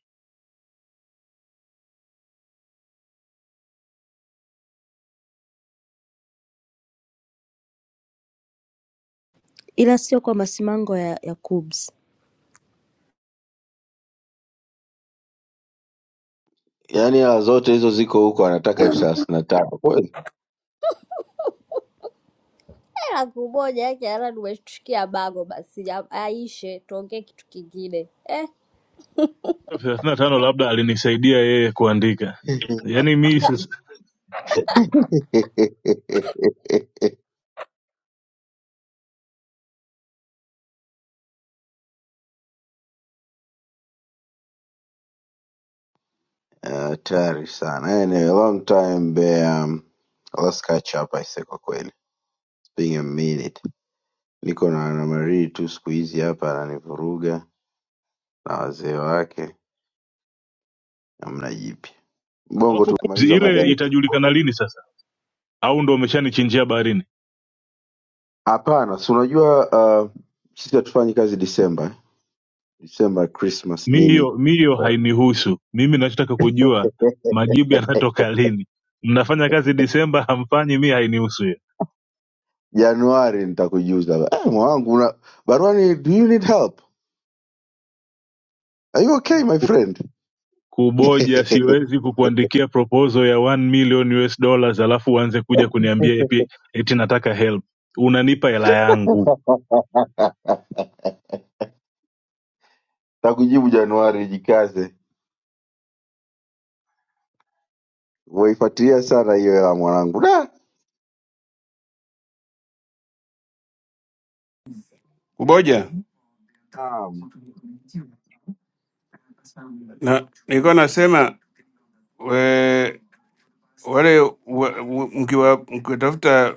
Speaker 15: ila sio kwa masimango ya, ya KUBS.
Speaker 9: yaani hela zote hizo ziko huko anataka elfu thelathini na tano kweli
Speaker 14: Hela kumoja yake ala, nimetusikia bago basi, ya- aishe tuongee kitu kingine. Eh.
Speaker 8: thelathini na tano labda alinisaidia yeye kuandika yaani mi sasa
Speaker 9: <laughs> Eh, hatari sana anyway, long time bear um, let's catch up aise kwa kweli It's been a minute niko na na Marie tu siku hizi hapa ananivuruga na wazee wake hamna jipya bongo
Speaker 8: alafu Kubzi,
Speaker 9: tumemaliza mada
Speaker 8: ile
Speaker 9: yetu
Speaker 8: itajulikana lini sasa au ndo umeshanichinjia baharini
Speaker 9: hapana si unajua uh, sisi hatufanyi kazi disemba eh. disemba christmas
Speaker 8: mi hiyo
Speaker 9: nini
Speaker 8: mi hiyo
Speaker 9: Poa.
Speaker 8: hainihusu mimi nachotaka kujua majibu
Speaker 9: eh,
Speaker 8: yanatoka lini mnafanya kazi disemba hamfanyi mi hainihusu hiyo
Speaker 9: januari nitakujuza eh, mwanangu una... barwani do you need help are you okay my
Speaker 8: Ku-
Speaker 9: friend
Speaker 8: kuboja siwezi kukuandikia proposal ya 1 million US dollars alafu uanze kuja kuniambia eti eti nataka help unanipa hela yangu
Speaker 9: <laughs> Nakujibu Januari, jikaze. Umeifuatilia sana hiyo ya mwanangu. Da!
Speaker 13: Kuboja
Speaker 9: Naam.
Speaker 13: na nilikuwa nasema we, wale wa- wa- mkiwa- mkiwatafuta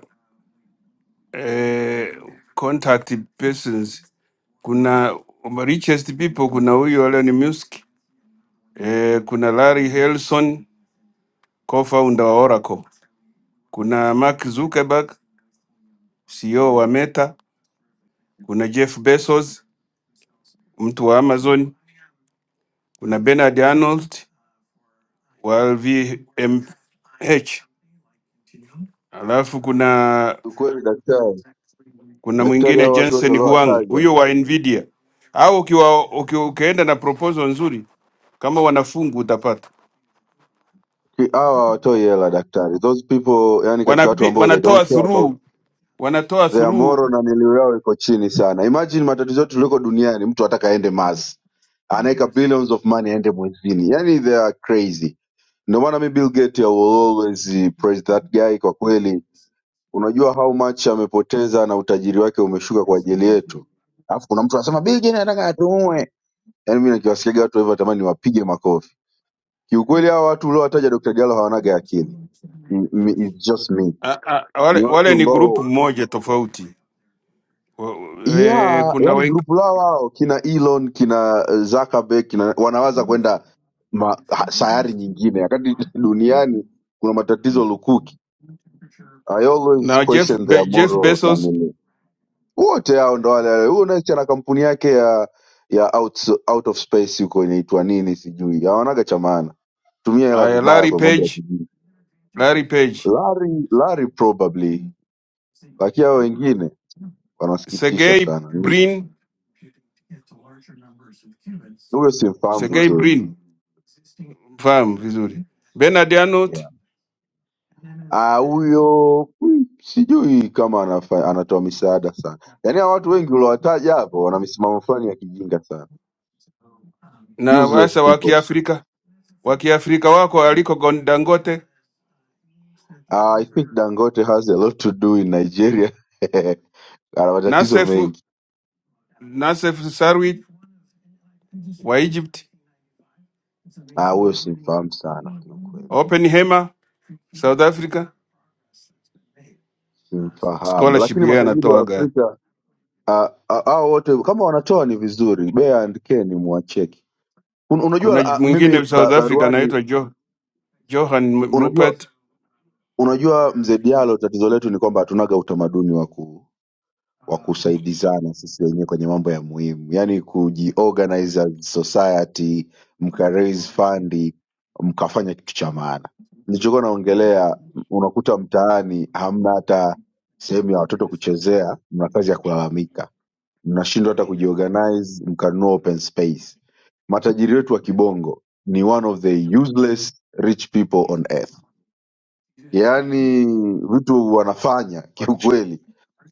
Speaker 13: eh, contact persons, kuna richest people, kuna huyu Elon Musk eh, kuna Larry Ellison co-founder wa Oracle, kuna Mark Zuckerberg CEO wa Meta, kuna Jeff Bezos mtu wa Amazon, kuna Bernard Arnold wa LVMH, alafu kuna
Speaker 9: Ukweli daktari.
Speaker 13: kuna
Speaker 9: Daktari
Speaker 13: mwingine
Speaker 9: hao watu wote
Speaker 13: Jensen Huang,
Speaker 9: waliowataja.
Speaker 13: huyo wa Nvidia. Au ukiwa uki, ukienda na proposal nzuri kama wanafungu utapata.
Speaker 9: Ki- Hawa hawatoi hela daktari. Those people yani katika watu
Speaker 13: Wanapi,
Speaker 9: ambao they
Speaker 13: wanatoa
Speaker 9: don't care about
Speaker 13: through wanatoa
Speaker 9: their
Speaker 13: through
Speaker 9: moral na nilio yao iko chini sana. Imagine matatizo yote tuliko duniani mtu ataka aende Mars. Anaweka billions of money aende mwezini. Yani they are crazy. Ndio maana mi Bill Gates I will always praise that guy kwa kweli unajua how much amepoteza na utajiri wake umeshuka kwa ajili yetu. Alafu kuna mtu anasema Bill Gates anataka atuue. Yaani mimi nikiwasikiaga watu hivyo natamani niwapige makofi. Kiukweli hawa watu uliowataja Dr. Diallo hawanaga akili. M- m- It's just me.
Speaker 13: a, a, a, wale,
Speaker 9: Ni
Speaker 13: wale
Speaker 9: watu
Speaker 13: ni grupu
Speaker 9: ambao
Speaker 13: moja tofauti. Wa- E,
Speaker 9: yeah,
Speaker 13: kuna
Speaker 9: yani
Speaker 13: wengi
Speaker 9: grupu lao wao kina Elon, kina eh, Zuckerberg, kina wanawaza kwenda ma- ha- sayari nyingine wakati <laughs> duniani kuna matatizo lukuki. I always
Speaker 13: na Jeff,
Speaker 9: question
Speaker 13: Be,
Speaker 9: their
Speaker 13: Jeff
Speaker 9: moral na
Speaker 13: Bezos
Speaker 9: nini. wote hao ndo wale wale. Huyo Next ana kampuni yake ya ya out, out of space huko inaitwa nini sijui, hawanaga cha maana, tumia hela
Speaker 13: Aya,
Speaker 9: vibaya
Speaker 13: Larry
Speaker 9: kwa mambo ya
Speaker 13: Page,
Speaker 9: kijini.
Speaker 13: Larry Page,
Speaker 9: Larry, Larry probably, lakini hao wengine wanasikitisha
Speaker 13: Sergey
Speaker 9: sana. Ni-
Speaker 13: Brin,
Speaker 9: Huyo simfahamu
Speaker 13: Sergey
Speaker 9: vizuri
Speaker 13: Brin, fahamu vizuri, Bernard Arnault
Speaker 9: yeah. Ah, huyo mm, sijui kama anafa, anatoa misaada sana. Yaani hao watu wengi uliowataja hapo wana misimamo fulani ya kijinga sana,
Speaker 13: na
Speaker 9: useless
Speaker 13: wasa wa
Speaker 9: people.
Speaker 13: Kiafrika wa Kiafrika wako aliko Gon- Dangote,
Speaker 9: Uh, I think Dangote has a lot to do in Nigeria. <laughs> Ana matatizo
Speaker 13: Nassef,
Speaker 9: mengi.
Speaker 13: Nassef Sarwit wa Egypt,
Speaker 9: Ah, huyo simfahamu sana kiukweli.
Speaker 13: Oppenheimer South Africa,
Speaker 9: Simfahamu.
Speaker 13: scholarship
Speaker 9: Lakini
Speaker 13: yeye
Speaker 9: matajiri wa
Speaker 13: anatoaga
Speaker 9: Afrika ah, ah, hao wote kama wanatoa ni vizuri. Bea and Ken mwacheki. Un,
Speaker 13: Kuna
Speaker 9: unajua ah, mimi
Speaker 13: mwingine South
Speaker 9: ba,
Speaker 13: Africa
Speaker 9: baruani
Speaker 13: anaitwa jo, Johan
Speaker 9: unajua
Speaker 13: Rupert
Speaker 9: unajua mzee Diallo tatizo letu ni kwamba hatunaga utamaduni wa ku wa kusaidizana sisi wenyewe kwenye mambo ya muhimu, yani kujiorganize as society, mka raise fund, mkafanya kitu cha maana. Nilichokuwa naongelea, unakuta mtaani hamna hata sehemu ya watoto kuchezea, mna kazi ya kulalamika, mnashindwa hata kujiorganize, mkanunua open space. Matajiri wetu wa kibongo ni one of the useless rich people on earth, yaani vitu wanafanya kiukweli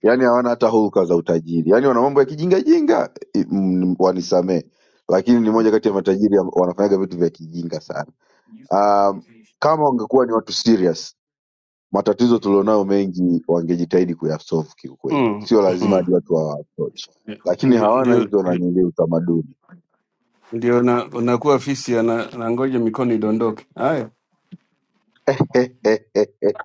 Speaker 9: yani hawana hata hulka za utajiri, yani wana mambo ya kijingajinga, i- mm, wanisamee, lakini ni moja kati ya matajiri amb- wanafanyaga vitu vya kijinga sana. Um, kama wangekuwa ni watu serious, matatizo tulionayo mengi wangejitahidi kuyasolve kiukweli,
Speaker 13: mm.
Speaker 9: sio lazima
Speaker 13: mm.
Speaker 9: hadi watu wa approach, lakini hawana
Speaker 13: Ndio,
Speaker 9: hizo
Speaker 13: ndio
Speaker 9: nanili utamaduni
Speaker 13: ndio na- unakuwa fisi ana- anangoja mikono idondoke. Haya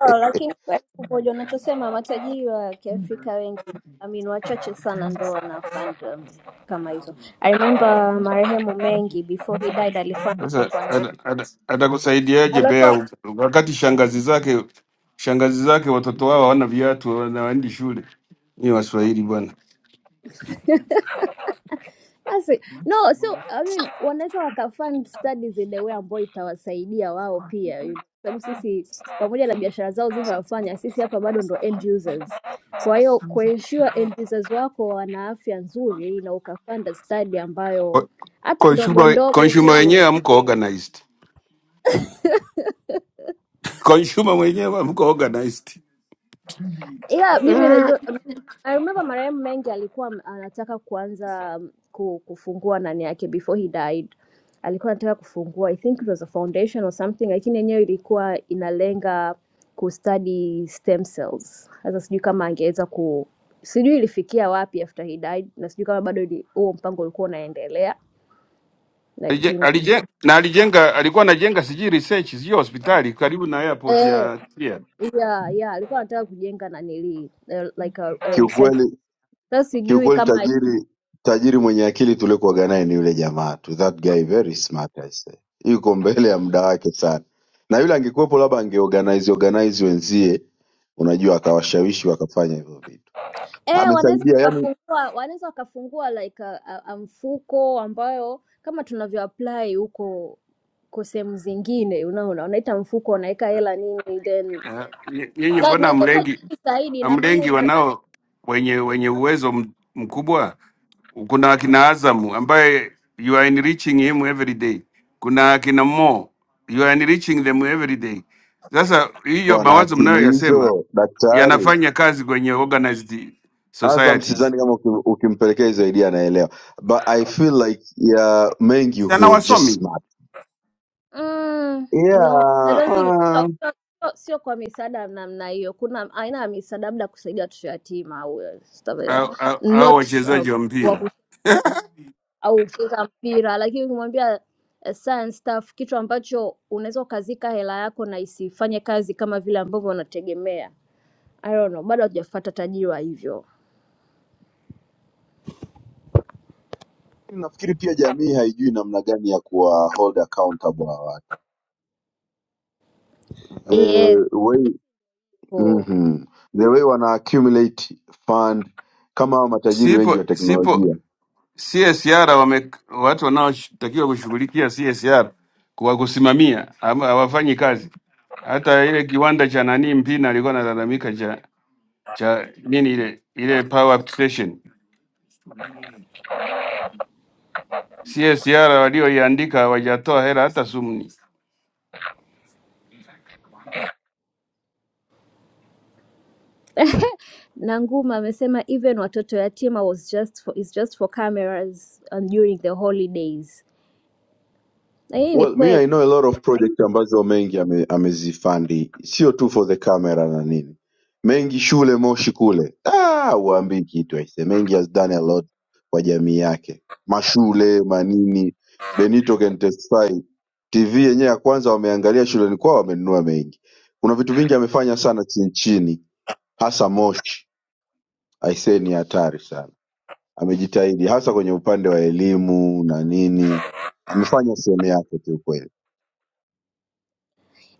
Speaker 14: Oh, lakini kwa pamoja unachosema matajiri wa Kiafrika wengi I mean, wachache sana ndo wanafanya um, kama hizo. I remember marehemu Mengi before he died alikuwa anataka
Speaker 13: sasa,
Speaker 14: kuanzisha
Speaker 13: ata- ata- atakusaidiaje Bea
Speaker 14: alikuwa
Speaker 13: u- wakati shangazi zake shangazi zake watoto wao hawana viatu, wanaendi shule? Ni Waswahili bwana.
Speaker 14: Basi no, so I mean, wanaweza wakafund studies in the way ambayo itawasaidia wao pia, you know. Sababu sisi pamoja na biashara zao zinavyofanya, sisi hapa bado ndo end users. Kwa hiyo kuensure end users wako wana afya nzuri na ukafanda study ambayo
Speaker 13: Ko-
Speaker 14: hata ndogo
Speaker 13: Consumer
Speaker 14: ndogo
Speaker 13: consumer
Speaker 14: tu
Speaker 13: wenyewe hamko organized. <laughs> Consumer mwenyewe amko organized.
Speaker 14: ila mimi najua I remember marehemu Mengi alikuwa m- anataka kuanza um, ku- kufungua nani yake before he died. Alikuwa anataka kufungua I think it was a foundation or something, lakini yenyewe ilikuwa inalenga kustudy stem cells. Sasa sijui kama angeweza ku sijui ilifikia wapi after he died na sijui kama bado ili- huo mpango ulikuwa unaendelea
Speaker 13: Alije-
Speaker 14: lakini
Speaker 13: alije- na alijenga alikuwa anajenga sijui research sijui hospitali karibu na airport
Speaker 14: eh,
Speaker 13: ya Trier.
Speaker 14: yeah, yeah, alikuwa anataka kujenga nanili eh, like a, a research.
Speaker 9: kiukweli
Speaker 14: Sasa sijui
Speaker 9: Kiukweli
Speaker 14: kama
Speaker 9: tajiri tajiri mwenye akili tuliokuwaga naye ni yule jamaa tu. That guy very smart I say. Yuko mbele ya muda wake sana. Na yule angekuwepo labda angeorganize organize wenzie, unajua akawashawishi wakafanya hivyo vitu.
Speaker 14: eh, wanaweza
Speaker 9: Amesaidia yani
Speaker 14: wakafungua wanaweza wakafungua like a, a, a mfuko ambayo kama tunavyo apply huko kwa sehemu zingine, unaona unaita mfuko, unaweka hela nini, then
Speaker 13: Eh, nye- Nyinyi
Speaker 14: na,
Speaker 13: mbona
Speaker 14: na ingekuwa
Speaker 13: amlengi
Speaker 14: vizuri zaidi, ina maana
Speaker 13: amlengi
Speaker 14: hiyo
Speaker 13: wanao wenye wenye uwezo m- mkubwa? Kuna akina Azam ambaye you are enriching him every day, kuna akina Mo you are enriching them every day. Sasa hiyo
Speaker 9: wana
Speaker 13: mawazo
Speaker 9: akili
Speaker 13: mnayoyasema
Speaker 9: hizo daktari.
Speaker 13: yanafanya kazi kwenye organized
Speaker 9: Azam
Speaker 13: societies,
Speaker 9: sidhani kama uki- ukimpelekea hizo idea anaelewa. But I feel like yeah, Mengi he
Speaker 13: sana
Speaker 9: was just
Speaker 13: wasomi
Speaker 9: smart.
Speaker 14: mm, no I
Speaker 9: Yeah,
Speaker 14: don't think sio
Speaker 9: uh,
Speaker 14: sio sio- sio kwa misaada ya namna hiyo. Kuna aina ya misaada labda kusaidia watoto yatima au eh, stuff like that.
Speaker 13: au au- au
Speaker 14: not
Speaker 13: wachezaji wa
Speaker 14: um,
Speaker 13: mpira <laughs>
Speaker 14: au kucheza mpira, lakini ukimwambia eh, science stuff, kitu ambacho unaweza ukazika hela yako na isifanye kazi kama vile ambavyo wanategemea. I don't know, bado hatujafuata tajiriwa hivyo.
Speaker 9: nafikiri pia jamii haijui namna gani ya kuwa hold accountable hawa
Speaker 14: Yes.
Speaker 9: the way
Speaker 14: Oh.
Speaker 9: mhm. the way wana accumulate fund kama hawa matajiri wengi wa
Speaker 13: sipo sipo
Speaker 9: teknolojia
Speaker 13: CSR wame, watu wanaotakiwa kushughulikia CSR kwa kusimamia ama hawafanyi kazi. Hata ile kiwanda cha nani Mpina alikuwa analalamika cha cha nini ile ile power station CSR walioiandika hawajatoa hela hata sumni.
Speaker 14: Na Nguma amesema even watoto yatima was just for, is just for cameras and during the holidays. Na hii ni
Speaker 9: well me
Speaker 14: kweli.
Speaker 9: i know a lot of project ambazo mengi ame, amezifandi sio tu for the camera na nini mengi shule moshi kule ah uambii kitu aise mengi has done a lot kwa jamii yake mashule manini benito can testify tv yenyewe ya kwanza wameangalia shuleni kwao wamenunua mengi kuna vitu vingi amefanya sana chini chini hasa moshi aisee ni hatari sana amejitahidi hasa kwenye upande wa elimu na nini amefanya sehemu yake tu kweli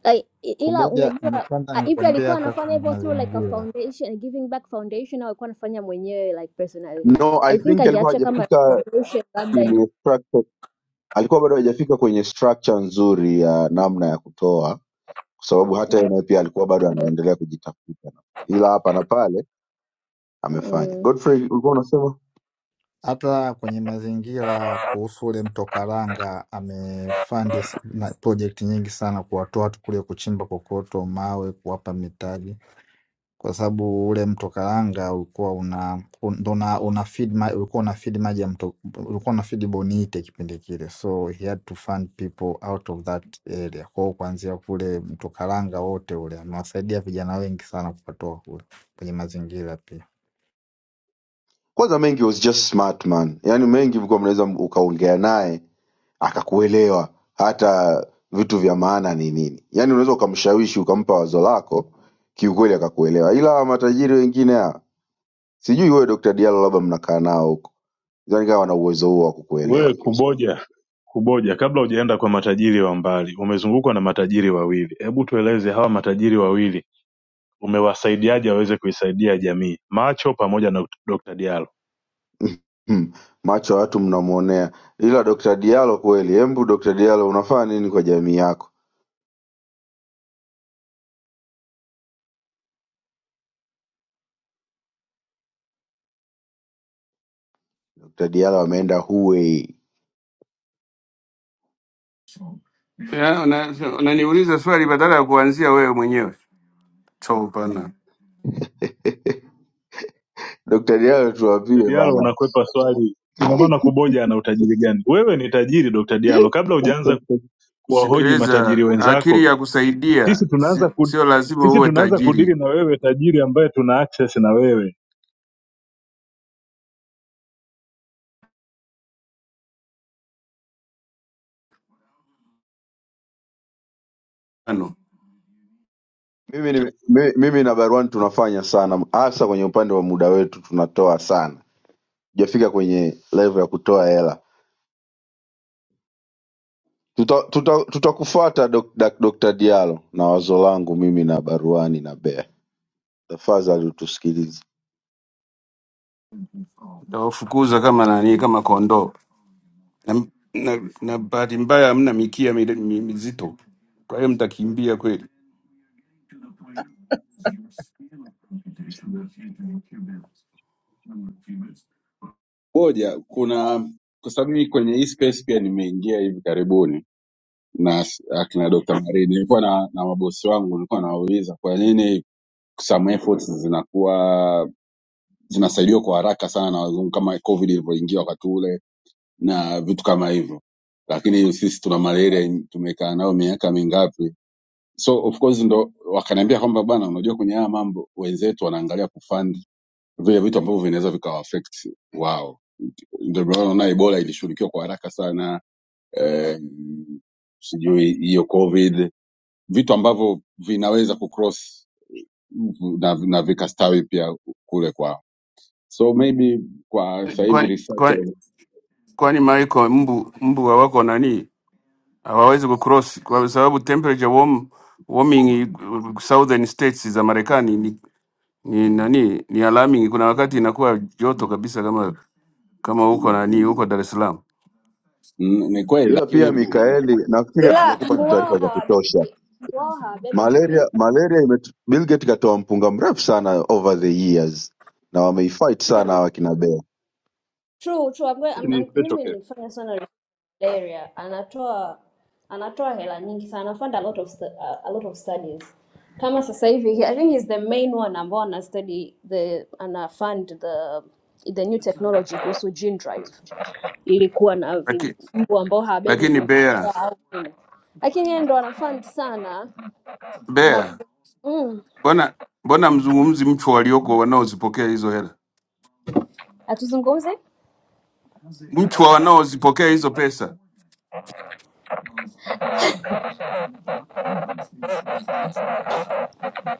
Speaker 14: Like, i- ila
Speaker 16: Kuboja
Speaker 14: unajua
Speaker 16: nimepanda
Speaker 14: ah, hivi
Speaker 16: nikwambia,
Speaker 14: alikuwa
Speaker 16: hata
Speaker 14: anafanya
Speaker 16: kwenye
Speaker 14: hivyo through like a
Speaker 16: mazingira,
Speaker 14: foundation, a giving back foundation au alikuwa anafanya mwenyewe like personally.
Speaker 9: no i
Speaker 14: I think
Speaker 9: think alikuwa
Speaker 14: angeacha kama
Speaker 9: hajafika
Speaker 14: foundation labda
Speaker 9: ile structure- alikuwa bado hajafika kwenye structure nzuri ya namna ya kutoa kwa sababu hata yeye naye pia alikuwa bado anaendelea kujitafuta nafikiri. ila hapa na pale amefanya
Speaker 14: Mm.
Speaker 9: godfrey ulikuwa unasema
Speaker 16: hata kwenye mazingira kuhusu ule mto Karanga amefandi s- na project nyingi sana kuwatoa watu kule kuchimba kokoto, mawe, kuwapa mitaji, kwa sababu ule mto Karanga ulikuwa una un- ndo una, una feed ma, ulikuwa una feed maji ya mto, ulikuwa una feed Bonite kipindi kile, so he had to fund people out of that area. Kwa hiyo kuanzia kule mto Karanga wote ule amewasaidia vijana wengi sana kuwatoa kule kwenye mazingira pia.
Speaker 9: kwanza mengi was just smart man yaani mengi mlikuwa mnaweza ukaongea naye akakuelewa hata vitu vya maana ni nini yaani unaweza ukamshawishi ukampa wazo lako kiukweli akakuelewa ila hawa matajiri wengine hawa sijui wewe Dr. Diallo labda mnakaa nao huko sidhani kama wana uwezo huo wa kukuelewa
Speaker 8: wewe
Speaker 9: kiukweli
Speaker 8: kuboja kuboja kabla hujaenda kwa matajiri wa mbali umezungukwa na matajiri wawili hebu tueleze hawa matajiri wawili umewasaidiaje waweze kuisaidia jamii macho pamoja na dr diala
Speaker 9: hmm. macho ya watu mnamwonea ila Dr. Diallo kweli hembu Dr. Diallo unafaa nini kwa jamii yako Dr. Diallo ameenda Huawei
Speaker 13: Ya, una- Unaniuliza swali badala ya kuanzia wewe mwenyewe. Chopana,
Speaker 9: <laughs> Dr. Diallo
Speaker 8: Dr.
Speaker 9: tuwapie
Speaker 8: Diallo
Speaker 9: bana
Speaker 8: unakwepa swali. Ina maana Kuboja ana utajiri gani? Wewe ni tajiri Dr. Diallo. Kabla hujaanza
Speaker 9: <laughs>
Speaker 8: kuwahoji matajiri
Speaker 13: sikiliza, akili
Speaker 8: wenzako,
Speaker 13: ya kusaidia
Speaker 8: sisi
Speaker 13: si-
Speaker 8: tunaanza ku,
Speaker 13: sio lazima
Speaker 8: sisi
Speaker 13: uwe
Speaker 8: tunaanza
Speaker 13: tajiri.
Speaker 8: kudili na wewe tajiri ambaye tuna access na wewe.
Speaker 9: Mimi, ni, mi- mimi na Barwan tunafanya sana, hasa kwenye upande wa muda wetu tunatoa sana, tujafika kwenye level ya kutoa hela. Tutakufuata tuta, tuta tutakufuata Dok- Dak- Dr. Dialo na wazo langu mimi na Baruani na Bea, tafadhali utusikilize.
Speaker 13: nawafukuza kama nani, kama kondoo na, na, na bahati mbaya hamna mikia mide- mi- mizito, kwa hiyo mtakimbia kweli.
Speaker 12: Moja, kuna kwa sababu mimi kwenye hii space pia nimeingia hivi karibuni na s- akina Dr. Marine, nilikuwa na, na mabosi wangu nilikuwa nawauliza kwa nini some efforts zinakuwa zinasaidiwa kwa haraka sana na wazungu kama COVID ilivyoingia wakati ule na vitu kama hivyo, lakini sisi tuna malaria in- tumekaa nayo miaka mingapi? So of course ndo wakaniambia kwamba bwana, unajua kwenye haya mambo wenzetu wanaangalia kufund vile vitu ambavyo vinaweza vikawa affect wao. Ndio maana unaona Ebola ilishughulikiwa kwa haraka sana eh, sijui hiyo COVID, vitu ambavyo vinaweza kucross na, na vikastawi pia kule kwao. So maybe kwa sasa hivi
Speaker 13: Kwani
Speaker 12: researcher
Speaker 13: kwani kwani Michael, mbu mbu hawako nani, hawawezi kucross kwa sababu temperature warm, warming uh, southern states za Marekani ni, ni nani ni alarming. Kuna wakati inakuwa joto kabisa kama kama huko nani huko
Speaker 12: mm,
Speaker 13: Dar es Salaam,
Speaker 12: mm, ni kweli,
Speaker 9: Ila
Speaker 12: lakini
Speaker 9: pia Mikaeli, nafikiri
Speaker 14: ila
Speaker 12: mm,
Speaker 14: <laughs>
Speaker 9: hawajakupa
Speaker 14: mbu
Speaker 9: tu
Speaker 14: wao
Speaker 9: taarifa za
Speaker 14: hawabebi,
Speaker 9: kutosha.
Speaker 14: mbu wao hawabebi vimelea.
Speaker 9: Malaria malaria imetu, Bill Gates katoa mpunga mrefu sana over the years na wameifight sana hawa kina Bea.
Speaker 14: True, true. I'm going, I'm,
Speaker 12: ni
Speaker 14: I'm,
Speaker 12: special
Speaker 14: mimi
Speaker 12: case.
Speaker 14: nimefanya sana research malaria, anatoa anatoa hela nyingi sana, anafund a lot of stu- a, a lot of studies. Kama sasa hivi, I think he's the main one ambao ana study the ana fund the the new technology kuhusu gene drive ilikuwa na vi-
Speaker 13: lakini
Speaker 14: mbu ambao hawabebi
Speaker 13: lakini Bea
Speaker 14: vimelea au nini, lakini yeye ndo ana fund sana na
Speaker 13: Bea
Speaker 14: mm,
Speaker 13: mbona mbona mzungumzi mchwa walioko wanaozipokea hizo hela?
Speaker 14: atuzungumze
Speaker 13: mchu wa wanaozipokea hizo pesa.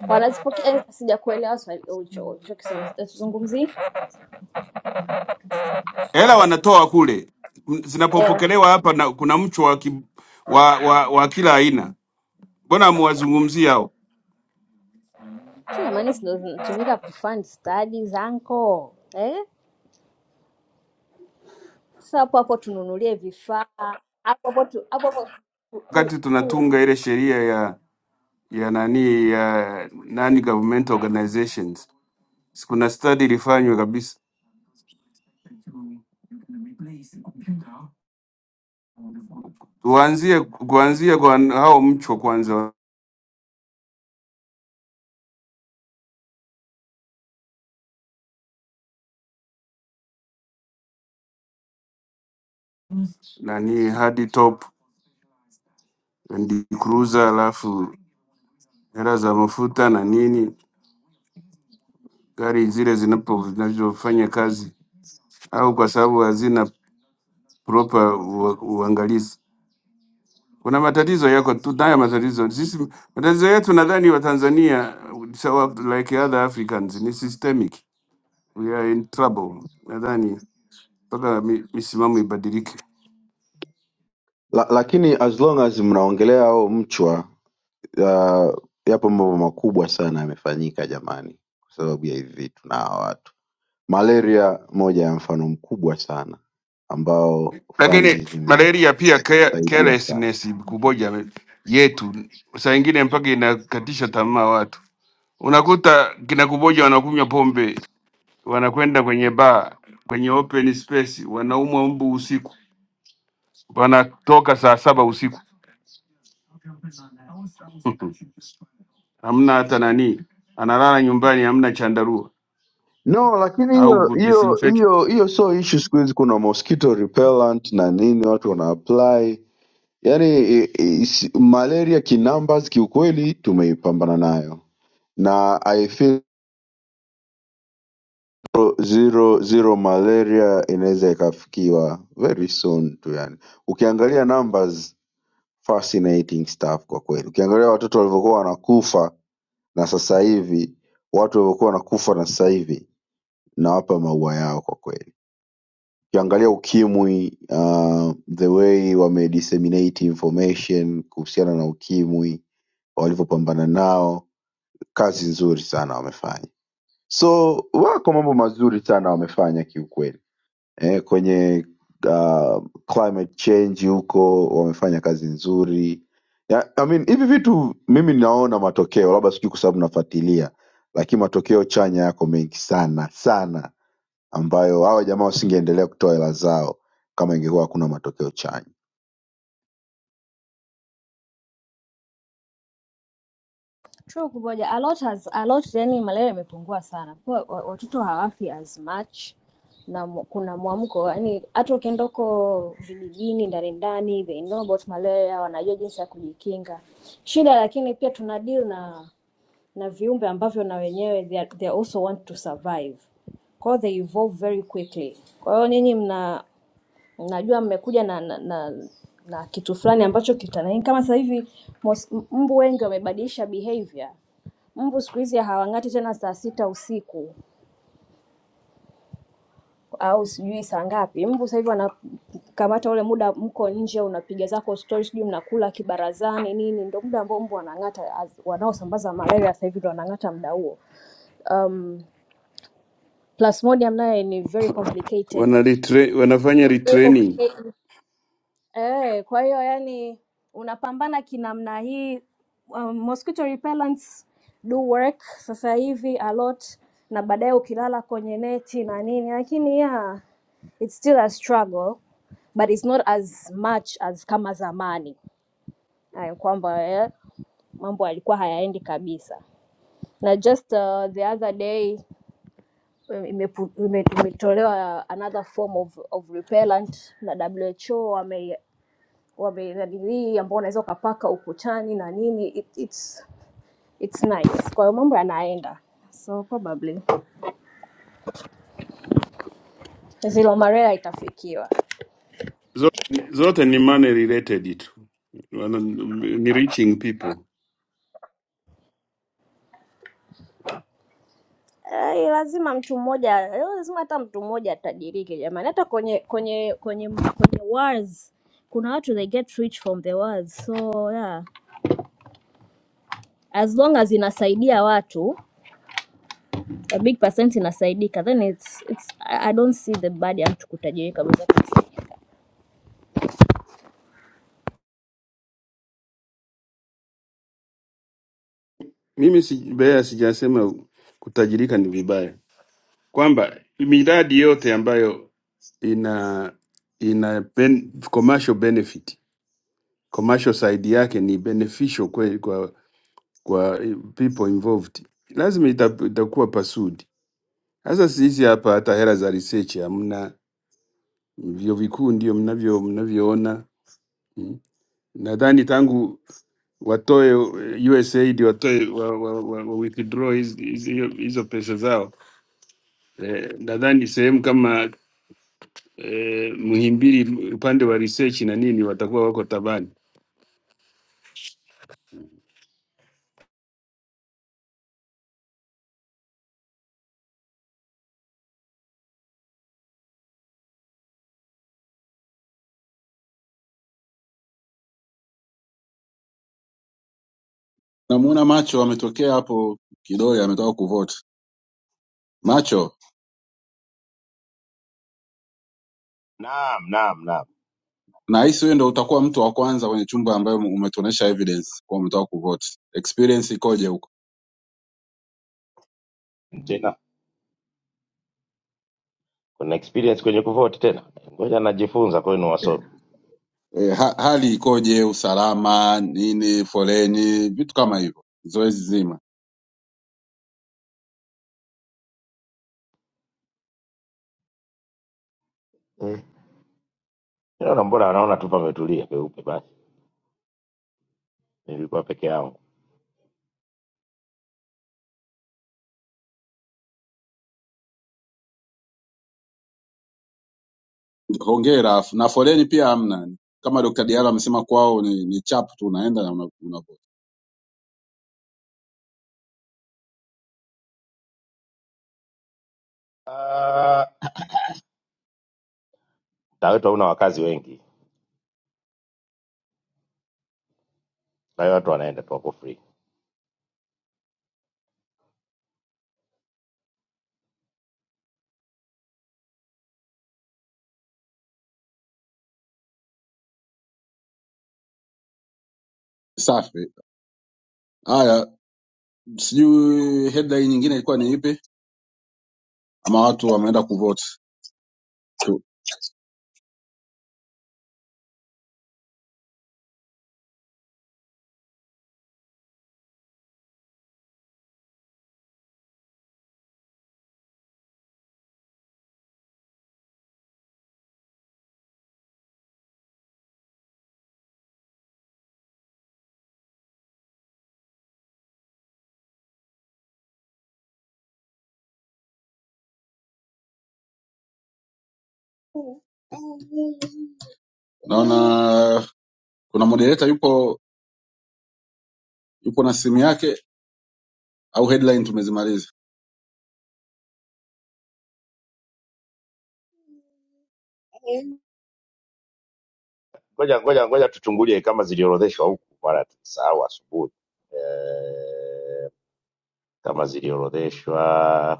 Speaker 14: wanazipokea eh, sijakuelewa swali ulicho ulichokisema tuzungumzie
Speaker 13: Hela wanatoa kule,
Speaker 14: eh,
Speaker 13: zinapopokelewa hapa na kuna mchu wa, ki- wa, wa, wa kila aina. Mbona amuwazungumzia hao
Speaker 14: jamani si ndo zinatumika kufund study zanko eh? Sasa hapo hapo tununulie vifaa hapo hapo tu- hapo hapo tu- tu-
Speaker 13: wakati tunatunga ile sheria ya ya nani ya nani government organizations? Si Kuna study ilifanywa kabisa, tuanzie kuanzia kwa hao mchwa kwanza, nani hadi top and cruiser, alafu hela za mafuta na nini, gari zile zinapo zinavyofanya kazi au kwa sababu hazina proper ua- uangalizi. Kuna matatizo yako, tunayo matatizo sisi. Matatizo yetu nadhani Watanzania sawa, like other Africans ni systemic, we are in trouble. Nadhani mpaka mi- misimamo ibadilike,
Speaker 9: La, lakini as long as mnaongelea hao mchwa Ah, yapo mambo makubwa sana yamefanyika jamani kwa sababu ya hivi vitu na hawa watu. Malaria moja ya mfano mkubwa sana ambao fandi
Speaker 13: lakini
Speaker 9: zimesaidia
Speaker 13: malaria pia care-
Speaker 9: sana.
Speaker 13: carelessness kuboja yetu saa ingine mpaka inakatisha tamaa watu. Unakuta kina kuboja wanakunywa pombe, wanakwenda kwenye baa, kwenye open space, wanaumwa mbu usiku. wanatoka saa saba usiku <laughs> hamna hata nani, analala nyumbani, hamna chandarua
Speaker 9: No, lakini
Speaker 13: au
Speaker 9: hiyo hiyo
Speaker 13: kudisinfect,
Speaker 9: hiyo hiyo sio issue siku hizi, kuna mosquito repellent na nini watu wana apply. Yaani i- i- si- malaria kinumbers kiukweli tumeipambana nayo na I feel zero zero malaria inaweza ikafikiwa very soon tu yani ukiangalia numbers fascinating stuff kwa kweli ukiangalia watoto walivyokuwa wanakufa na sasa hivi watu walivyokuwa wanakufa na sasa hivi nawapa maua yao kwa kweli ukiangalia ukimwi uh, the way wame disseminate information kuhusiana na ukimwi walivyopambana nao kazi nzuri sana wamefanya so wako mambo mazuri sana wamefanya kiukweli eh, kwenye uh, climate change huko wamefanya kazi nzuri ya, I mean, hivi vitu mimi naona matokeo labda sijui kwa sababu nafuatilia lakini matokeo chanya yako mengi sana sana ambayo hawa jamaa wasingeendelea kutoa hela zao kama ingekuwa hakuna matokeo chanya
Speaker 14: tu kumoja a lot has a lot yani malaria imepungua sana kwa wa- watoto hawafi as much na mu- kuna mwamko yani hata ukienda huko vijijini ndani ndani they know about malaria wanajua jinsi ya kujikinga shida lakini pia tuna deal na na viumbe ambavyo na wenyewe they, are- they also want to survive kwa hiyo they evolve very quickly kwa hiyo nyinyi mna mnajua mmekuja na, na, na, na kitu fulani ambacho kitana kama sasa hivi mos- m- mbu wengi wamebadilisha behavior mbu siku hizi hawang'ati tena saa sita usiku au sijui saa ngapi. Mbu sasa hivi wanakamata ule muda, mko nje, unapiga zako stori, sijui mnakula kibarazani nini, ndio muda ambao mbu wanang'ata, as- wanaosambaza malaria sasa hivi ndio wanang'ata muda huo. Um, Plasmodium naye ni very complicated.
Speaker 13: wana retra- wanafanya
Speaker 14: Very
Speaker 13: retraining
Speaker 14: complicated. Eh, kwa hiyo yani unapambana kinamna hii um, mosquito repellents do work sasa hivi a lot na baadaye ukilala kwenye neti na nini lakini yeah, it's still a struggle but it's not as much as kama zamani eh, kwamba eh, mambo yalikuwa hayaendi kabisa na just uh, the other day eh, imepu- ime- imetolewa another form of, of repellent na who wame wamenanilii ambao unaweza ukapaka ukutani na nini it, it's, it's nice kwa hiyo mambo yanaenda so probably zilomarela itafikiwa
Speaker 13: zote, zote ni money related tu, wana ni reaching people.
Speaker 14: Eh, lazima mtu mmoja eh, lazima hata mtu mmoja atajirike jamani hata kwenye kwenye kwenye kwenye wars kuna watu they get rich from the wars so yeah as long as inasaidia watu a big percent inasaidika then it's, it's I I don't see the bad ya mtu kutajirika.
Speaker 13: Mimi si, bea sijasema kutajirika ni vibaya, kwamba miradi yote ambayo ina ina ben, commercial benefit commercial side yake ni beneficial kweli kwa eh, people involved, lazima ita- itakuwa pasudi. Sasa sisi hapa hata hela za research hamna, vyuo vikuu ndio mnavyo mnavyoona mm. Nadhani tangu watoe eh, USAID watoe wa, wa, wa, wa withdraw hizi- hizi- hiyo- hizo pesa zao eh, nadhani sehemu kama eh, Muhimbili upande wa research na nini watakuwa wako tabani.
Speaker 12: Namuona macho ametokea hapo kidole, ametoka kuvote macho.
Speaker 2: Naam, naam, naam.
Speaker 12: nahisi wewe ndo utakuwa mtu wa kwanza kwenye chumba ambayo umetuonesha evidence kwa umetoka kuvote experience ikoje huko
Speaker 2: Tena kuna experience kwenye kuvote tena, ngoja najifunza kwenu wasomi
Speaker 12: e, ha, hali ikoje usalama nini foleni vitu kama hivyo zoezi zima
Speaker 2: eh. Naona mbona wanaona tu pametulia peupe, basi nilikuwa peke yangu
Speaker 12: hongera afu na foleni pia hamna kama Dr. Diala amesema kwao ni, ni chap tu unaenda na una- unavote
Speaker 2: Ah, mtaa wetu hauna wakazi wengi, kwa hiyo watu wanaenda tu wako free.
Speaker 12: safi haya sijui headline nyingine ilikuwa ni ipi ama watu wameenda kuvote Tu- naona kuna moderator yupo yupo na simu yake au headline tumezimaliza
Speaker 2: Ngoja ngoja ngoja tuchungulie kama ziliorodheshwa huku, maana tusahau asubuhi eh, kama ziliorodheshwa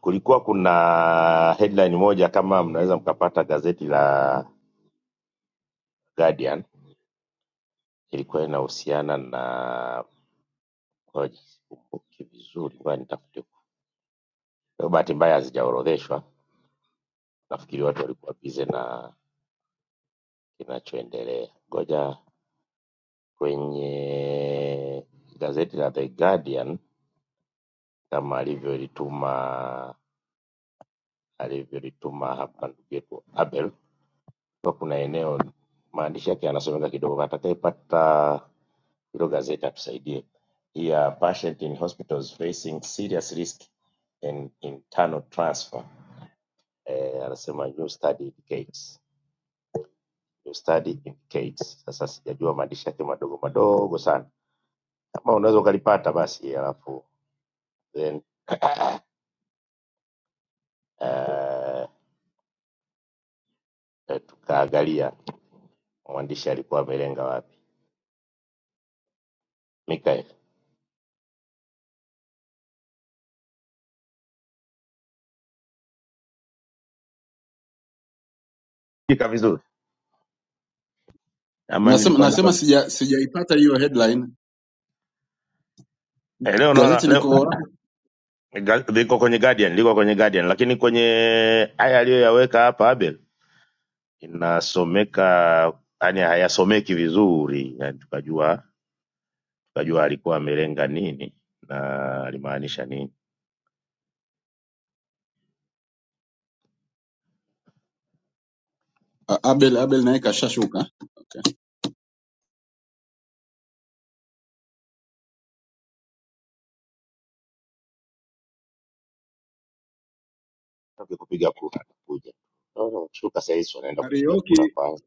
Speaker 2: kulikuwa kuna headline moja kama mnaweza mkapata gazeti la Guardian, ilikuwa inahusiana na ngoja sikumbuki vizuri, ngoja nitafute. Leo bahati mbaya hazijaorodheshwa, nafikiri watu walikuwa bize na kinachoendelea. Ngoja kwenye gazeti la The Guardian kama alivyolituma alivyolituma hapa ndugu yetu Abel, kwa kuna eneo maandishi yake yanasomeka kidogo, atakayepata hilo gazeti atusaidie. Here patient in hospitals facing serious risk and internal transfer. Eh, anasema new study indicates. New study indicates. Sasa sijajua maandishi yake madogo madogo sana. Kama unaweza ukalipata basi alafu then <coughs> eh, eh, tukaangalia mwandishi alikuwa amelenga wapi. Mikael. Fika vizuri. Ama
Speaker 12: Nasema
Speaker 2: nilikuwa niko
Speaker 12: nasema sija sijaipata hiyo headline.
Speaker 2: Eh, leo naona
Speaker 12: Gazeti
Speaker 2: leo
Speaker 12: liko wapi?
Speaker 2: ga- liko kwenye Guardian, liko kwenye Guardian lakini kwenye haya aliyoyaweka hapa Abel inasomeka yani hayasomeki vizuri yani tukajua tukajua alikuwa amelenga nini na alimaanisha nini
Speaker 12: Ah, Abel Abel naye kashashuka. Okay.
Speaker 2: Toki kupiga kura nakuja Sasa shuka sahizi wanaenda kupiga kura
Speaker 12: Karaoke
Speaker 2: kwanza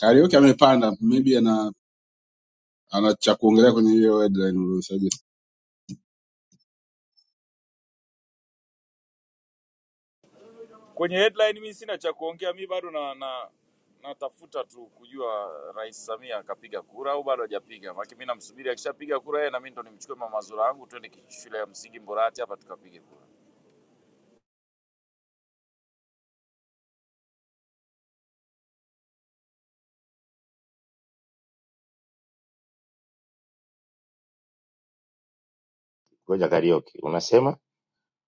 Speaker 12: Karaoke amepanda, maybe ana ana cha kuongelea kwenye hiyo headline uliyosajili.
Speaker 17: Kwenye headline mimi sina cha kuongea, mi bado na, na natafuta tu kujua Rais Samia akapiga kura au bado hajapiga. Maana mimi namsubiri akishapiga kura yeye na mimi ndo nimchukue mama Zura yangu twende ki- shule ya msingi Mburati hapa tukapige kura.
Speaker 2: ngoja karioki unasema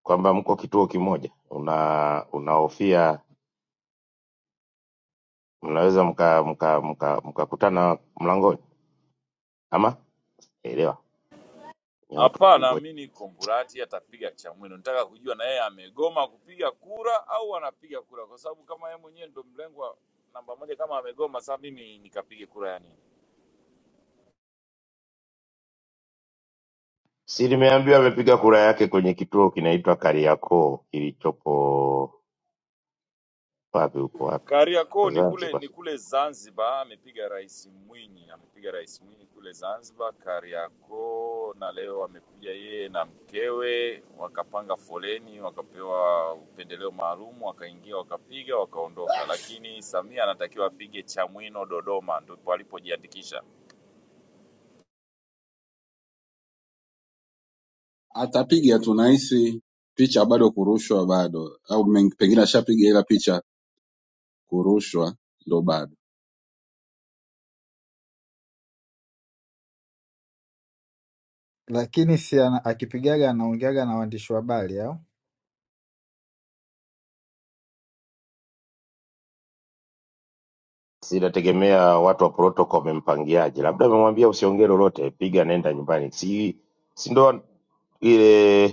Speaker 2: kwamba mko kituo kimoja una unahofia mnaweza mka mka mka mkakutana mlangoni ama elewa ni watu
Speaker 17: Hapana,
Speaker 2: wakubwa
Speaker 17: mimi niko Mburati, atapiga Chamwino. Nataka kujua na yeye amegoma kupiga kura au anapiga kura, kwa sababu kama yeye mwenyewe ndo mlengwa namba moja, kama amegoma, sasa mimi nikapige kura yani.
Speaker 2: si nimeambiwa amepiga kura yake kwenye kituo kinaitwa kariakoo kilichopo wapi huko wapi huko
Speaker 17: Kariakoo ni kule
Speaker 2: zanzibar
Speaker 17: ni kule Zanzibar, amepiga Rais Mwinyi, amepiga Rais Mwinyi kule Zanzibar Kariakoo, na leo amekuja yeye na mkewe, wakapanga foleni, wakapewa upendeleo maalum, wakaingia, wakapiga, wakaondoka. Lakini Samia anatakiwa apige Chamwino, Dodoma, ndipo alipojiandikisha.
Speaker 12: Atapiga tu nahisi picha bado kurushwa bado au men- pengine ashapiga ila picha kurushwa ndo bado.
Speaker 16: Lakini si ana- akipigaga anaongeaga na waandishi wa habari au
Speaker 2: Sasa inategemea watu wa protocol wamempangiaje, labda amemwambia usiongee lolote, piga nenda nyumbani, si si ndo ile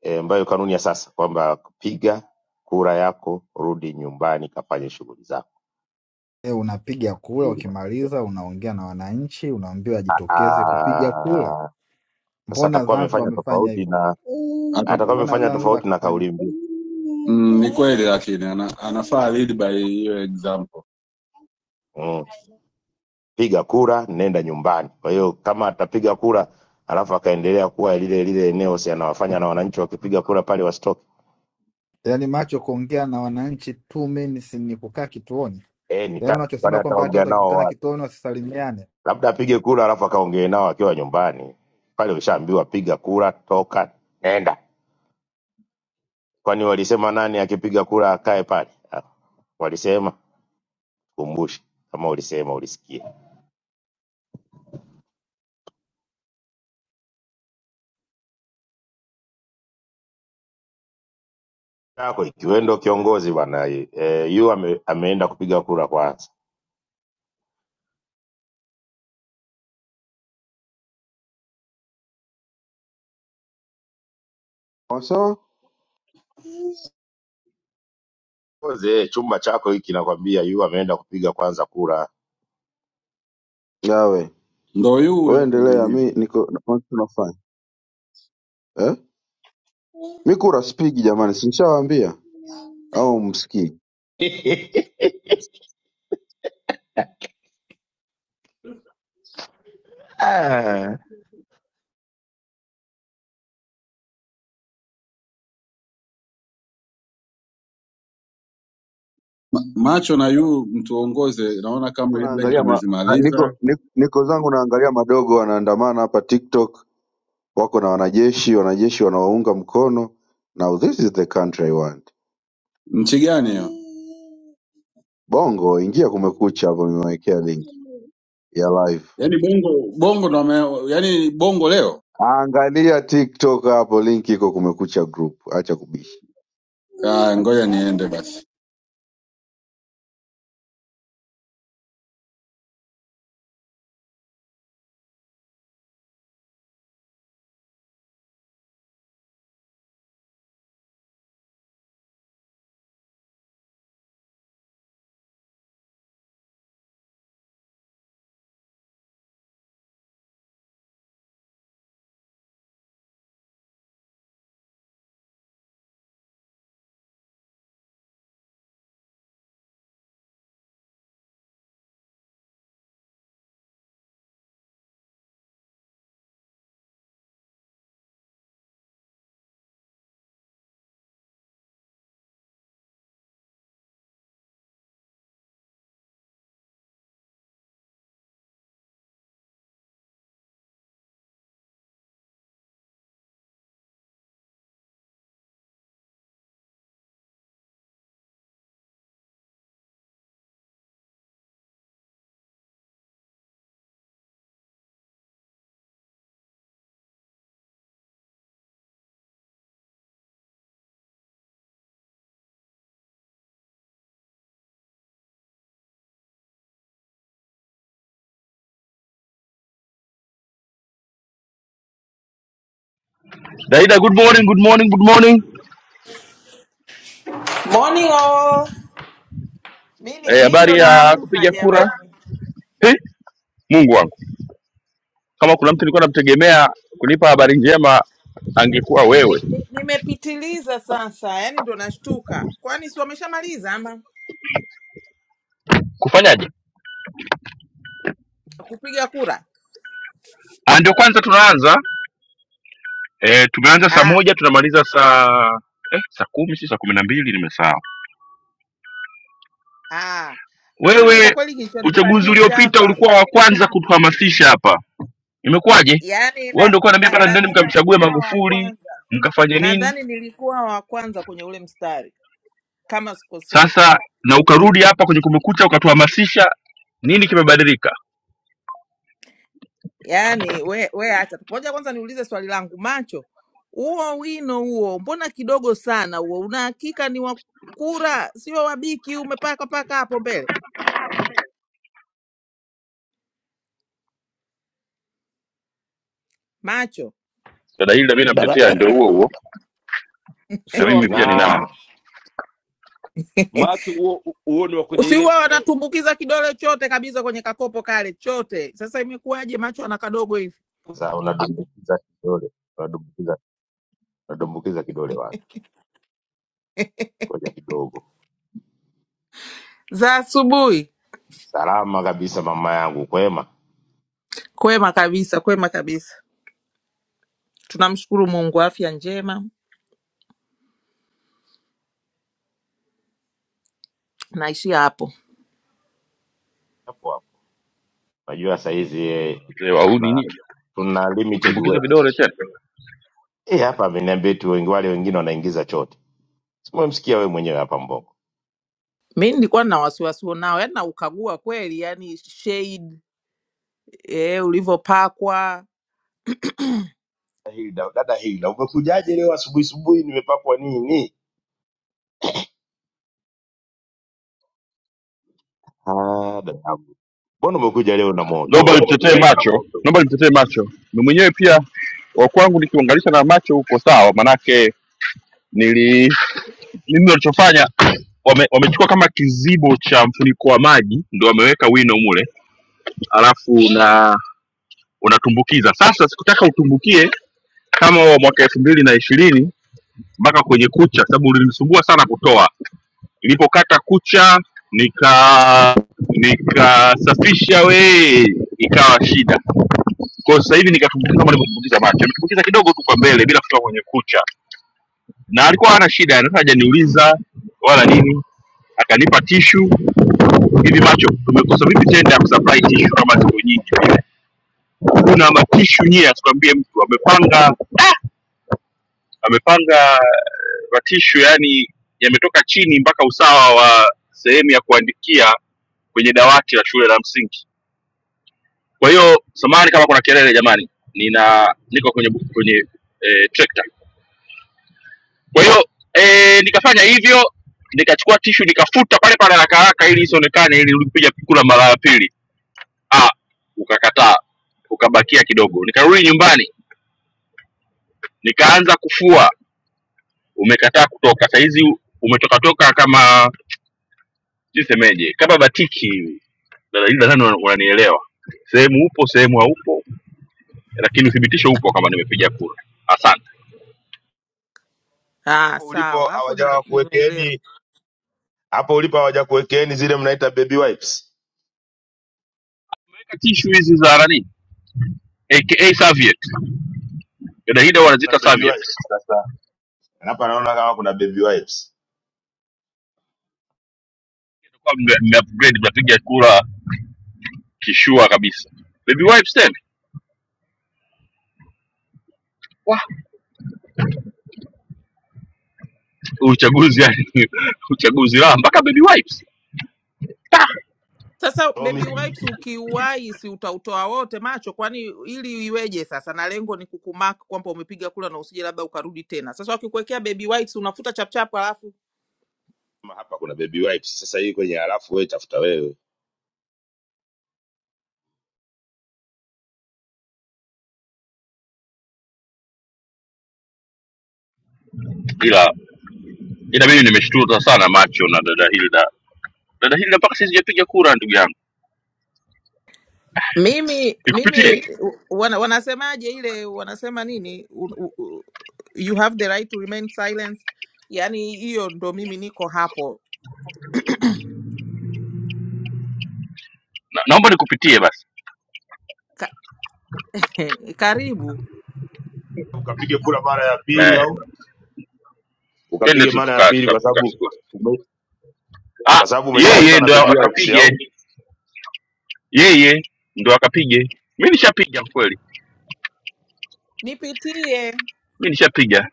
Speaker 2: eh, ambayo kanuni ya sasa kwamba piga kura yako, rudi nyumbani, kafanye shughuli zako.
Speaker 16: e, unapiga kula,
Speaker 2: Hili matokeo.
Speaker 16: ukimaliza unaongea na wananchi, unaambiwa ajitokeze kupiga kula.
Speaker 2: Ah, Sasa
Speaker 16: Mbona
Speaker 2: atakuwa
Speaker 16: Zanzibar
Speaker 2: amefanya
Speaker 16: wamefanya
Speaker 2: tofauti
Speaker 16: hivyo?
Speaker 2: na
Speaker 12: Ata,
Speaker 2: atakuwa
Speaker 16: Mbona
Speaker 2: amefanya
Speaker 16: Zanzibar
Speaker 2: tofauti na
Speaker 16: akafanya
Speaker 2: kauli mbiu
Speaker 12: mm, ni kweli lakini ana, anafaa lead by hiyo example.
Speaker 2: mm. Piga kura, nenda nyumbani. Kwa hiyo kama atapiga kura alafu akaendelea kuwa lile lile eneo, si anawafanya na wananchi wakipiga kura pale wasitoke
Speaker 16: yaani, macho kuongea na wananchi two minutes ni kukaa kituoni,
Speaker 2: eh,
Speaker 16: yaani
Speaker 2: nitaka kwani
Speaker 16: unachosema kwamba hata
Speaker 2: ataongea
Speaker 16: watu
Speaker 2: nao
Speaker 16: wakikutana
Speaker 2: wapi?
Speaker 16: kituoni wasisalimiane
Speaker 2: Labda apige kura alafu akaongee nao akiwa nyumbani pale. Ushaambiwa piga kura, toka, nenda. Kwani walisema nani akipiga kura akae pale? Ah, Walisema kumbushe kama ulisema ulisikia yako ikiwendo kiongozi bana eh, eh, yu ame, ameenda kupiga kura kwanza
Speaker 9: Kwa sawa
Speaker 2: Kiongozi, eh, chumba chako hiki nakwambia yu ameenda kupiga kwanza kura
Speaker 9: yawe
Speaker 12: Ndo huyu huyo
Speaker 9: wewe
Speaker 12: hapa
Speaker 9: endelea
Speaker 12: amejibu.
Speaker 9: mi niko na- tunafanya eh? mi kura spigi jamani sinshawambia au msikii
Speaker 2: Ah,
Speaker 12: macho na yu mtuongoze naona kama
Speaker 9: Niko
Speaker 12: headline
Speaker 9: naangalia ma, na-
Speaker 12: tumezimaliza
Speaker 9: niko, niko, niko zangu naangalia madogo wanaandamana hapa TikTok, wako na wanajeshi, wanajeshi wanawaunga mkono. Now this is the country I want.
Speaker 12: nchi gani hiyo
Speaker 9: Bongo, ingia Kumekucha hapo, nimewekea link ya live.
Speaker 12: yaani bongo bongo ndo wame- yaani bongo leo
Speaker 9: Angalia TikTok hapo, link iko Kumekucha group. Acha kubisha
Speaker 12: Ah, ngoja niende basi
Speaker 1: Daida, good morning, good morning, good morning.
Speaker 18: Morning all. Mi
Speaker 1: Eh,
Speaker 18: mi ndo
Speaker 1: habari ya
Speaker 18: naamka
Speaker 1: kupiga kura.
Speaker 18: jamani,
Speaker 1: He, Mungu wangu, kama kuna mtu nilikuwa namtegemea kunipa habari njema angekuwa wewe.
Speaker 18: Ni- ni- nimepitiliza sasa, yani ndo nashtuka. Kwani si wameshamaliza ama
Speaker 1: Kufanyaje?
Speaker 18: kupiga kura?
Speaker 1: Ah, Ndio kwanza tunaanza eh, tumeanza saa
Speaker 18: Ah,
Speaker 1: moja tunamaliza saa eh, saa kumi si saa kumi na mbili nimesahau.
Speaker 18: ah. Mimi kwa
Speaker 1: Wewe
Speaker 18: kweli
Speaker 1: uchaguzi
Speaker 18: kilichonipandisha
Speaker 1: uliopita
Speaker 18: hapa
Speaker 1: ulikuwa wa kwanza kutuhamasisha hapa, imekuwaje?
Speaker 18: yani,
Speaker 1: Wewe ndio
Speaker 18: nadhani
Speaker 1: ulikuwa
Speaker 18: na, na
Speaker 1: unaniambia pale ndani,
Speaker 18: nadhani
Speaker 1: mkamchague
Speaker 18: nilikuwa wa
Speaker 1: Magufuli
Speaker 18: kwanza,
Speaker 1: mkafanye nini?
Speaker 18: nadhani nilikuwa wa kwanza kwenye ule mstari kama sikosei.
Speaker 1: Sasa na ukarudi hapa kwenye Kumekucha ukatuhamasisha, nini kimebadilika?
Speaker 18: Yaani we, we acha moja. Kwanza niulize swali langu, macho, huo wino huo mbona kidogo sana huo? Una hakika ni wa kura, sio wabiki? Umepaka paka hapo mbele, macho,
Speaker 1: Dada hili na mimi
Speaker 19: dada
Speaker 1: namtetea
Speaker 19: <coughs> <clears throat>
Speaker 1: ndio
Speaker 19: dada-
Speaker 1: huo huo, na
Speaker 19: sio
Speaker 1: mimi pia
Speaker 19: wabiki
Speaker 2: naam
Speaker 1: ninao
Speaker 19: macho huo huo ni wa kwenye ile
Speaker 18: usiua wanatumbukiza kidole chote kabisa kwenye kakopo kale chote. Sasa imekuwaje macho ana kadogo hivi
Speaker 2: sasa unadumbukiza kidole unadumbukiza unadumbukiza kidole wapi ngoja kidogo
Speaker 18: za asubuhi?
Speaker 2: Salama kabisa mama yangu, kwema.
Speaker 18: Kwema kabisa, kwema kabisa, tunamshukuru Mungu, afya njema. Naishia hapo.
Speaker 2: Hapo hapo. Unajua saa hizi eh,
Speaker 1: wazee wa- au
Speaker 2: tuna,
Speaker 1: nini
Speaker 2: tuna limited
Speaker 1: kutumbukiza
Speaker 2: web.
Speaker 1: vidole tena.
Speaker 2: Eh, hapa ameniambia tu wengi wale wengine wanaingiza chote. Simemsikia wewe mwenyewe hapa Mbongo.
Speaker 18: Mi nilikuwa na wasiwasi nao, yani naukagua kweli, yani shade eh, ulivyopakwa
Speaker 2: Dada Hilda, dada Hilda, umekujaje leo asubuhi asubuhi nimepakwa nini? Ah, dada yangu. Mbona umekuja leo na
Speaker 1: Naomba
Speaker 2: moto?
Speaker 1: nimtetee macho, naomba nimtetee macho. Mimi mwenyewe pia wa kwangu nikiunganisha na macho huko sawa, manake nili mimi walichofanya wame, wamechukua kama kizibo cha mfuniko wa maji ndio wameweka wino mule, alafu na unatumbukiza. Sasa sikutaka utumbukie kama wa mwaka elfu mbili na ishirini mpaka kwenye kucha, sababu ulinisumbua sana kutoa. Nilipokata kucha nika nikasafisha we, ikawa shida. Kwa sasa hivi nikatumbukiza kama nilivyotumbukiza macho, nimetumbukiza kidogo tu kwa mbele bila kutoka kwenye kucha, na alikuwa hana shida, hata hajaniuliza wala nini, akanipa tishu hivi macho, tumekosa vipi tenda ya kusupply tishu kama ziko nyingi vile? Kuna matishu nyie, asikuambie mtu amepanga Ah! amepanga eh, ratisho yani yametoka chini mpaka usawa wa sehemu ya kuandikia kwenye dawati la shule la msingi kwa hiyo samani kama kuna kelele jamani nina niko kwenye bu- kwenye eh, trekta kwa hiyo eh, nikafanya hivyo nikachukua tishu nikafuta pale pale haraka haraka ili isionekane ili ulipiga kula mara ya pili ah ukakataa ukabakia kidogo nikarudi nyumbani nikaanza kufua umekataa kutoka saizi umetokatoka kama nisemeje kama batiki hivi na- na- nadhani una- unanielewa sehemu upo sehemu haupo lakini uthibitisho upo kama nimepiga kura asante
Speaker 18: Ah,
Speaker 2: Hapo ulipo
Speaker 18: sawa hapo nime- nimeelewa.
Speaker 2: hawajakuwekeeni, hapo ulipo hawajakuwekeeni zile mnaita baby wipes.
Speaker 1: weka tishu hizi za nani aka serviette dada hida
Speaker 2: Na
Speaker 1: wanaziita
Speaker 2: baby
Speaker 1: serviette
Speaker 2: wipes sasa. Hapa naona kama kuna baby wipes.
Speaker 1: kwa mme mme- upgrade mnapiga kura kishua kabisa baby wipes tena uchaguzi yani <laughs> uchaguzi la mpaka baby wipes Ta!
Speaker 18: Sasa
Speaker 2: Tomi
Speaker 18: baby wipes ukiuai, si utautoa wote macho? Kwani ili iweje sasa? Na lengo ni kukumark kwamba umepiga kula na usije labda ukarudi tena. Sasa wakikuwekea baby wipes unafuta chapchap, alafu
Speaker 2: hapa kuna baby wipes. Sasa hii kwenye halafu wewe tafuta wewe.
Speaker 1: ila ila mimi nimeshtuta sana macho na dada hilda dada hilda mpaka sisi sijapiga kura ndugu yangu
Speaker 18: mimi mimi
Speaker 1: nikupitie
Speaker 18: u- wana, wanasemaje ile wanasema nini U, u, u, you have the right to remain silent. Yani hiyo ndo mimi niko hapo
Speaker 1: na, naomba nikupitie basi
Speaker 18: Ka, <laughs> karibu
Speaker 2: ukapige kura mara ya pili
Speaker 1: Eh.
Speaker 2: au
Speaker 1: twende
Speaker 2: ukapige
Speaker 1: tu
Speaker 2: mara ya
Speaker 1: tuka-
Speaker 2: pili
Speaker 1: tuka-
Speaker 2: kwa sababu
Speaker 1: tukapigwa.
Speaker 2: ume-
Speaker 1: Ah,
Speaker 2: kwa sababu
Speaker 1: yeye
Speaker 2: umeshafuta na
Speaker 1: ndo
Speaker 2: baby wipes
Speaker 1: akapige,
Speaker 2: au
Speaker 1: yeye ndo akapige. Mi nishapiga kweli,
Speaker 18: nipitie
Speaker 1: mi nishapiga.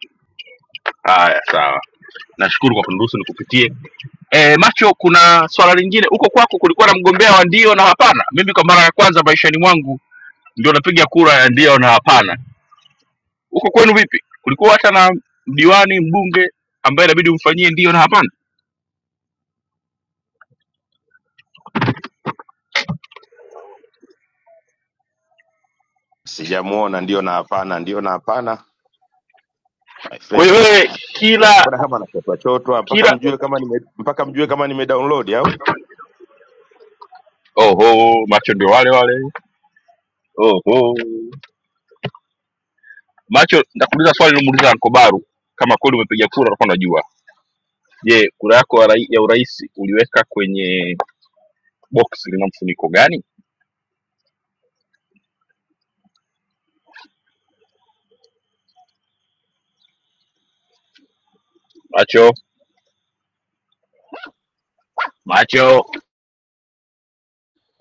Speaker 1: Haya, sawa, nashukuru kwa kuniruhusu nikupitie. E, macho, kuna swala lingine huko kwako, kulikuwa na mgombea wa ndio na hapana? Mimi kwa mara ya kwanza maishani mwangu ndio napiga kura ya ndio na hapana. Huko kwenu vipi? Kulikuwa hata na diwani, mbunge ambaye inabidi umfanyie ndio na hapana?
Speaker 2: sijamuona ndio na hapana ndio na hapana my
Speaker 1: Kwa hiyo
Speaker 2: friend
Speaker 1: wewe kila
Speaker 2: mbona kama anachotwa chotwa mpaka
Speaker 1: kila,
Speaker 2: mjue kama nime mpaka mjue kama nime download au
Speaker 1: oho, macho ndio wale wale oh, oh. Macho, nitakuuliza swali nilomuuliza Ankobaru, kama kweli umepiga kura utakuwa unajua. Je, kura yako ya rai- ya urais uliweka kwenye box lina mfuniko gani? Macho, macho,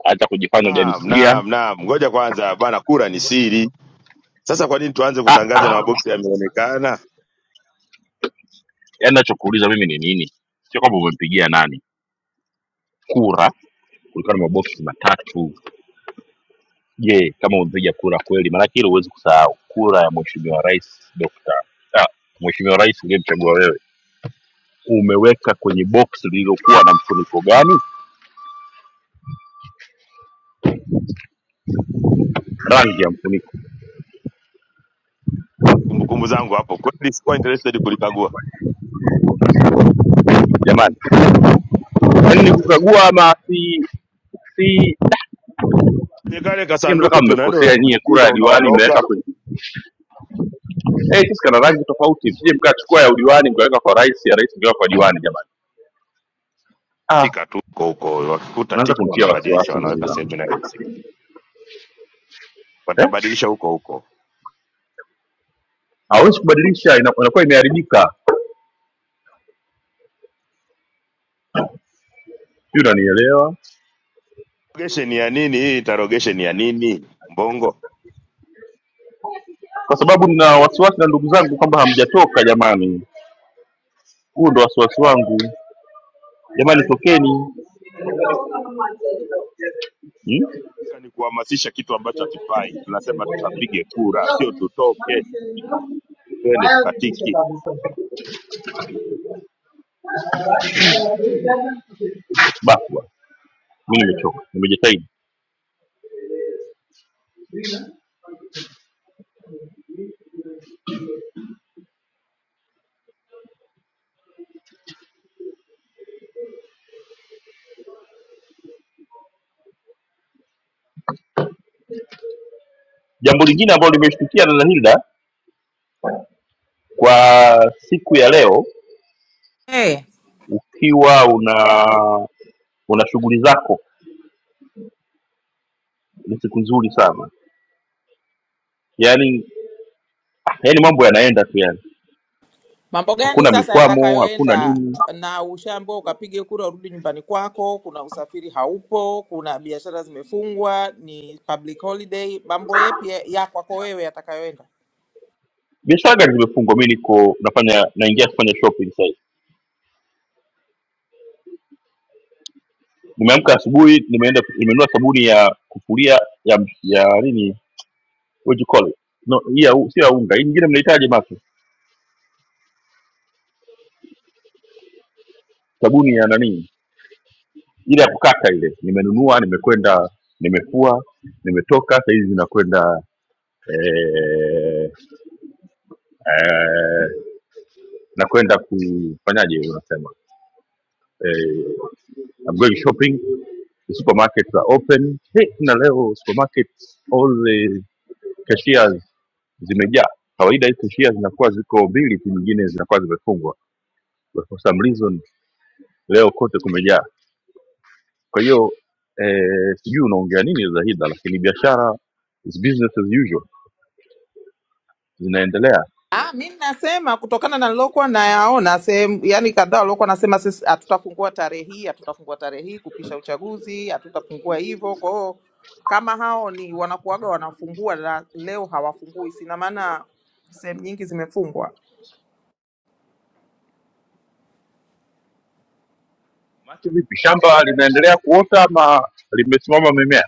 Speaker 1: hata kujifanya
Speaker 2: naam
Speaker 1: hujanisikia.
Speaker 2: naam naam ngoja kwanza bana kura ni siri sasa kwa nini tuanze
Speaker 1: Ah,
Speaker 2: kutangaza na
Speaker 1: ah.
Speaker 2: maboksi yameonekana
Speaker 1: Yaani nachokuuliza mimi ni nini? Sio kwamba umempigia nani kura, kulikuwa na maboksi matatu. Je, kama umepiga kura kweli, maanake hilo huwezi kusahau, kura ya mheshimiwa rais Dr. ah, mheshimiwa rais uliyemchagua wewe umeweka kwenye box lililokuwa na mfuniko gani, rangi ya mfuniko.
Speaker 2: kumbukumbu zangu hapo kweli sikuwa interested kulikagua
Speaker 1: Jamani, yaani ni kukagua ama si si
Speaker 2: kwenye kale
Speaker 1: nyie
Speaker 2: kasanduku
Speaker 1: mtaka
Speaker 2: tunaenda
Speaker 1: mmekosea nyie, kura
Speaker 2: unadumbukiza
Speaker 1: ya diwani imeweka
Speaker 2: unaondoka
Speaker 1: kwenye eh, hey, sisi kana rangi tofauti, sije mkachukua ya udiwani mkaweka kwa rais, ya rais mkaweka kwa diwani. Jamani, ah,
Speaker 2: tika tu huko huko wakikuta
Speaker 1: naanza
Speaker 2: tika
Speaker 1: kumtia
Speaker 2: wanabadilisha
Speaker 1: wasiwasi ndugu
Speaker 2: wanaweka
Speaker 1: zangu
Speaker 2: sehemu inayo
Speaker 1: eh
Speaker 2: watabadilisha huko huko.
Speaker 1: hawezi kubadilisha, ina- inakuwa imeharibika. Sijui unanielewa,
Speaker 2: Interrogation ya nini hii? Interrogation ya nini? Mbongo
Speaker 1: kwa sababu nina wasiwasi na ndugu zangu kwamba hamjatoka jamani. Huu ndo wasiwasi wangu jamani, tokeni hmm?
Speaker 2: Nataka ni kuhamasisha kitu ambacho hakifai. Tunasema tukapige kura, sio tutoke twende tukatiki.
Speaker 1: Bakwa mi nimechoka nimejitahidi jambo lingine ambalo limeshtukia dada hilda kwa siku ya leo
Speaker 18: Eh.
Speaker 1: ukiwa una una shughuli zako ni siku nzuri sana yaani yaani mambo yanaenda tu yani
Speaker 18: Mambo gani
Speaker 1: hakuna
Speaker 18: sasa
Speaker 1: mikwamo hakuna
Speaker 18: yatakayoenda
Speaker 1: nini
Speaker 18: na ushaambiwa ukapige kura urudi nyumbani kwako? Kuna usafiri haupo, kuna biashara zimefungwa, ni public holiday. Mambo yepi ya ya kwako wewe yatakayoenda?
Speaker 1: biashara gari zimefungwa mi niko nafanya naingia kufanya shopping sasa nimeamka asubuhi nimeenda nimenunua sabuni ya kufulia ya ya nini what do you call it no hii ya u- sio ya unga hii nyingine mnahitaji mato sabuni ya nani ile ya kukata ile nimenunua nimekwenda nimefua nimetoka saa hizi nakwenda eh, eh, nakwenda kufanyaje unasema eh, I'm going shopping the supermarkets are open hey, na leo supermarkets all the cashiers zimejaa kawaida hii cashiers zinakuwa ziko mbili tu nyingine zinakuwa zimefungwa But for some reason leo kote kumejaa Kwa hiyo eh, sijui unaongea nini Zahida, lakini biashara is business as usual zinaendelea.
Speaker 18: Ah, mi nasema kutokana na nilokuwa nayaona sehemu, yani kadhaa waliokuwa nasema sisi hatutafungua tarehe hii, hatutafungua tarehe hii kupisha uchaguzi, hatutafungua hivyo. Kwa hiyo kama hao ni wanakuaga wanafungua na leo hawafungui, sina maana sehemu nyingi zimefungwa
Speaker 1: Macho vipi, shamba linaendelea kuota ama limesimama mimea?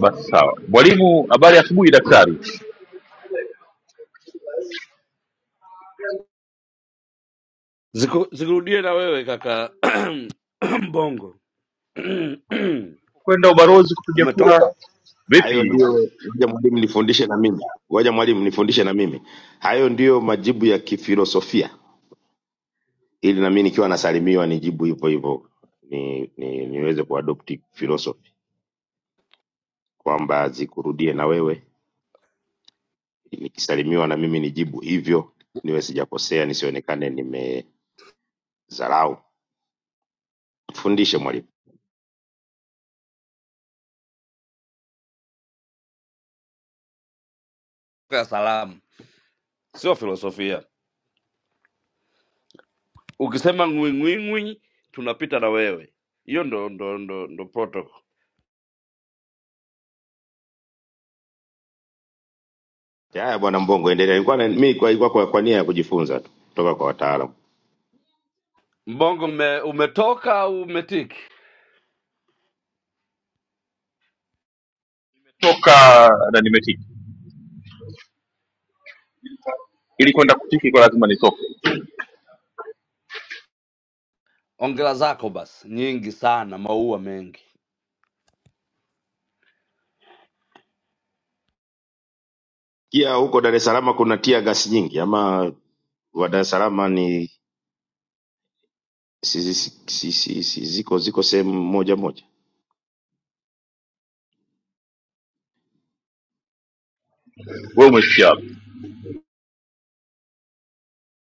Speaker 1: Basi sawa. Mwalimu, habari ya asubuhi. Daktari,
Speaker 19: Ziku- zikurudie na wewe kaka <coughs> <clears throat> mbongo <clears throat>
Speaker 1: kwenda ubalozi kupiga kura
Speaker 19: umetoka
Speaker 2: Hayo
Speaker 1: vipi?
Speaker 2: ndio ngoja mwalimu nifundishe na mimi, ngoja mwalimu nifundishe na mimi. Hayo ndiyo majibu ya kifilosofia, ili na mimi nikiwa nasalimiwa nijibu hivyo hivyo, ni, ni, niweze kuadopti philosophy kwamba zikurudie na wewe, nikisalimiwa na mimi nijibu hivyo, niwe sijakosea, nisionekane nimezarau Fundishe mwalimu.
Speaker 19: ya salamu sio filosofia ukisema ngwingwingwi tunapita na wewe hiyo ndo ndo ndo, ndo protocol
Speaker 2: Haya bwana Mbongo, endelea. Nilikuwa na- mimi kwa, ilikuwa kwa, kwa nia ya kujifunza tu kutoka kwa wataalamu.
Speaker 19: mbongo ume, umetoka au umetiki
Speaker 1: Toka na nimetiki, ili kwenda kutiki kwa lazima nitoke.
Speaker 19: ongela zako basi nyingi sana maua mengi
Speaker 2: Kia huko Dar es Salaam kuna tia gasi nyingi ama wa Dar es Salaam ni si, si, si, si, si, si- si- ziko ziko sehemu moja moja
Speaker 1: Wewe umefikia wapi?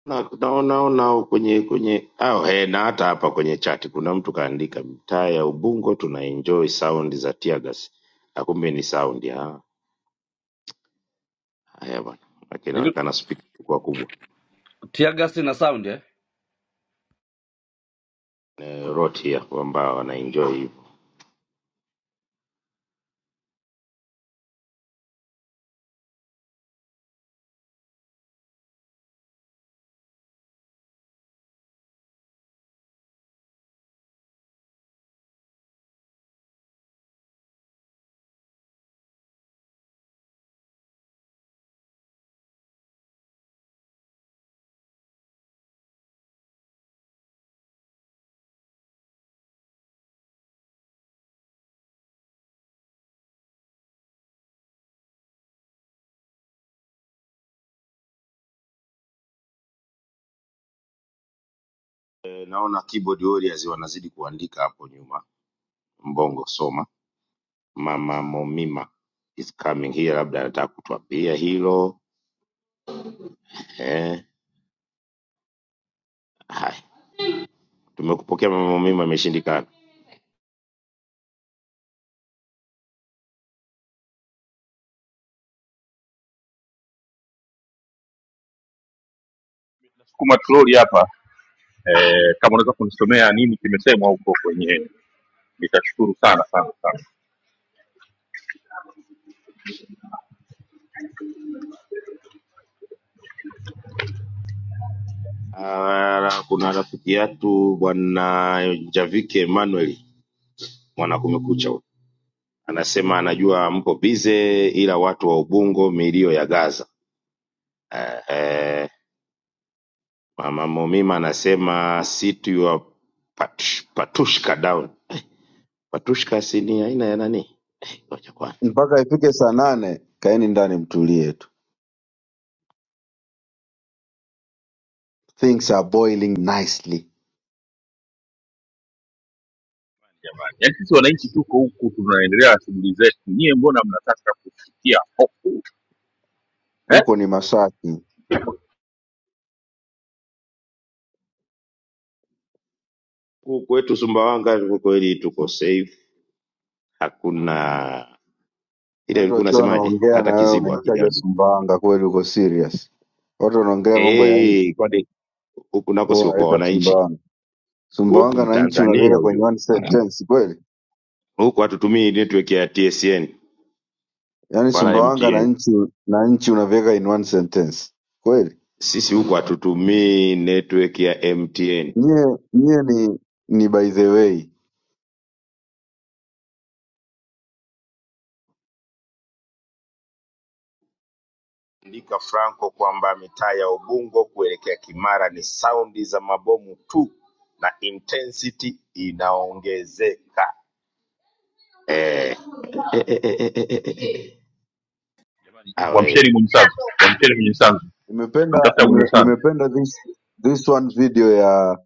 Speaker 2: na naona na, kwenye kwenye au he, na hata hapa kwenye chati kuna mtu kaandika mitaa ya Ubungo tuna enjoy sound za tear gas. Na kumbe ni sound ya haya bwana, lakini
Speaker 19: hivi
Speaker 2: inaonekana speaker ilikuwa kubwa
Speaker 19: tiagasi na sound eh?
Speaker 2: Eh, wrote here kwamba wana enjoy Eh, naona keyboard warriors wanazidi kuandika hapo nyuma. Mbongo soma, Mama Momima is coming here, labda anataka kutuambia hilo eh. Hai, tumekupokea Mama Momima, imeshindikana.
Speaker 1: Sukuma troli hapa eh, kama unaweza kunisomea nini kimesemwa huko kwenye, nitashukuru sana sana sana.
Speaker 2: Ah, kuna rafiki yetu bwana Javike Emmanuel mwana kumekucha huyu. anasema anajua mko bize, ila watu wa Ubungo milio ya Gaza. Eh, eh, Mama Momima anasema sit your pat, patushka down Patushkas ni aina ya nani? Eh, ngoja kwanza.
Speaker 9: mpaka ifike saa nane. Kaeni ndani mtulie tu, things are boiling nicely.
Speaker 1: yaani sisi wananchi tuko huku tunaendelea na shughuli zetu nyie mbona mnataka kusikia hofu eh?
Speaker 9: Huko ni Masaki,
Speaker 2: Huku kwetu Sumbawanga kwa kweli tuko safe. Hakuna ile
Speaker 9: watu
Speaker 2: ilikuwa
Speaker 9: wakiwa
Speaker 2: unasemaje?
Speaker 9: wanaongea na
Speaker 2: Hata
Speaker 9: wewe
Speaker 2: kizibu
Speaker 9: unaitaja
Speaker 2: hakijambi.
Speaker 9: Sumbawanga, kweli uko serious? Watu wanaongelea mambo ya
Speaker 2: Eh, kwani huku nako
Speaker 9: huo
Speaker 2: sio kwa
Speaker 9: unaleta
Speaker 2: wananchi.
Speaker 9: Sumbawanga.
Speaker 2: Huku
Speaker 9: Sumbawanga
Speaker 2: ni
Speaker 9: na nchi
Speaker 2: Tanzania
Speaker 9: unaviweka
Speaker 2: ujue.
Speaker 9: kwenye one sentence kweli?
Speaker 2: Huku hatutumii network ya TSN
Speaker 9: Yaani
Speaker 2: wala
Speaker 9: Sumbawanga na
Speaker 2: MTN.
Speaker 9: nchi na nchi unaviweka in one sentence kweli?
Speaker 2: Sisi huku hatutumii network ya MTN.
Speaker 9: Nyie nyie ni ni by the way.
Speaker 2: Andika Franco kwamba mitaa ya Ubungo kuelekea Kimara ni saundi za mabomu tu na intensity inaongezeka. eh, eh, eh, eh, eh, eh, eh, eh. awe
Speaker 1: wamsheni mwenye sanzu wamsheni mwenye sanzu
Speaker 9: Nimependa
Speaker 1: namtafuta mwenye
Speaker 9: nime,
Speaker 1: sanzu
Speaker 9: nimependa this this one video ya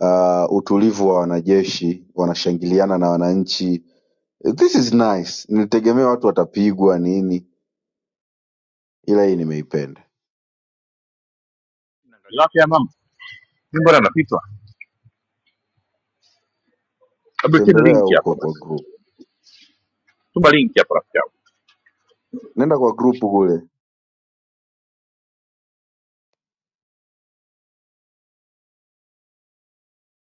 Speaker 9: uh, utulivu wa wanajeshi wanashangiliana na wananchi. This is nice. Nilitegemea watu watapigwa nini, ila hii nimeipenda.
Speaker 1: ni wapi ya mama mi mbona napitwa abekeni
Speaker 9: Tembelea
Speaker 1: linki
Speaker 9: huko
Speaker 1: hapa
Speaker 9: kwa
Speaker 1: basi
Speaker 9: group,
Speaker 1: tuma linki hapa rafiki yangu
Speaker 9: nenda kwa group kule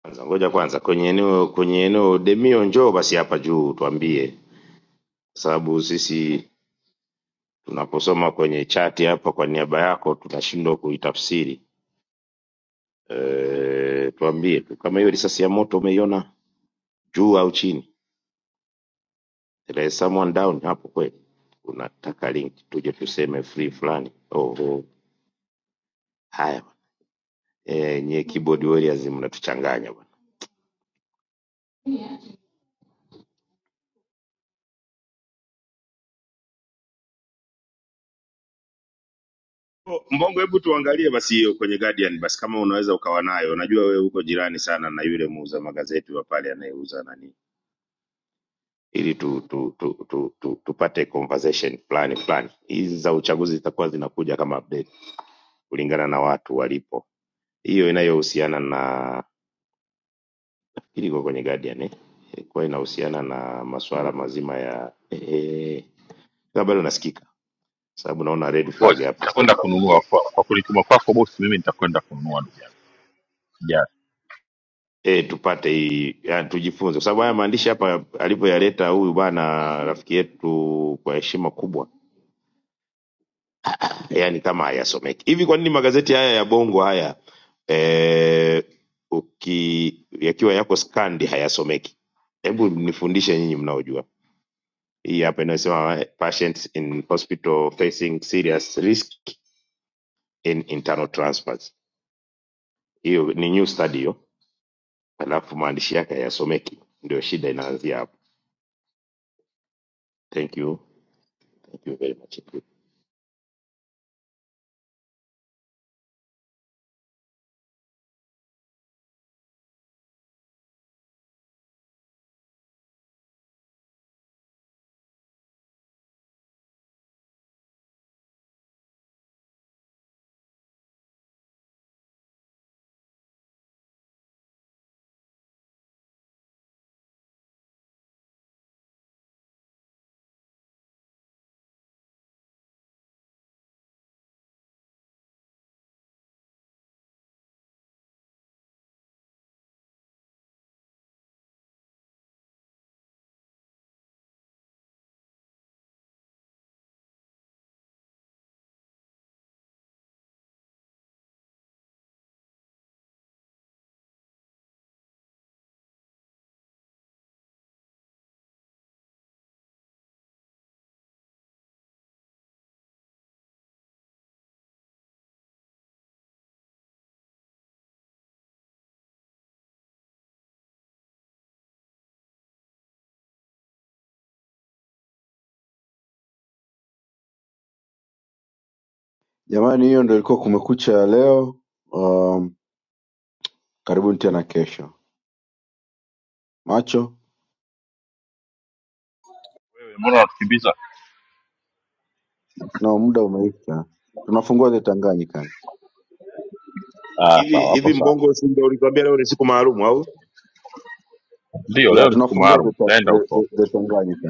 Speaker 2: kwanza, ngoja kwanza kwenye eneo kwenye eneo Demio, njoo basi hapa juu tuambie, kwa sababu sisi tunaposoma kwenye chati hapa kwa niaba yako tunashindwa kuitafsiri. E, tuambie tu kama hiyo risasi ya moto umeiona juu au chini? There is someone down hapo kweli? Unataka link tuje tuseme free fulani? Oho, haya bwana. e, nyie keyboard warriors mnatuchanganya bwana. Mbongo, hebu tuangalie basi hiyo kwenye Guardian basi, kama unaweza ukawa nayo. Najua wewe uko jirani sana na yule muuza magazeti wa pale anayeuza nani, ili tu, tu, tu, tu, tu, tu, tupate conversation fulani fulani. Hizi za uchaguzi zitakuwa zinakuja kama update kulingana na watu walipo. Hiyo inayohusiana na nafikiri iko kwenye Guardian eh, kwa inahusiana na masuala mazima ya eh, eh, bado nasikika sababu naona red
Speaker 1: ngoja
Speaker 2: flag hapa
Speaker 1: nitakwenda kununua kwa, kwa kulituma kwako bosi mimi nitakwenda kununua ndugu yangu
Speaker 2: eh tupate hii yani tujifunze kwa sababu haya maandishi hapa alivyoyaleta huyu bwana rafiki yetu kwa heshima kubwa yani kama hayasomeki hivi kwa nini magazeti haya ya bongo haya eh, uki yakiwa yako skandi hayasomeki hebu nifundishe nyinyi mnaojua hii hapa inayosema eh, patients in hospital facing serious risk in internal transfers hiyo ni new study hiyo alafu maandishi yake hayasomeki ndio shida inaanzia hapo thank you thank you very much
Speaker 9: Jamani hiyo ndio ilikuwa kumekucha ya leo. Um, karibuni tena kesho. Macho,
Speaker 1: yes. mbona unatukimbiza
Speaker 9: no muda umeisha. Tunafungua the Tanganyika.
Speaker 1: ah,
Speaker 2: hivi
Speaker 1: sawa hapo
Speaker 2: hivi
Speaker 1: sawa
Speaker 2: mbongo si ndio ulituambia leo ni siku maalumu au
Speaker 1: ndio
Speaker 9: Yeah,
Speaker 1: leo ni siku
Speaker 9: tunafungua the,
Speaker 1: maalum
Speaker 9: ta
Speaker 1: taenda
Speaker 9: the, the,
Speaker 1: huko
Speaker 9: the Tanganyika.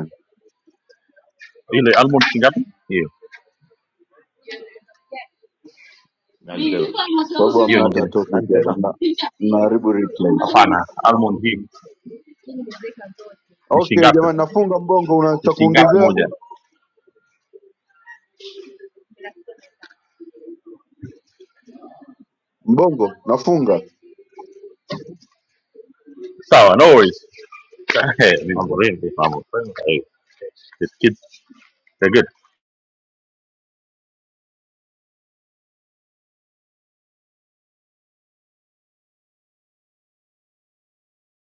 Speaker 1: ile almond shingapi hiyo
Speaker 2: Nani tena? Nilikuwa ni
Speaker 9: Kwa sababu
Speaker 2: mwashauri
Speaker 1: hiyo
Speaker 9: hamna
Speaker 2: leo.
Speaker 9: hata
Speaker 1: nyingine
Speaker 9: topic
Speaker 2: nani
Speaker 9: hapa.
Speaker 2: tena
Speaker 9: Mna mnaharibu replay.
Speaker 1: hapana almond hii ni
Speaker 9: Okay,
Speaker 1: shingapi
Speaker 9: jamani
Speaker 1: sasa?
Speaker 9: nafunga mbongo una
Speaker 1: ni
Speaker 9: cha
Speaker 1: shilingi ngapi
Speaker 9: kuongezea?
Speaker 1: moja?
Speaker 9: Mbongo, nafunga.
Speaker 1: Sawa, no worries. <laughs> Eh, ni- Mambo vipi? mambo. Eh, it's good. They're good.